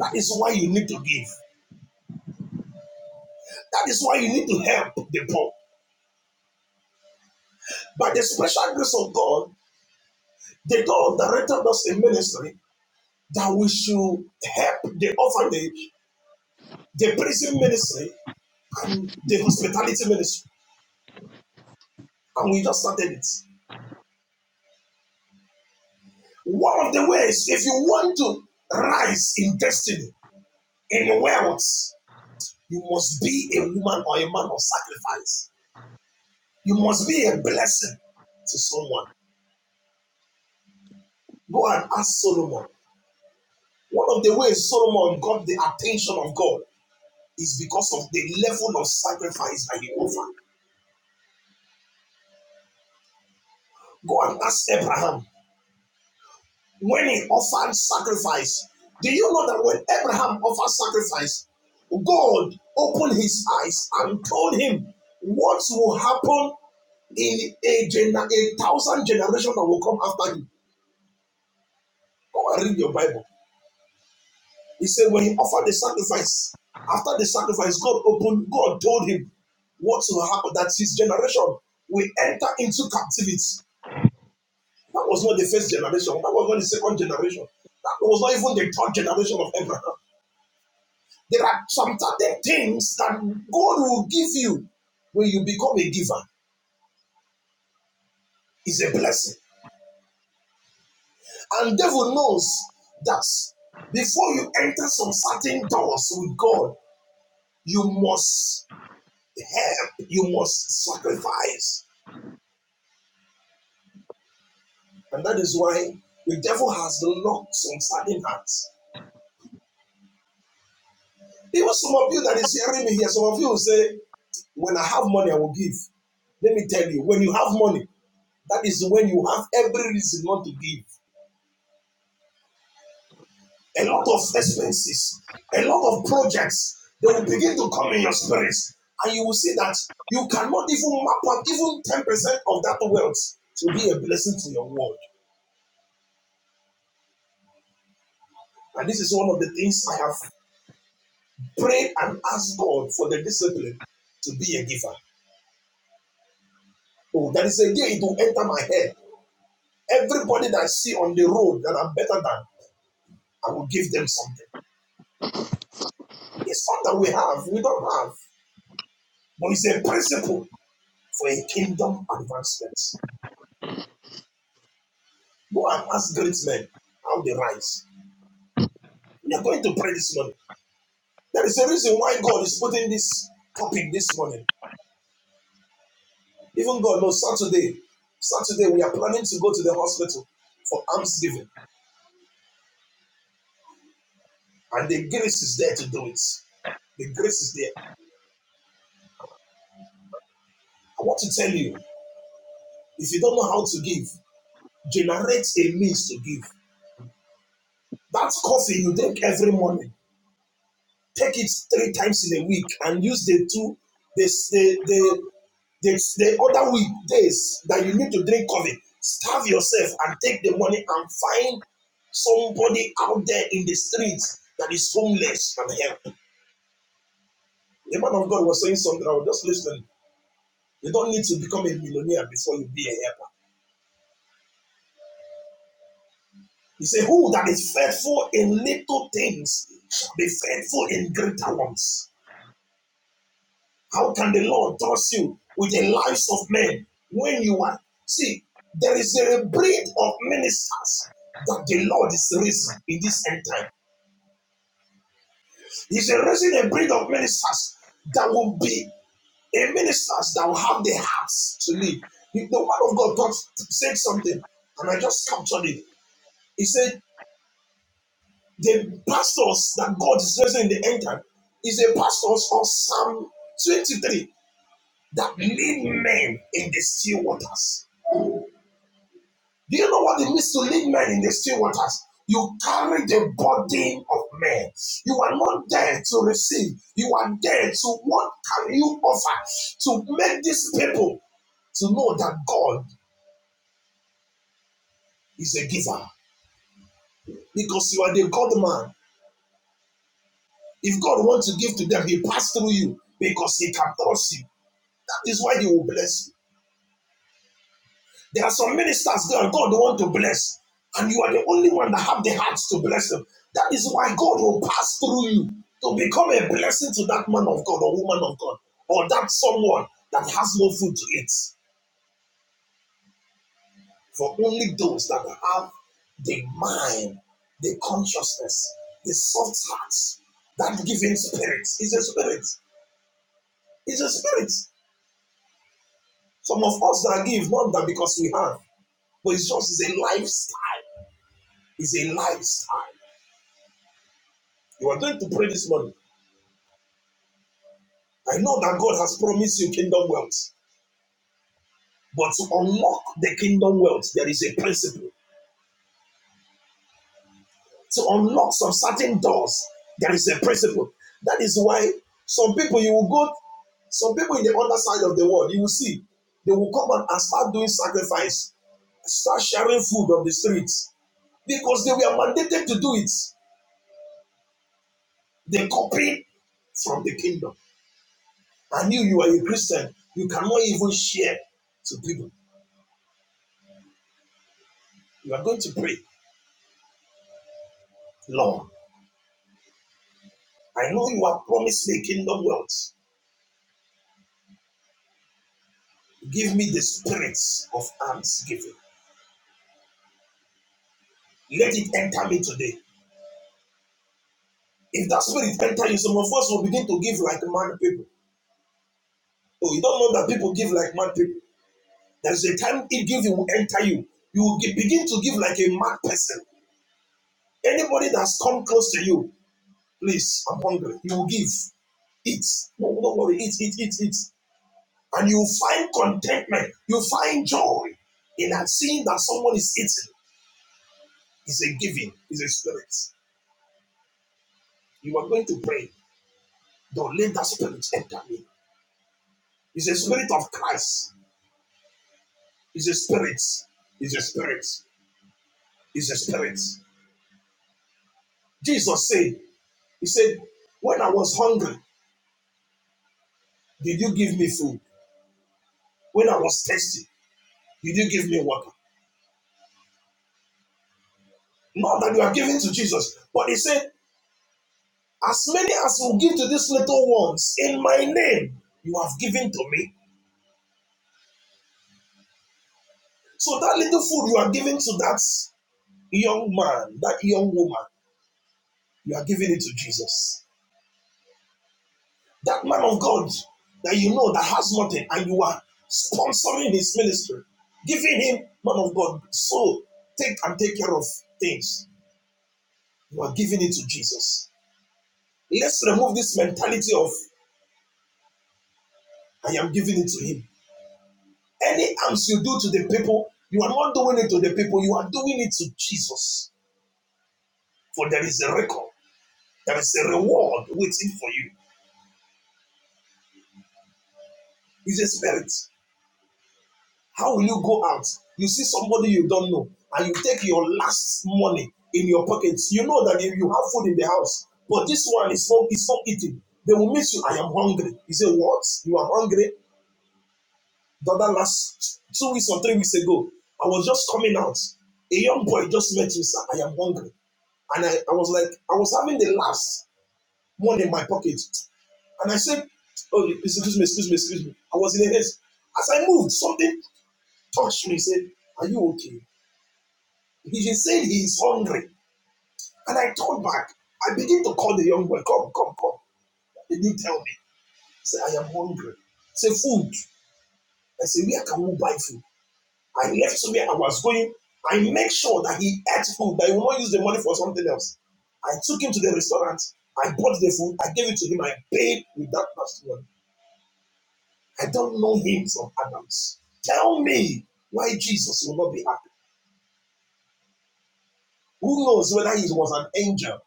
That is why you need to give. That is why you need to help the poor. By the special grace of God, the God directed us in ministry that we should help the orphanage, the prison ministry, and the hospitality ministry. And we just started it. One of the ways, if you want to rise in destiny, in wealth, You must be a woman or a man of sacrifice. You must be a blessing to someone. Go and ask Solomon. One of the ways Solomon got the attention of God is because of the level of sacrifice that he offered. Go and ask Abraham. When he offered sacrifice, do you know that when Abraham offered sacrifice, God opened his eyes and told him what will happen in a, gener- a thousand generations that will come after you. Go and read your Bible. He said, when he offered the sacrifice, after the sacrifice, God opened, God told him what will happen, that his generation will enter into captivity. That was not the first generation. That was not the second generation. That was not even the third generation of Abraham. There are some certain things that God will give you when you become a giver. Is a blessing. And devil knows that before you enter some certain doors with God, you must help, you must sacrifice. And that is why the devil has locked some certain hearts. Even some of you that is hearing me here, some of you will say, When I have money, I will give. Let me tell you, when you have money, that is when you have every reason not to give. A lot of expenses, a lot of projects, they will begin to come in your spirits, And you will see that you cannot even map out even 10% of that wealth to be a blessing to your world. And this is one of the things I have Pray and ask God for the discipline to be a giver. Oh, that is again, it will enter my head. Everybody that I see on the road that I'm better than, I will give them something. It's not that we have, we don't have, but it's a principle for a kingdom advancement. Go and ask great men how they rise. We are going to pray this morning. There is a reason why God is putting this topic this morning. Even God knows Saturday, Saturday we are planning to go to the hospital for almsgiving, and the grace is there to do it. The grace is there. I want to tell you, if you don't know how to give, generate a means to give. That coffee you take every morning, take it three times in a week and use the two, the, the, the, the, the other week days that you need to drink coffee, starve yourself and take the money and find somebody out there in the streets that is homeless and help. The man of God was saying something, I was just listening. You don't need to become a millionaire before you be a helper. He said, Who that is faithful in little things shall be faithful in greater ones. How can the Lord trust you with the lives of men when you are? See, there is a breed of ministers that the Lord is raising in this end time. He's raising a breed of ministers that will be a ministers that will have the hearts to live. The word of God talks, said something, and I just captured it. He said, The pastors that God is raising in the end time is a pastors of Psalm 23 that lead men in the still waters. Do you know what it means to lead men in the still waters? You carry the burden of men. You are not there to receive. You are there to what can you offer to make these people to know that God is a giver because you are the God man. If God wants to give to them, He pass through you because He can trust you. That is why He will bless you. There are some ministers there God want to bless, and you are the only one that have the hearts to bless them. That is why God will pass through you to become a blessing to that man of God or woman of God or that someone that has no food to eat. For only those that have the mind, the consciousness, the soft hearts, that giving spirit is a spirit. It's a spirit. Some of us that give not that because we have, but it's just it's a lifestyle Is a lifestyle. You are going to pray this morning. I know that God has promised you kingdom wealth, but to unlock the kingdom wealth, there is a principle. To unlock some certain doors, there is a principle. That is why some people you will go, some people in the other side of the world, you will see, they will come and start doing sacrifice, start sharing food on the streets because they were mandated to do it. They copy from the kingdom. And you, you are a Christian, you cannot even share to people. You are going to pray, Lord, I know you have promised me kingdom wealth. Give me the spirits of almsgiving. Let it enter me today. If that spirit enter you, some of us will begin to give like mad people. Oh, you don't know that people give like mad people. There's a time it giving will enter you. You will begin to give like a mad person. Anybody that's come close to you, please, I'm hungry. You will give. Eat. No, don't worry. Eat, eat, eat, eat. And you find contentment. You find joy in that seeing that someone is eating. It's a giving, it's a spirit. You are going to pray. Don't let that spirit enter me. It's a spirit of Christ. It's a spirit. It's a spirit. It's a spirit. Jesus said, He said, When I was hungry, did you give me food? When I was thirsty, did you give me water? Not that you are giving to Jesus, but He said, As many as will give to these little ones in my name, you have given to me. So that little food you are giving to that young man, that young woman, You are giving it to Jesus. That man of God that you know that has nothing and you are sponsoring his ministry, giving him, man of God, so take and take care of things. You are giving it to Jesus. Let's remove this mentality of I am giving it to him. Any alms you do to the people, you are not doing it to the people, you are doing it to Jesus. For there is a record, there is a reward waiting for you. It's a spirit. How will you go out? You see somebody you don't know, and you take your last money in your pockets. You know that you have food in the house, but this one is not is not eating. They will miss you. I am hungry. You say what? You are hungry? The other last two weeks or three weeks ago, I was just coming out. A young boy just met me, sir. I am hungry. And I, I was like, I was having the last money in my pocket. And I said, Oh, excuse me, excuse me, excuse me. I was in a haste. As I moved, something touched me, said, Are you okay? He just said he is hungry. And I turned back. I began to call the young boy, Come, come, come. He didn't tell me. He said, I am hungry. He said, Food. I said, Where can we buy food? I left somewhere I was going. I make sure that he ate food, that he will not use the money for something else. I took him to the restaurant. I bought the food. I gave it to him. I paid with that last one. I don't know him from Adams. Tell me why Jesus will not be happy. Who knows whether he was an angel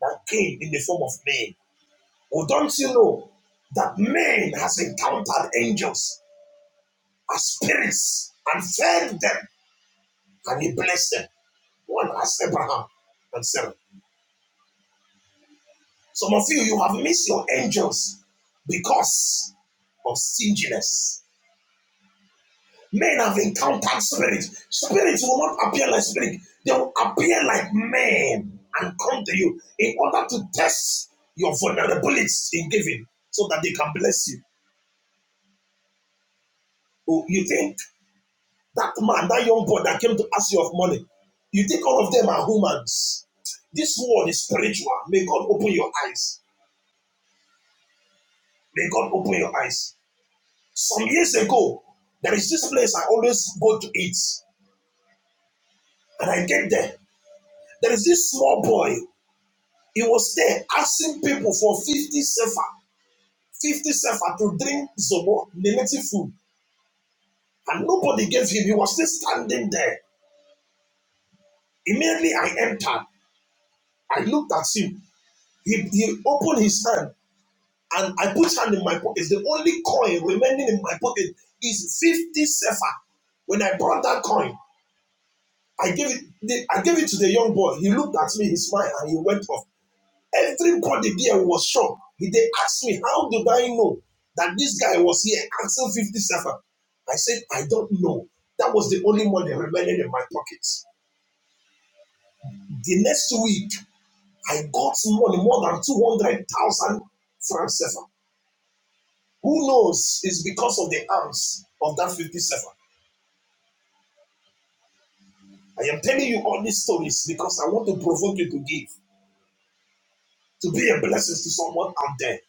that came in the form of man? Or don't you know that man has encountered angels as spirits and fed them and he blessed them? One asked Abraham and Sarah. Some of you, you have missed your angels because of stinginess Men have encountered spirits. Spirits will not appear like spirits; They will appear like men and come to you in order to test your vulnerabilities in giving so that they can bless you. Oh, You think that man, that young boy that came to ask you of money, you think all of them are humans. This world is spiritual. May God open your eyes. May God open your eyes. Some years ago, there is this place I always go to eat, and I get there. There is this small boy He was there asking people for 50 sefer, 50 sefer to drink zobo, limited food. And nobody gave him. He was still standing there. Immediately I entered. I looked at him. He, he opened his hand and I put hand in my pocket. The only coin remaining in my pocket is 50 sefer. When I brought that coin, I gave it I gave it to the young boy. He looked at me, he smiled, and he went off. Everybody there was shocked. They asked me, How did I know that this guy was here until 57? I said, I don't know. That was the only money remaining in my pockets. The next week, I got money more than 200,000 francs. CFA. Who knows? It's because of the arms of that 57. I am telling you all these stories because I want to provoke you to give, to be a blessing to someone out there.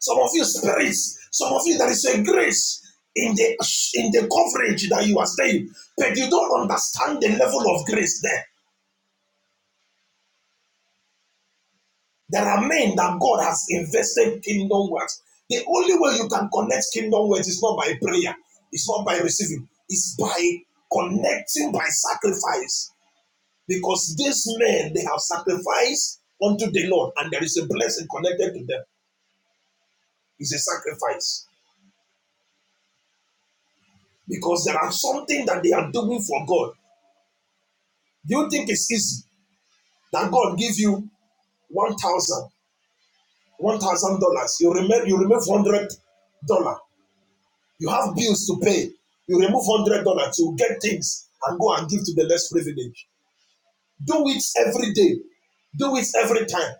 Some of you spirits, some of you there is a grace in the in the coverage that you are staying, but you don't understand the level of grace there. There are men that God has invested kingdom wealth. The only way you can connect kingdom wealth is not by prayer, it's not by receiving, it's by connecting by sacrifice. Because these men they have sacrificed unto the Lord, and there is a blessing connected to them. It's a sacrifice because there are something that they are doing for God Do you think it's easy that God give you one thousand, one thousand dollars? You remove you remove hundred dollar. You have bills to pay. You remove hundred dollars. You get things and go and give to the less privileged. Do it every day. Do it every time.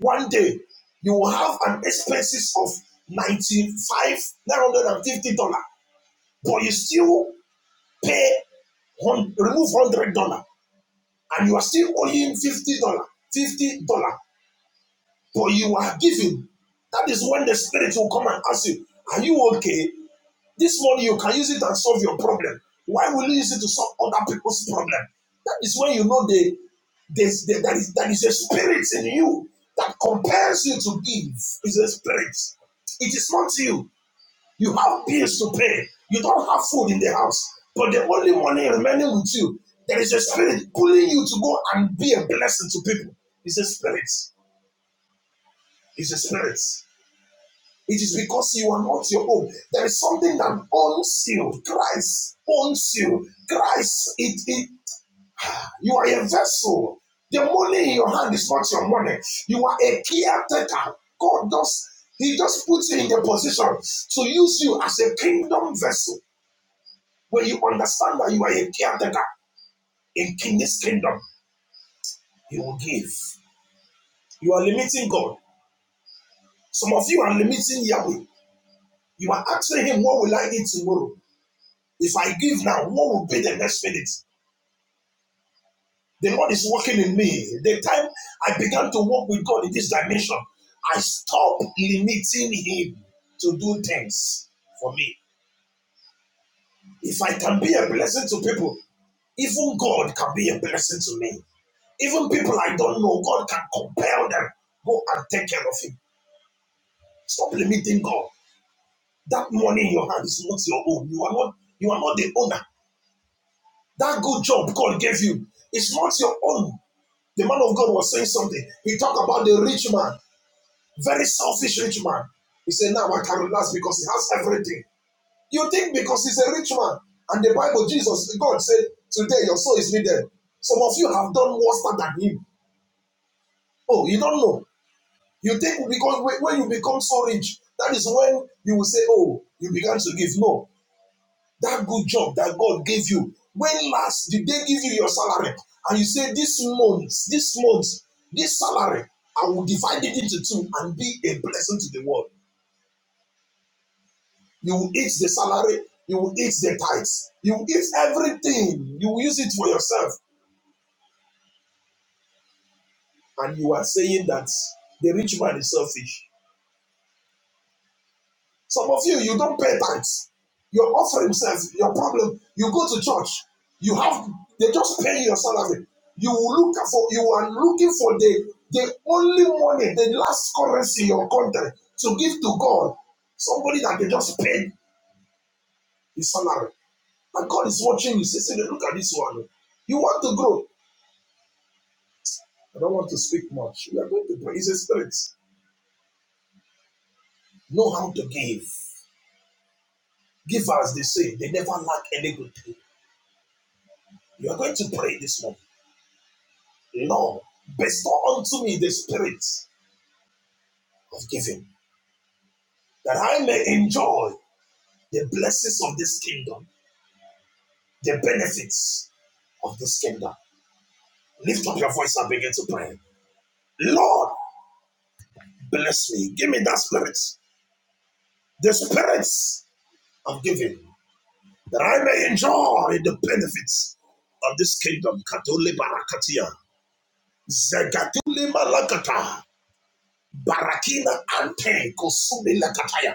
One day you will have an expenses of ninety five nine hundred and fifty dollar, but you still pay hun- remove hundred dollar and you are still owing fifty dollar, fifty dollar. but you are giving. That is when the spirit will come and ask you, Are you okay? This money you can use it and solve your problem. Why will you use it to solve other people's problem? That is when you know the, there's the, that, is, that is a spirit in you that compels you to give. It's a spirit. It is not you. You have bills to pay. You don't have food in the house. But the only money remaining with you, there is a spirit pulling you to go and be a blessing to people. It's a spirit. It's a spirit. It is because you are not your own. There is something that owns you. Christ owns you. Christ, it, it, you are a vessel. The money in your hand is not your money. You are a caretaker. God does, He just puts you in the position to use you as a kingdom vessel. When you understand that you are a caretaker in King's kingdom, He will give. You are limiting God. Some of you are limiting Yahweh. You are asking Him, What will I eat tomorrow? If I give now, what will be the next minute? The Lord is working in me. The time I began to walk with God in this dimension, I stopped limiting Him to do things for me. If I can be a blessing to people, even God can be a blessing to me. Even people I don't know, God can compel them. Go and take care of Him. Stop limiting God. That money in your hand is not your own. You are not. You are not the owner. That good job God gave you is not your own. The man of God was saying something. He talked about the rich man, very selfish rich man. He said, Now I can relax because he has everything. You think because he's a rich man, and the Bible, Jesus, God said, Today your soul is needed. Some of you have done worse than him. Oh, you don't know. You think because when you become so rich, that is when you will say, Oh, you began to give. No. That good job that God gave you, when last did they give you your salary? And you say, This month, this month, this salary, I will divide it into two and be a blessing to the world. You will eat the salary, you will eat the tithes, you will eat everything, you will use it for yourself. And you are saying that the rich man is selfish. Some of you, you don't pay tithes. Your offering says your problem. You go to church, you have they just pay your salary. You look for you are looking for the the only money, the last currency in your country to give to God. Somebody that they just paid his salary. And God is watching you. Say, say, look at this one. You want to grow. I don't want to speak much. We are going to pray. It's a spirit. Know how to give. Give as they say. They never lack any good thing. You are going to pray this morning. Lord, bestow unto me the spirit of giving, that I may enjoy the blessings of this kingdom, the benefits of this kingdom. Lift up your voice and begin to pray. Lord, bless me. Give me that spirit, the spirit of giving, that I may enjoy the benefits of this kingdom. Katole barakatia. Zegatule malakata. Barakina ante kosumi lakataya.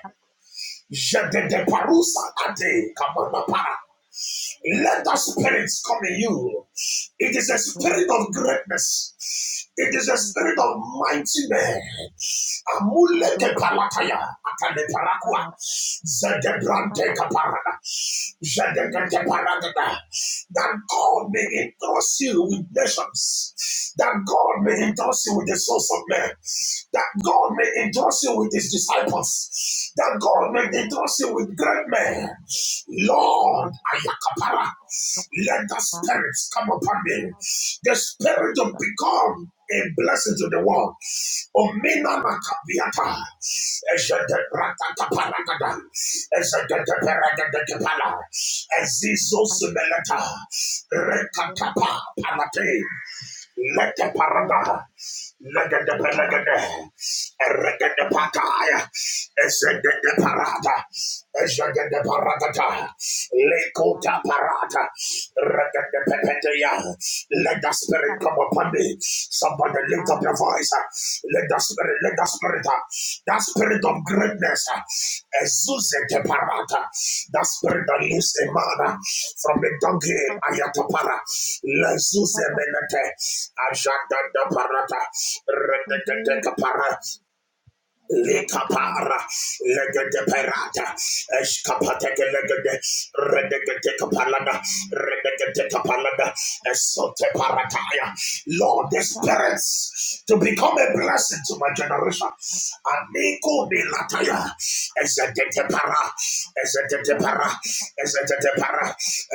Jedede parusa ade kamana para. Let that spirit come in you. It is a spirit of greatness. It is a spirit of mighty men. Amuleke palakaya atale parakua. Zede kaparada. Zede paragada. That God may entrust you with nations nations, that God may endorse you with the sons of men, that God may endorse you with his disciples, that God may endorse you with great men. Lord, Ayakapara, let the spirits come upon me, the spirit to become a blessing to the world, Omina makapiata. Ejede prakata de Ejede perakada kepala. Ezizo zumeleta. Rekatapa parate. Lete parada. Legende pelegende. Eregende pataya. Ezegende parada. Jagada Paragata, Lekota Parata, Ragada Pepetea. Let the spirit come upon me. Somebody lift up your voice. Let the spirit, let the spirit, that spirit of greatness, Ezuzete Parata, that spirit that lives a man from the donkey, Ayatopara, Lezuze Menete, Ajagada Parata, Redekateka Para. Lekapara, legede perata, escapateke legede, redegete kapalada, redegete kapalada, esote parataya. Lord, the spirits to become a blessing to my generation. Aniko milataya, ezedete para, ezedete para, ezedete para,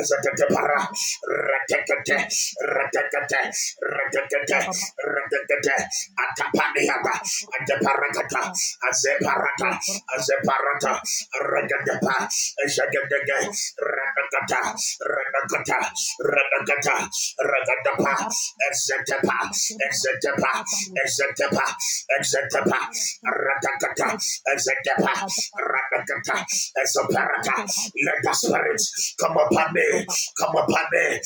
ezedete para, redegete, redegete, redegete, redegete, Atapaniata, Ataparatata, Azeparata, Azeparata, Ragadapa, Jagadaga, Radagata, Radagata, Radagata, Ragadapa, Exetepa, Exetepa, Exetepa, Exetepa, Radagata, Exetepa, Esoparata. Let the spirit come upon me. Come upon me.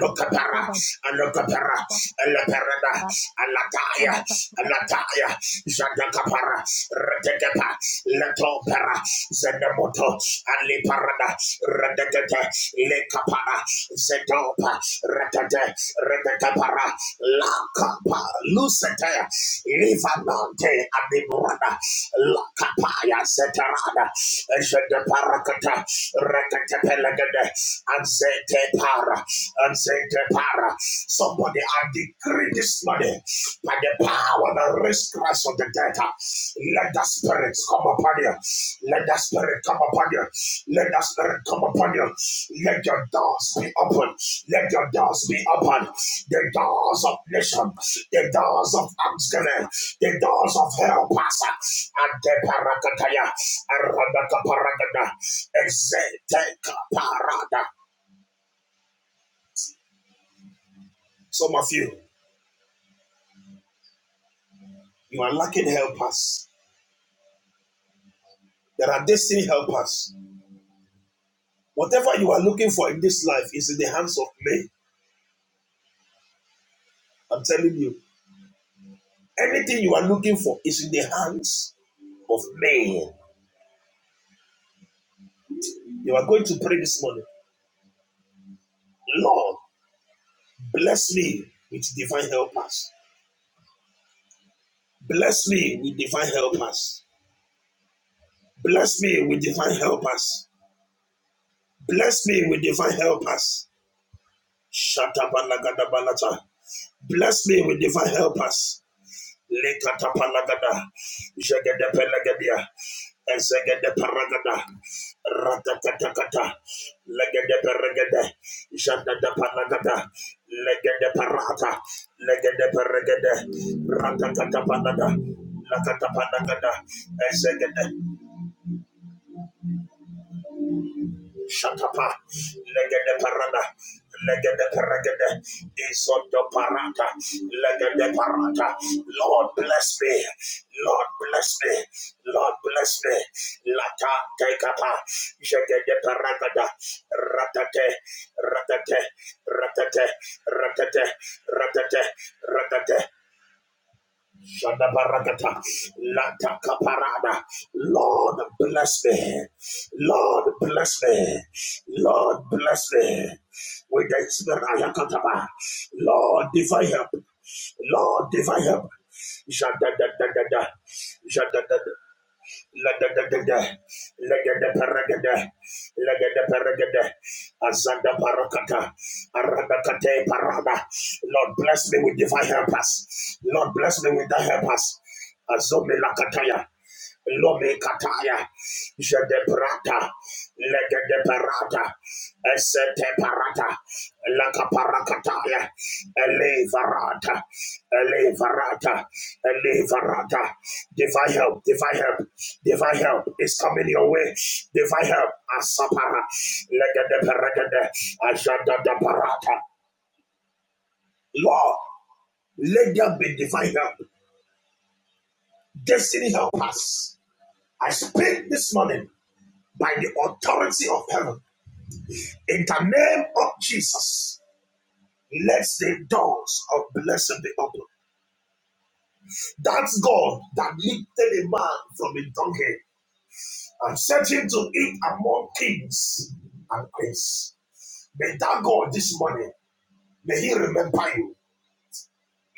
look look at para, and look at at at Alokapara. Alokapara. Alaparada. Alataya. Alataya. Jadakapara. Retekepa. Letopera. Zenemoto. Aliparada. Redekete. Lekapara. Zetopa. Rekete, Reketepara, Lakapa, Lucete, Livanante, Adibrada, Lakapaya, Seterada, Ejedeparakata, Reketepelegade, Anzetepara, Anzetepara. Somebody, I decree this money by the power that raised Christ of the data. Let that spirit come upon you. Let that spirit come upon you. Let that spirit come upon you. Let your doors be open. Let your doors be open. The doors of nation, the doors of thanksgiving, the doors of hell pass. And the parakataya, aradaka paragada, exeteka parada. Some of you, you are lacking helpers. There are destiny helpers. Whatever you are looking for in this life is in the hands of men. I'm telling you. Anything you are looking for is in the hands of man. You are going to pray this morning. Lord, bless me with divine helpers. Bless me with divine helpers. Bless me with divine helpers. Bless me with divine helpers. Shatabalagadabalata. Bless me with divine helpers. Lekatapalagada, Jagadapelagadia, Ezagadeparagada, Ratakatakata, Legadeparagada, Jadadapalagada, Legadeparata, Legadeparagada, Ratakatapanada, Lakatapanagada, Shatapa, Legende Parada, Legende Paragende, isoto Parata, Legende Parata. Lord bless me, Lord bless me, Lord bless me. Lata Tekapa, Jegende Paragada, Ratate, Ratate, Ratate, Ratate, Ratate, Ratate, Shadabarakata. Latakaparada. Lord bless me. Lord bless me. Lord bless me. With the spirit Ayakataba. Lord divine help. Lord divine help. Shadadadadada. Legedegede, legedeperegede, legedeperegede, azanda parakata, aradakate parada. Lord, bless me with divine helpers. Lord, bless me with the helpers. Azome lakataya. Lome kataya, jede prata, legede Lomikataya, Jedebrata, Legedeparata, Eseteparata, Lacaparacataya, Elevarata, Elevarata, Elevarata. Divine help, divine help, divine help is coming your way. Divine help, Asapara, Legedeparagade, Ajadaparata. Lord, let there be divine help, destiny help us. I speak this morning by the authority of heaven. In the name of Jesus, let the doors of blessing be open. That's God that lifted a man from a donkey and set him to eat among kings and queens. May that God this morning, may he remember you.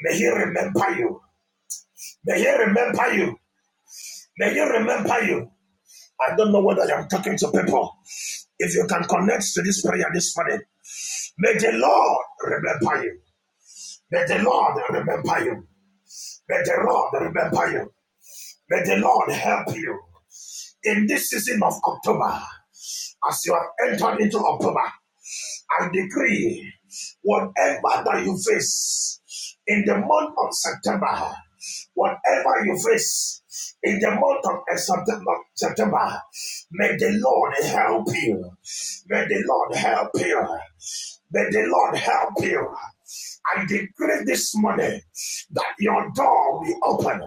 May he remember you. May he remember you. May he remember you. I don't know whether I'm talking to people. If you can connect to this prayer this morning, may the Lord remember you. May the Lord remember you. May the Lord remember you. May the Lord help you. In this season of October, as you have entered into October, I decree whatever that you face in the month of September, whatever you face in the month of September, September, may the Lord help you. May the Lord help you. May the Lord help you. I decree this morning that your door will open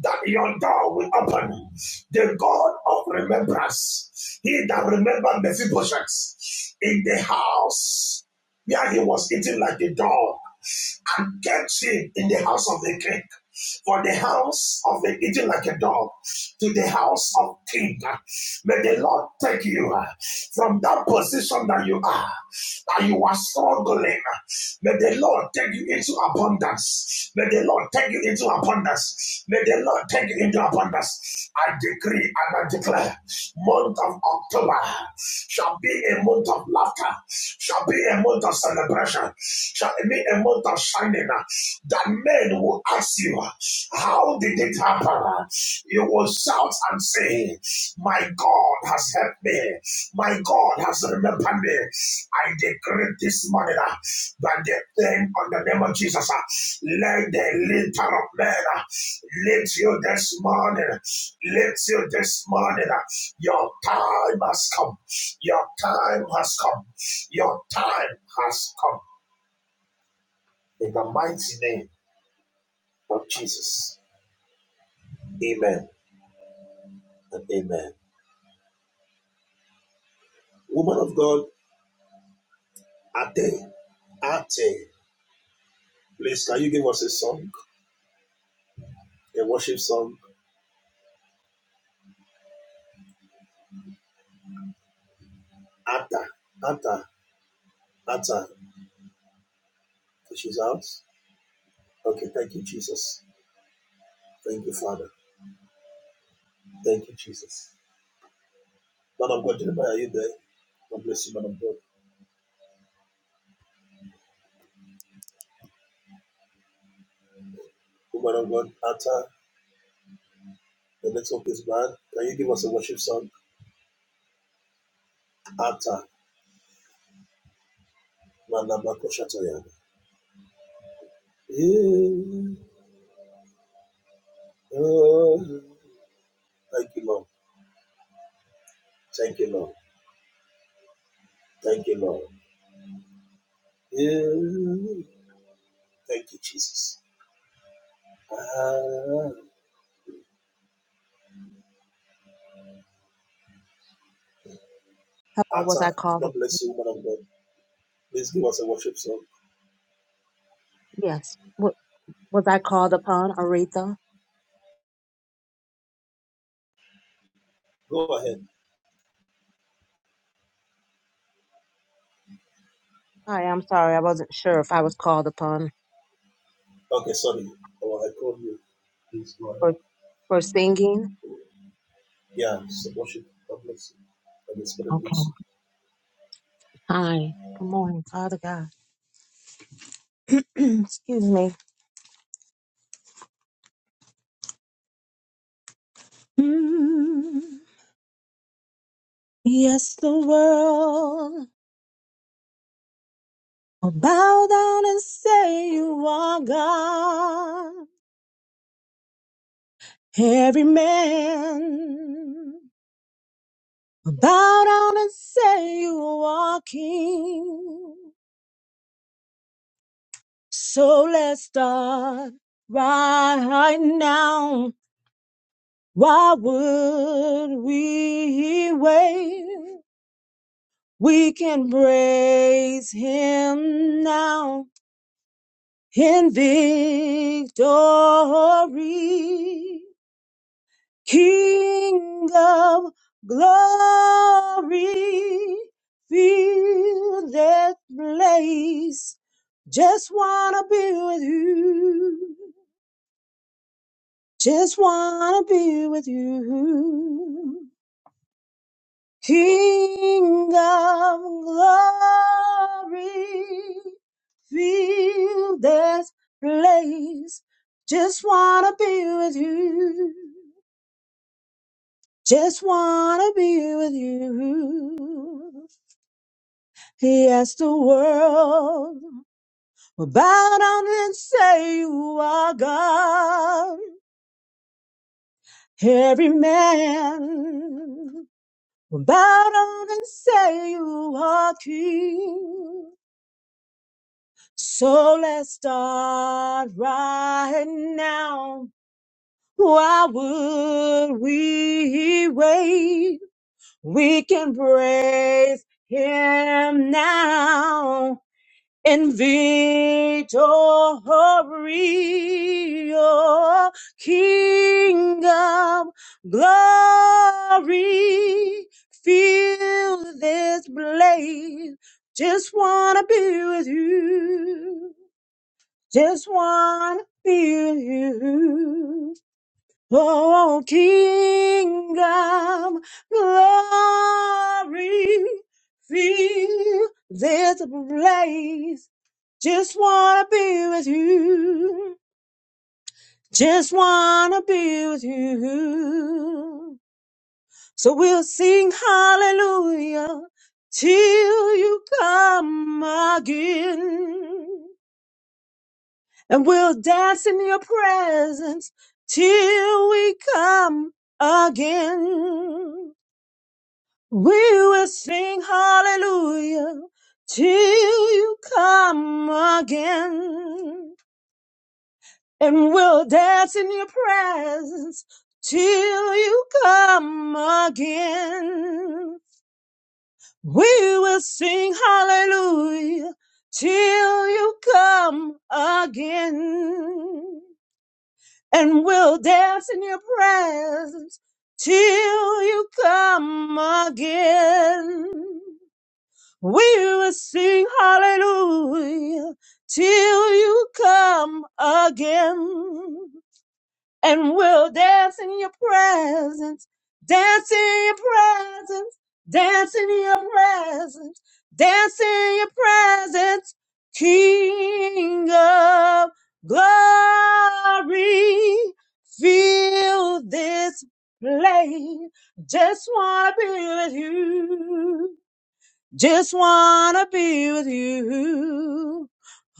that yonder will open. The God of remembrance, he that remembered Mephibosheth in the house where he was eating like a dog and kept him in the house of the king. For the house of the eating like a dog to the house of king. May the Lord take you from that position that you are, that you are struggling. May the Lord take you into abundance. May the Lord take you into abundance. May the Lord take it into abundance. I decree and I declare, month of October shall be a month of laughter, shall be a month of celebration, shall be a month of shining. That men will ask you, how did it happen? You will shout and say, my God has helped me. My God has remembered me. I decree this morning That by the name on the name of Jesus. uh, Let the lifter of men. Lift you this morning. Lift you this morning. Your time has come. Your time has come. Your time has come. In the mighty name of Jesus. Amen and amen. Woman of God, Ate, Ate, please can you give us a song, a worship song? Ata, Ata, Ata. She's out. Okay, thank you, Jesus. Thank you, Father. Thank you, Jesus. Man of God, Jeremiah, are you there? God bless you, man of God. Woman of God, Atta, the next up is man. Can you give us a worship song? Yeah. Lord, thank you, Lord. Thank you, Lord. Thank you. was I called? Go Yes. Was I called upon, Aretha? go ahead. Hi, I'm sorry. I wasn't sure if I was called upon Okay, sorry. Oh, I called you. Please go for, ahead. for singing. Yeah. Okay. Hi. Good morning, Father God. Excuse me. Mm, yes, the world will bow down and say you are God. Every man will bow down and say you are King. So let's start right now. Why would we wait? We can praise him now in victory. King of glory, feel that place. Just wanna be with you. Just wanna be with you. King of glory, feel this place. Just wanna be with you. Just wanna be with you. Yes, the world will bow down and say you are God. Every man will bow down and say you are King. So let's start right now. Why would we wait? We can praise him now in victory, oh, King of glory. Feel this place. Just wanna be with you. Just wanna feel you. Oh, kingdom glory, feel this place. Just wanna be with you. Just wanna be with you. So we'll sing hallelujah till you come again. and we'll dance in your presence till we come again. We will sing hallelujah till you come again. And we'll dance in your presence till you come again. We will sing hallelujah till you come again. and we'll dance in your presence till you come again. We will sing hallelujah till you come again and we'll dance in your presence, dance in your presence, dance in your presence, dance in your presence, King of glory. Feel this place, just wanna be with you. Just wanna be with you,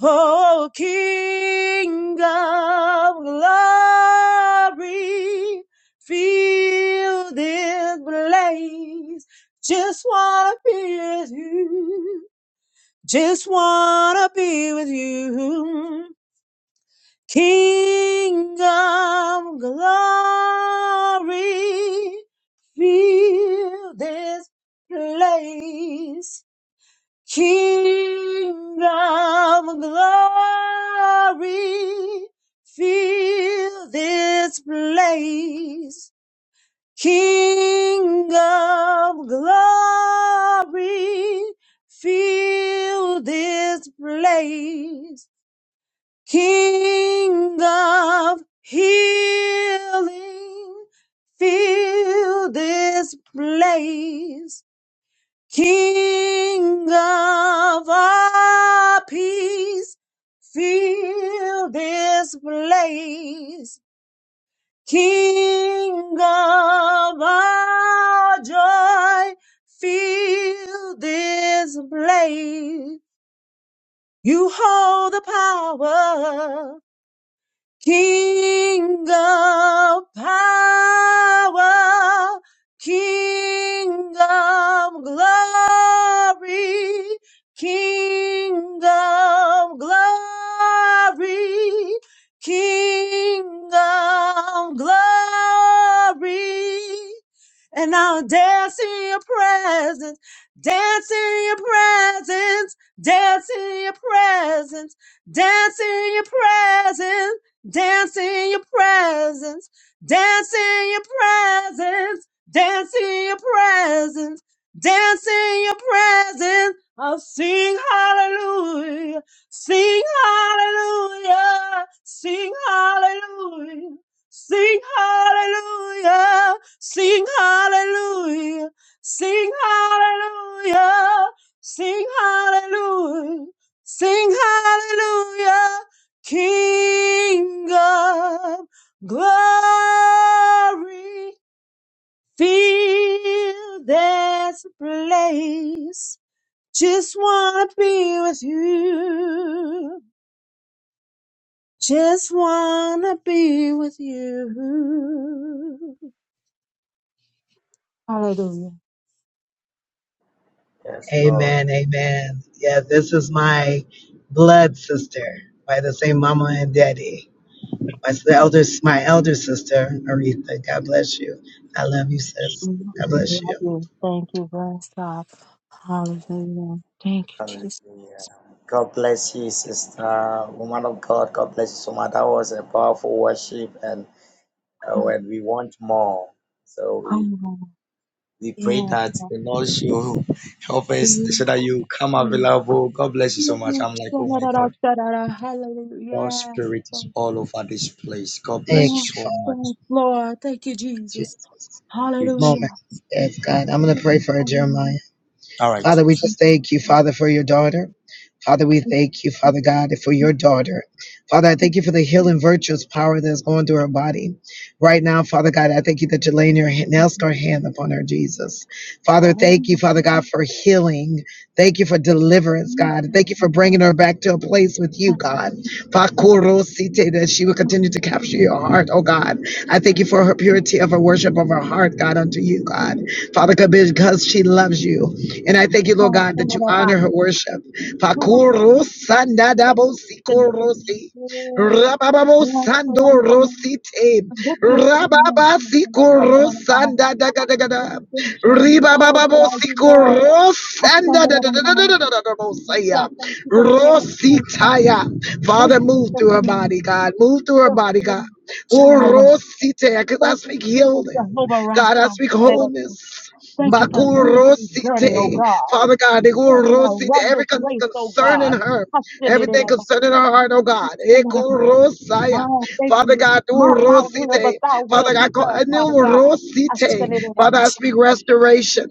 oh King of Glory. Feel this place. Just wanna be with you. Just wanna be with you, King of Glory. Feel this place. Kingdom glory, fill this place. Kingdom glory, fill this place. Kingdom healing, fill this place. King of all peace, fill this place. King of all joy, fill this place. You hold the power. King of power, King of glory, King of glory, King of glory and I'll dance in your presence, dance in your presence, dance in your presence, dance in your presence, Dance in your presence. Dance in your presence. Dance in your presence. Dance in your presence. I'll sing hallelujah. Sing hallelujah. Sing hallelujah. Sing hallelujah. Sing hallelujah. Sing hallelujah. Sing hallelujah. Sing hallelujah. King of glory, feel there's a place. Just wanna be with you. Just wanna be with you. Hallelujah. Lord. Amen, amen. Yeah, this is my blood sister by the same mama and daddy. My s- the elder, my elder sister, Aretha. God bless you. I love you, sis. Mm, I God bless Love you. you. Thank you, bless God. Hallelujah. Thank you, Hallelujah. Jesus. God bless you, sister. Woman of God, God bless you so much. That was a powerful worship, and uh, when we want more, so we Hallelujah. we pray that the Lord should help us so Yeah. that you come available. God bless you so much. Hallelujah. I'm like, oh my God, God's spirit Yes, is all over this place. God bless Thank you you, so Father much. yes, Lord. Thank you, Jesus. Jesus. Thank you, Jesus. Moment. Hallelujah. Yes, God. I'm gonna Yeah. pray for Jeremiah. All right. Father, we just thank you, Father, for your daughter. Father, we thank you, Father God, for your daughter. Father, I thank you for the healing virtues power that's going through her body. Right now, Father God, I thank you that you're laying your hand- nail scar hand upon her, Jesus. Father, thank you, Father God, for healing. Thank you for deliverance, God. Thank you for bringing her back to a place with you, God. Pakurosite, That she will continue to capture your heart, oh God. I thank you for her purity of her worship of her heart, God, unto you, God. Father God, because she loves you. And I thank you, Lord God, that you honor her worship. Fakuro sandadabo sikorosi. Rababo Yes, so Sando wonderful name. Rosite the Good, good Father, of Rababa Jesus. the Siko Lord of our Rosanda Dagadagada salvation, the Worthy Ribababo are you, Siko Lord. I stand Rosanda at our God. Dagadagada Jesus. Thank you for being a great father. Rositaya Thank Father you move for through her being body God move through her body God Jehovah Jireh. Orosite because I Thank you speak for being healing Jehovah God I Rapha. speak Whatever. wholeness Thank you for a new day's journey, oh Makurosite God. Father God, they go Thank you that I rosy run every this con- race, oh concern in God. her. Trusting it in Everything concerning our heart, oh God. it Eko Oh, thank Father you. God, do My, my will, but rosite. thy will Father be God, co- done, anu Father God. I stand rosite. in a Father, I speak restoration.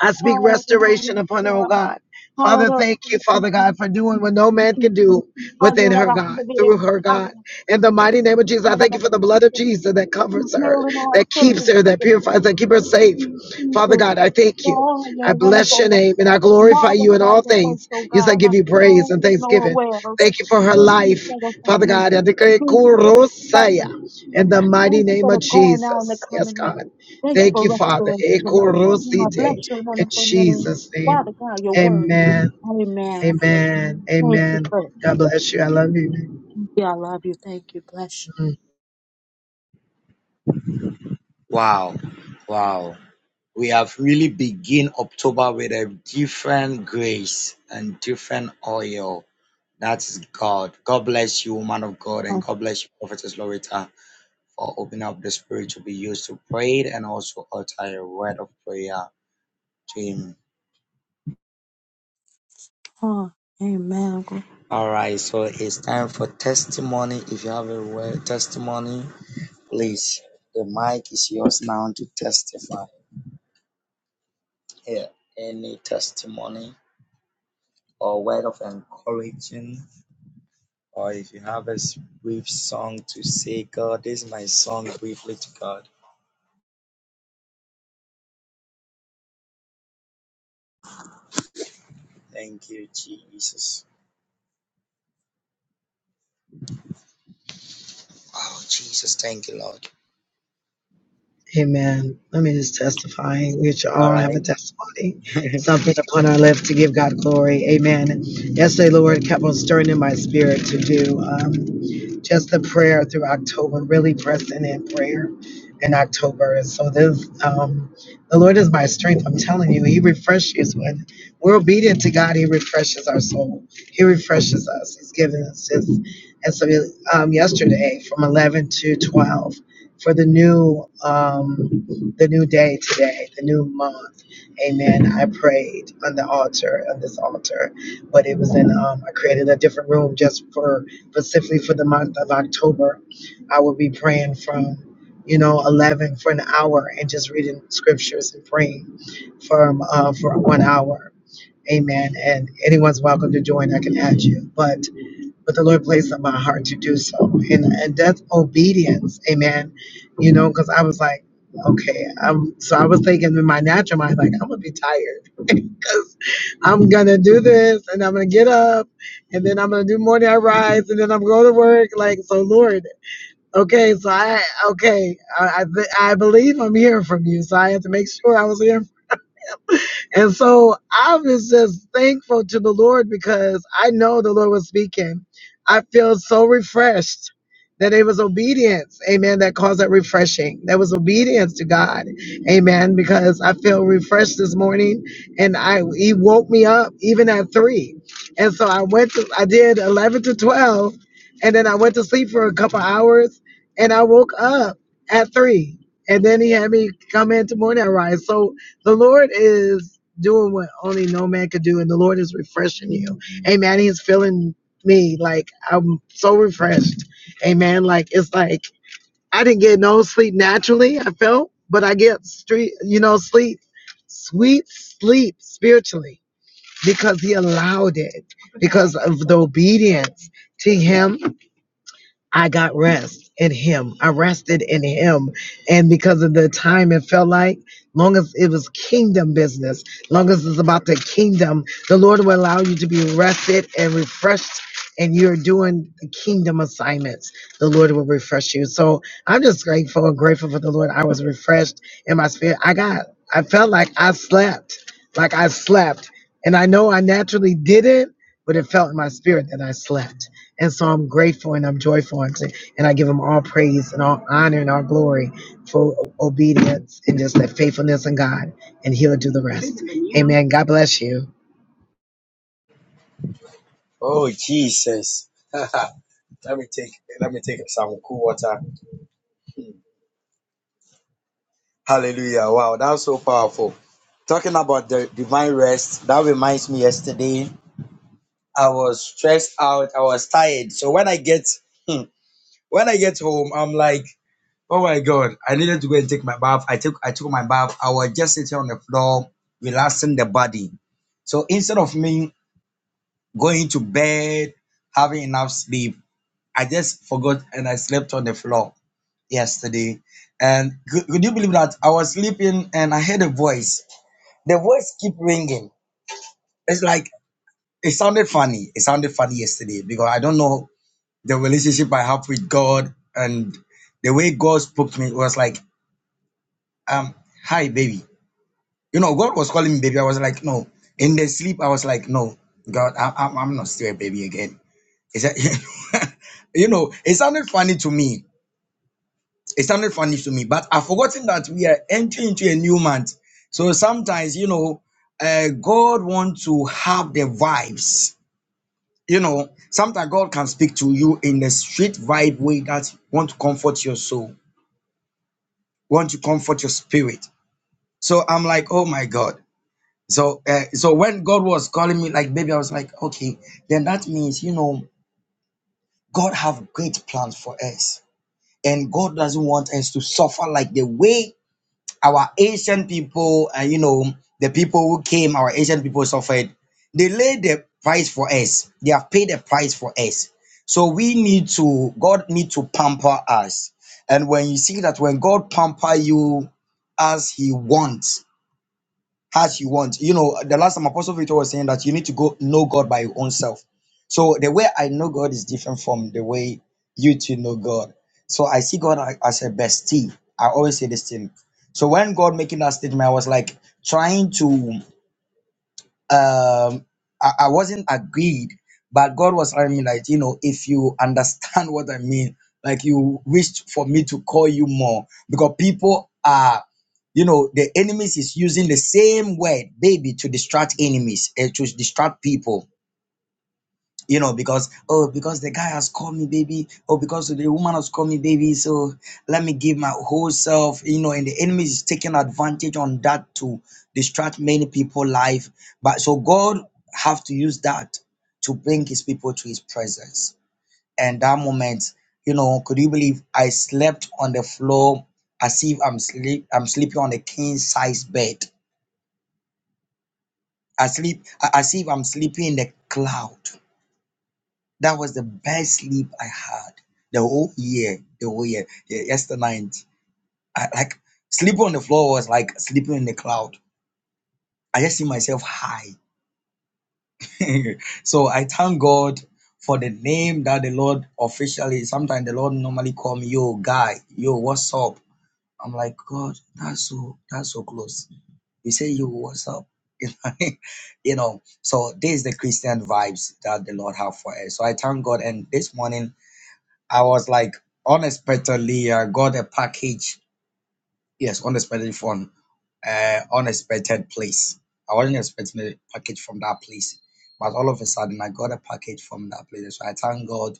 I speak restoration upon her, oh Hallelujah. God. Father, Hallelujah. thank you, Father God, for doing what no man can do within her, God, through her, Hallelujah. God. In the mighty name of Jesus, I Healing thank you for the blood of Jesus that covers her, our that keeps children, her, that Jesus. purifies, that keep her Thank safe. you, Jesus. Father for God, I thank you. all your I bless your wonderful, name and I glorify you in magnify all your works, things. oh Yes, I God. give My you praise soul, and Lord, thanksgiving. wells. Thank you for her Thank you life, for the Father family. God. I declare Thank you, kurosaya Papa. in the mighty Thank you name for of the going out and the Jesus. Yes, coming in. God. Thank you Thank for you, Father. restoration. Oh, I Ekorosite bless your In wonderful name. Jesus' Father name. God, your word. Amen. Amen. Amen. Thank you, Amen. sir. God bless you. I love you. Yeah, I love you. Thank you. Bless Mm. Wow. Wow. We have really begin October with a different grace and different oil. That is God. God bless you, woman of God, and you. God bless you, Prophetess Loretta, for opening up the spirit to be used to pray it and also utter a word of prayer to Him. Uh-huh. Amen. All right, so it's time for testimony. If you have a word testimony, please, the mic is yours now to testify. Here, any testimony? or word of encouraging, or if you have a brief song to say, God, this is my song briefly to God. Thank you, Jesus. Oh, Jesus, thank you, Lord. Amen. Let me just testify. We should All all have a right. testimony, something upon our lips to give God glory. Amen. Yesterday, Lord kept on stirring in my spirit to do um, just the prayer through October, really pressing in prayer in October. And so this, um, the Lord is my strength. I'm telling you, He refreshes when we're obedient to God. He refreshes our soul. He refreshes us. He's given us His. And so um, yesterday, from 11 to 12 for the new um, the new day today, the new month. Amen. I prayed on the altar on this altar, but it was in um, I created a different room just for specifically for the month of October. I will be praying from you know 11 for an hour and just reading scriptures and praying from uh, for one hour. Amen. And anyone's welcome to join. I can add you, but but the Lord placed on my heart to do so. And, and that's obedience. Amen. You know, because I was like, okay, I'm so I was thinking in my natural mind, like, I'm gonna be tired because I'm gonna do this and I'm gonna get up and then I'm gonna do morning I rise and then I'm going to work. Like, so Lord, okay, so I okay, I I, I believe I'm hearing from you. So I had to make sure I was hearing and so I was just thankful to the Lord because I know the Lord was speaking. I feel so refreshed that it was obedience, amen, that caused that refreshing. That was obedience to God, amen, because I feel refreshed this morning and I he woke me up even at three. And so I went to I did eleven to twelve and then I went to sleep for a couple hours and I woke up at three. And then he had me come in tomorrow and rise. So the Lord is doing what only no man could do, and the Lord is refreshing you. Amen. He's filling me like I'm so refreshed. Amen. Like it's like I didn't get no sleep naturally. I felt, but I get street, you know, sleep, sweet sleep spiritually because He allowed it because of the obedience to Him I got rest in him. I rested in him. And because of the time it felt like, long as it was kingdom business, long as it's about the kingdom, the Lord will allow you to be rested and refreshed and you're doing kingdom assignments. The Lord will refresh you. So I'm just grateful and grateful for the Lord. I was refreshed in my spirit. I got, I felt like I slept, like I slept. And I know I naturally didn't but it felt in my spirit that I slept. And so I'm grateful and I'm joyful unto, and I give him all praise and all honor and all glory for o- obedience and just that faithfulness in God, and he'll do the rest. Amen. God bless you. Oh, Jesus. Hallelujah. Wow, that's so powerful. Talking about the divine rest, that reminds me yesterday, I was stressed out, I was tired. So when I get when I get home, I'm like, Oh my God. I needed to go and take my bath. I took I took my bath. I was just sitting on the floor, relaxing the body. So instead of me going to bed, having enough sleep, I just forgot and I slept on the floor yesterday. And could, could you believe that I was sleeping and I heard a voice? The voice keep ringing. It's like it sounded funny. It sounded funny yesterday because I don't know the relationship I have with God and the way God spoke to me was like, um, hi baby You know, God was calling me baby. I was like, no. In the sleep, I was like, no, God, I, I'm, I'm not still a baby again. It's a, you know, it sounded funny to me. It sounded funny to me, but I've forgotten that we are entering into a new month. So sometimes, you know, uh, God wants to have the vibes. You know, sometimes God can speak to you in the street vibe way that want to comfort your soul, want to comfort your spirit. So I'm like, oh my God. So, uh, so when God was calling me, like baby, I was like, okay, then that means you know God have great plans for us, and God doesn't want us to suffer like the way our Asian people, and you know the people who came, our Asian people suffered. They laid the price for us. They have paid the price for us. So we need to God need to pamper us, and when you see that when God pamper you as He wants as you want. You know, the last time Apostle Victor was saying that you need to go know God by your own self. So the way I know God is different from the way you two know God. So I see God a- as a bestie. I always say this thing. So when God making that statement, I was like trying to um I, I wasn't agreed, but God was telling me like, you know, if you understand what I mean, like you wished for me to call you more because people are, you know, the enemies is using the same word, baby, to distract enemies and to distract people you know, because oh, because the guy has called me baby, or because the woman has called me baby, so let me give my whole self, you know, and the enemy is taking advantage on that to distract many people' life. But so God have to use that to bring his people to his presence. And that moment, you know, could you believe I slept on the floor as if I'm sleep I'm sleeping on a king size bed. I sleep as if I'm sleeping in the cloud That was the best sleep I had the whole year. The whole year. Yeah, yesterday night, I like sleeping on the floor was like sleeping in the cloud. I just see myself high. so I thank God for the name that the Lord officially. Sometimes the Lord normally call me, "Yo, guy, yo, what's up?" I'm like, God, that's so that's so close. You say, "Yo, what's up?" you know. you know. So this is the Christian vibes that the Lord have for us. So I thank God. And this morning I was like unexpectedly uh, got a package. Yes, unexpectedly from uh, unexpected place. I wasn't expecting a package from that place, but all of a sudden I got a package from that place. So I thank God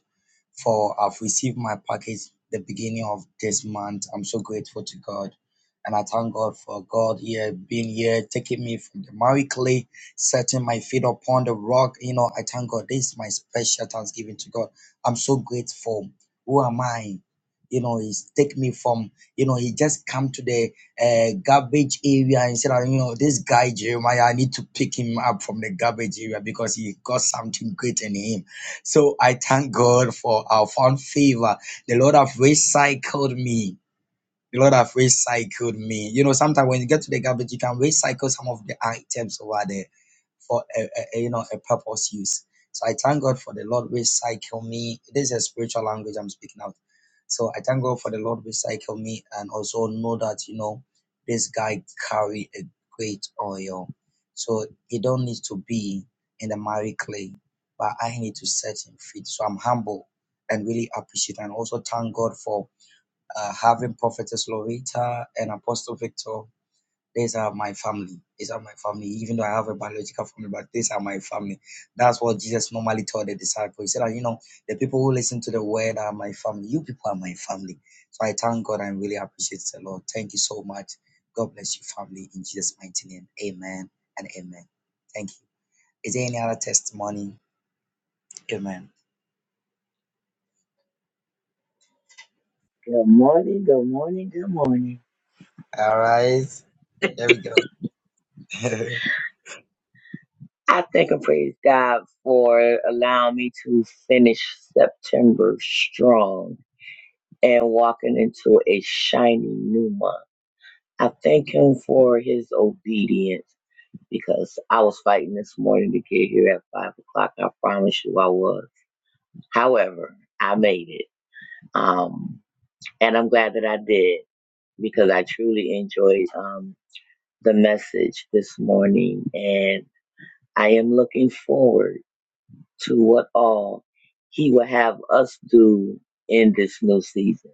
for I've received my package the beginning of this month. I'm so grateful to God. And I thank God for God here being here, taking me from the Mary clay, setting my feet upon the rock. You know, I thank God. This is my special thanksgiving to God. I'm so grateful. Who am I? You know, he's take me from, you know, he just come to the uh, garbage area and said, "Ah, you know, this guy Jeremiah, I need to pick him up from the garbage area because he got something great in him so I thank God for our found favor. The Lord have recycled me. The Lord have recycled me. You know, sometimes when you get to the garbage, you can recycle some of the items over there for a, a, a, you know a purpose use. So I thank God for the Lord recycle me. This is a spiritual language I'm speaking out. So I thank God for the Lord recycle me and also know that you know this guy carry a great oil. So he don't need to be in the miry clay, but I need to set him free. So I'm humble and really appreciate and also thank God for uh, having Prophetess Loretta and Apostle Victor. These are my family. These are my family. Even though I have a biological family, but these are my family. That's what Jesus normally told the disciples. He said, You know, the people who listen to the word are my family. You people are my family. So I thank God I really appreciate the Lord. Thank you so much. God bless you, family, in Jesus' mighty name. Amen and amen. Thank you. Is there any other testimony? Amen. morning, good morning, good morning. All right. There we go. I thank and praise God for allowing me to finish September strong and walking into a shiny new month. I thank Him for His obedience. because I was fighting this morning to get here at five o'clock. I promise you I was. However, I made it. Um, and I'm glad that I did because I truly enjoyed um, the message this morning. And I am looking forward to what all he will have us do in this new season.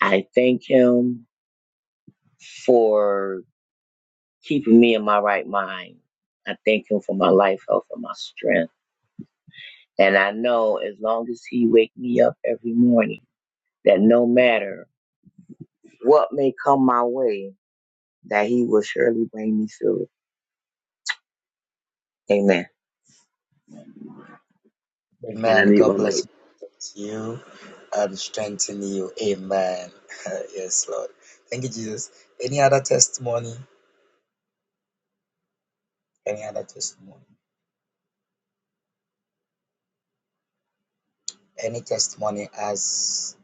I thank him for keeping me in my right mind. I thank him for my life, health, and my strength. And I know as long as he wake me up every morning, that no matter what may come my way, that he will surely bring me through. Amen. And I Amen. meet my God mate. bless you and strengthen you. Amen. yes, Lord. Thank you, Jesus. Any other testimony? Any other testimony? Any testimony as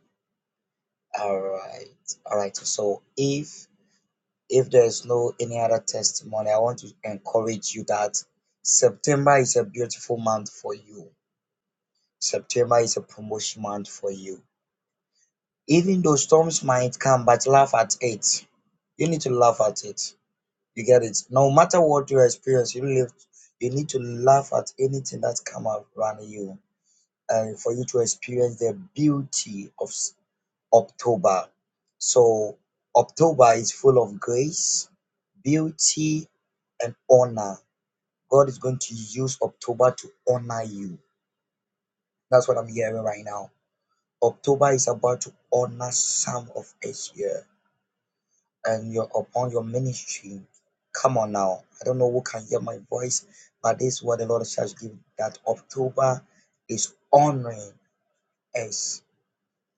all right. All right. So if if there's no any other testimony, I want to encourage you that September is a beautiful month for you. September is a promotion month for you. Even though storms might come, but laugh at it. You need to laugh at it You get it? No matter what your experience, you live, you need to laugh at anything that come around you, and for you to experience the beauty of s- October. So October is full of grace, beauty, and honor. God is going to use October to honor you. That's what I'm hearing right now. October is about to honor some of us here. and your upon your ministry. Come on now. I don't know who can hear my voice, but this is what the Lord shall give that October is honoring us.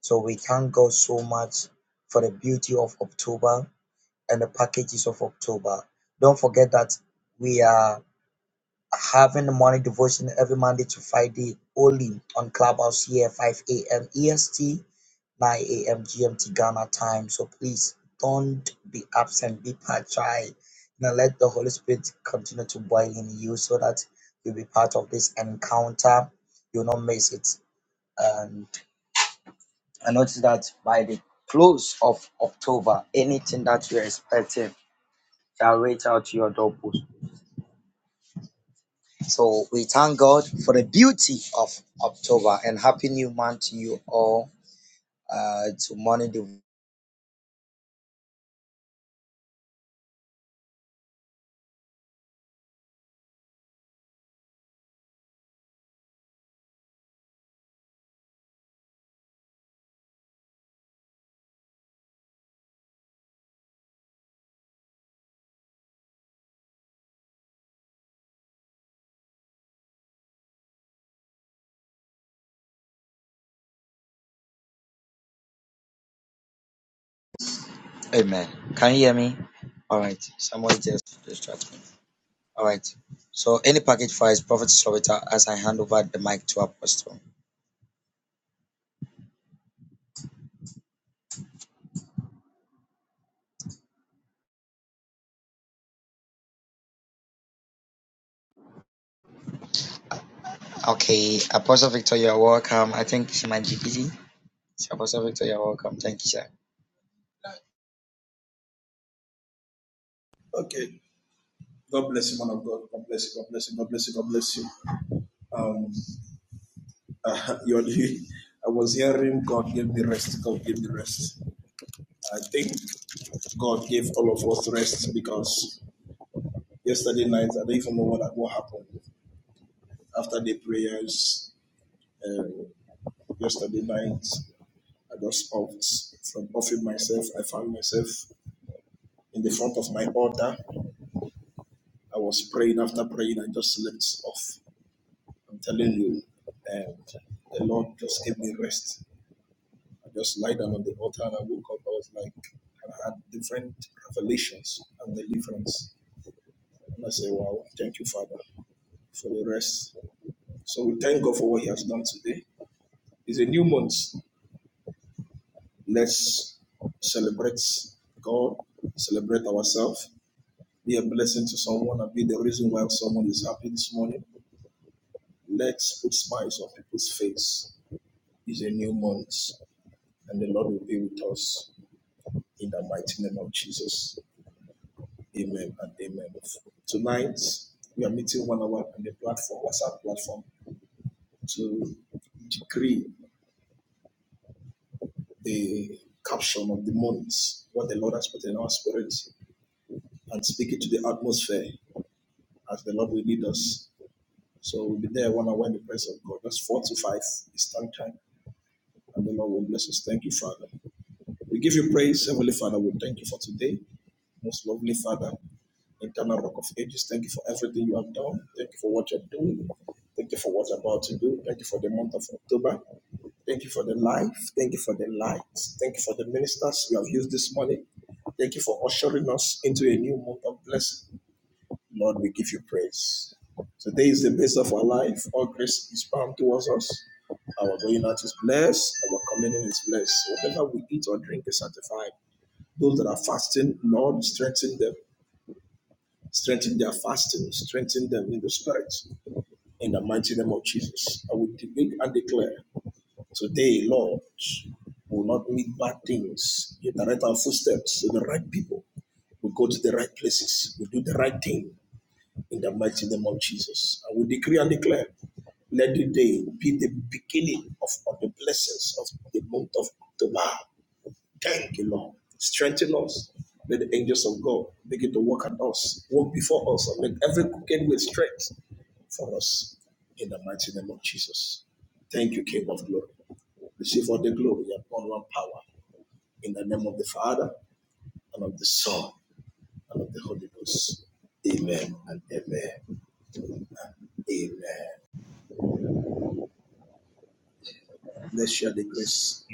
So we thank God so much for the beauty of October and the packages of October. Don't forget that we are having the morning devotion every Monday to Friday only on Clubhouse here, 5 a.m. EST, 9 a.m. GMT Ghana time. So please don't be absent, be part. Try Now let the Holy Spirit continue to boil in you so that you'll be part of this encounter. You'll not miss it. And I notice that by the close of October, anything that you're expecting shall reach out to your doorpost So we thank God for the beauty of October and happy new month to you all. Uh, to morning, div- Amen. Can you hear me? All right. Someone just distract me. All right. So any package for his prophet Slovita as I hand over the mic to Apostle. Okay, Apostle Victor, you're welcome. I think she might be busy. So Apostle Victor, you're welcome. Thank you, sir. Okay. God bless you, man of God. God bless you. God bless you. God bless you. God bless you. Um, uh, you're, I was hearing God gave me rest. God gave me rest. I think God gave all of us rest because yesterday night I don't even know what what happened after the prayers uh, yesterday night. I just off.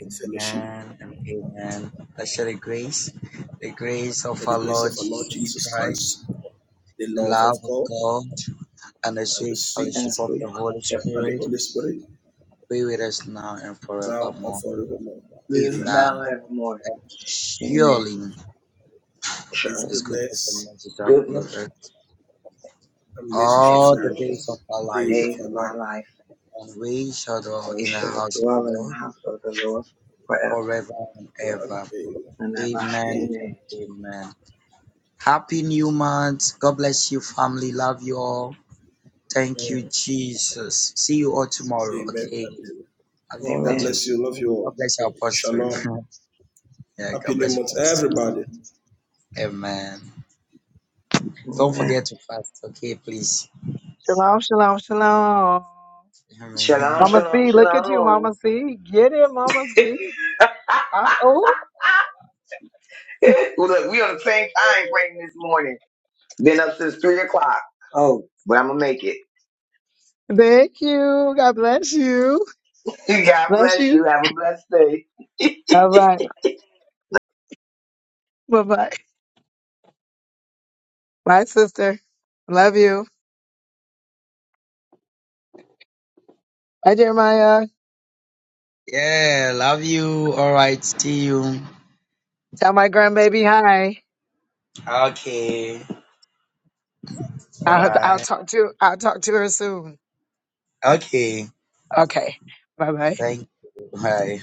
Amen and amen. Let's share the grace, the grace of our Lord Jesus Christ, the love of God. and the sweet fellowship And of for you, the Holy Yep. Spirit be with us now and forevermore. Now Amen. I have more. And Amen. surely Surely His goodness and mercy shall follow goodness us and all the mercy, days of our the life, days of our life, and we shall dwell and we in the shall house of the dwell in the Lord house of the Lord forever forever and ever. and ever. Amen and Amen. amen. Happy new month. God bless you, family. Love you all. Thank you, Jesus. See you all tomorrow. Amen. Okay. Love you. God Love Amen. you. bless you. Love you God all. bless our pastor. Shalom. yeah, Happy God new bless you, month, pastor. everybody. Amen. Don't Amen. forget to fast, okay, please. Shalom, shalom, shalom. Shalom, Amen. Mama shalom, C, look at you, shalom. Mama C. Get it, Mama C. Uh oh. Look, we on the same time frame this morning. Been up since three o'clock, Oh, but I'm gonna make it. Thank you. God bless you. God Bless bless you. you. Have a blessed day. All right. Bye bye. Bye, sister. Love you. Bye, Jeremiah. Yeah, love you. All right, see you. Tell my grandbaby hi. Okay. Bye I'll, I'll bye. talk to I'll talk to her soon. Okay. Okay. Bye bye. Thank you. Bye.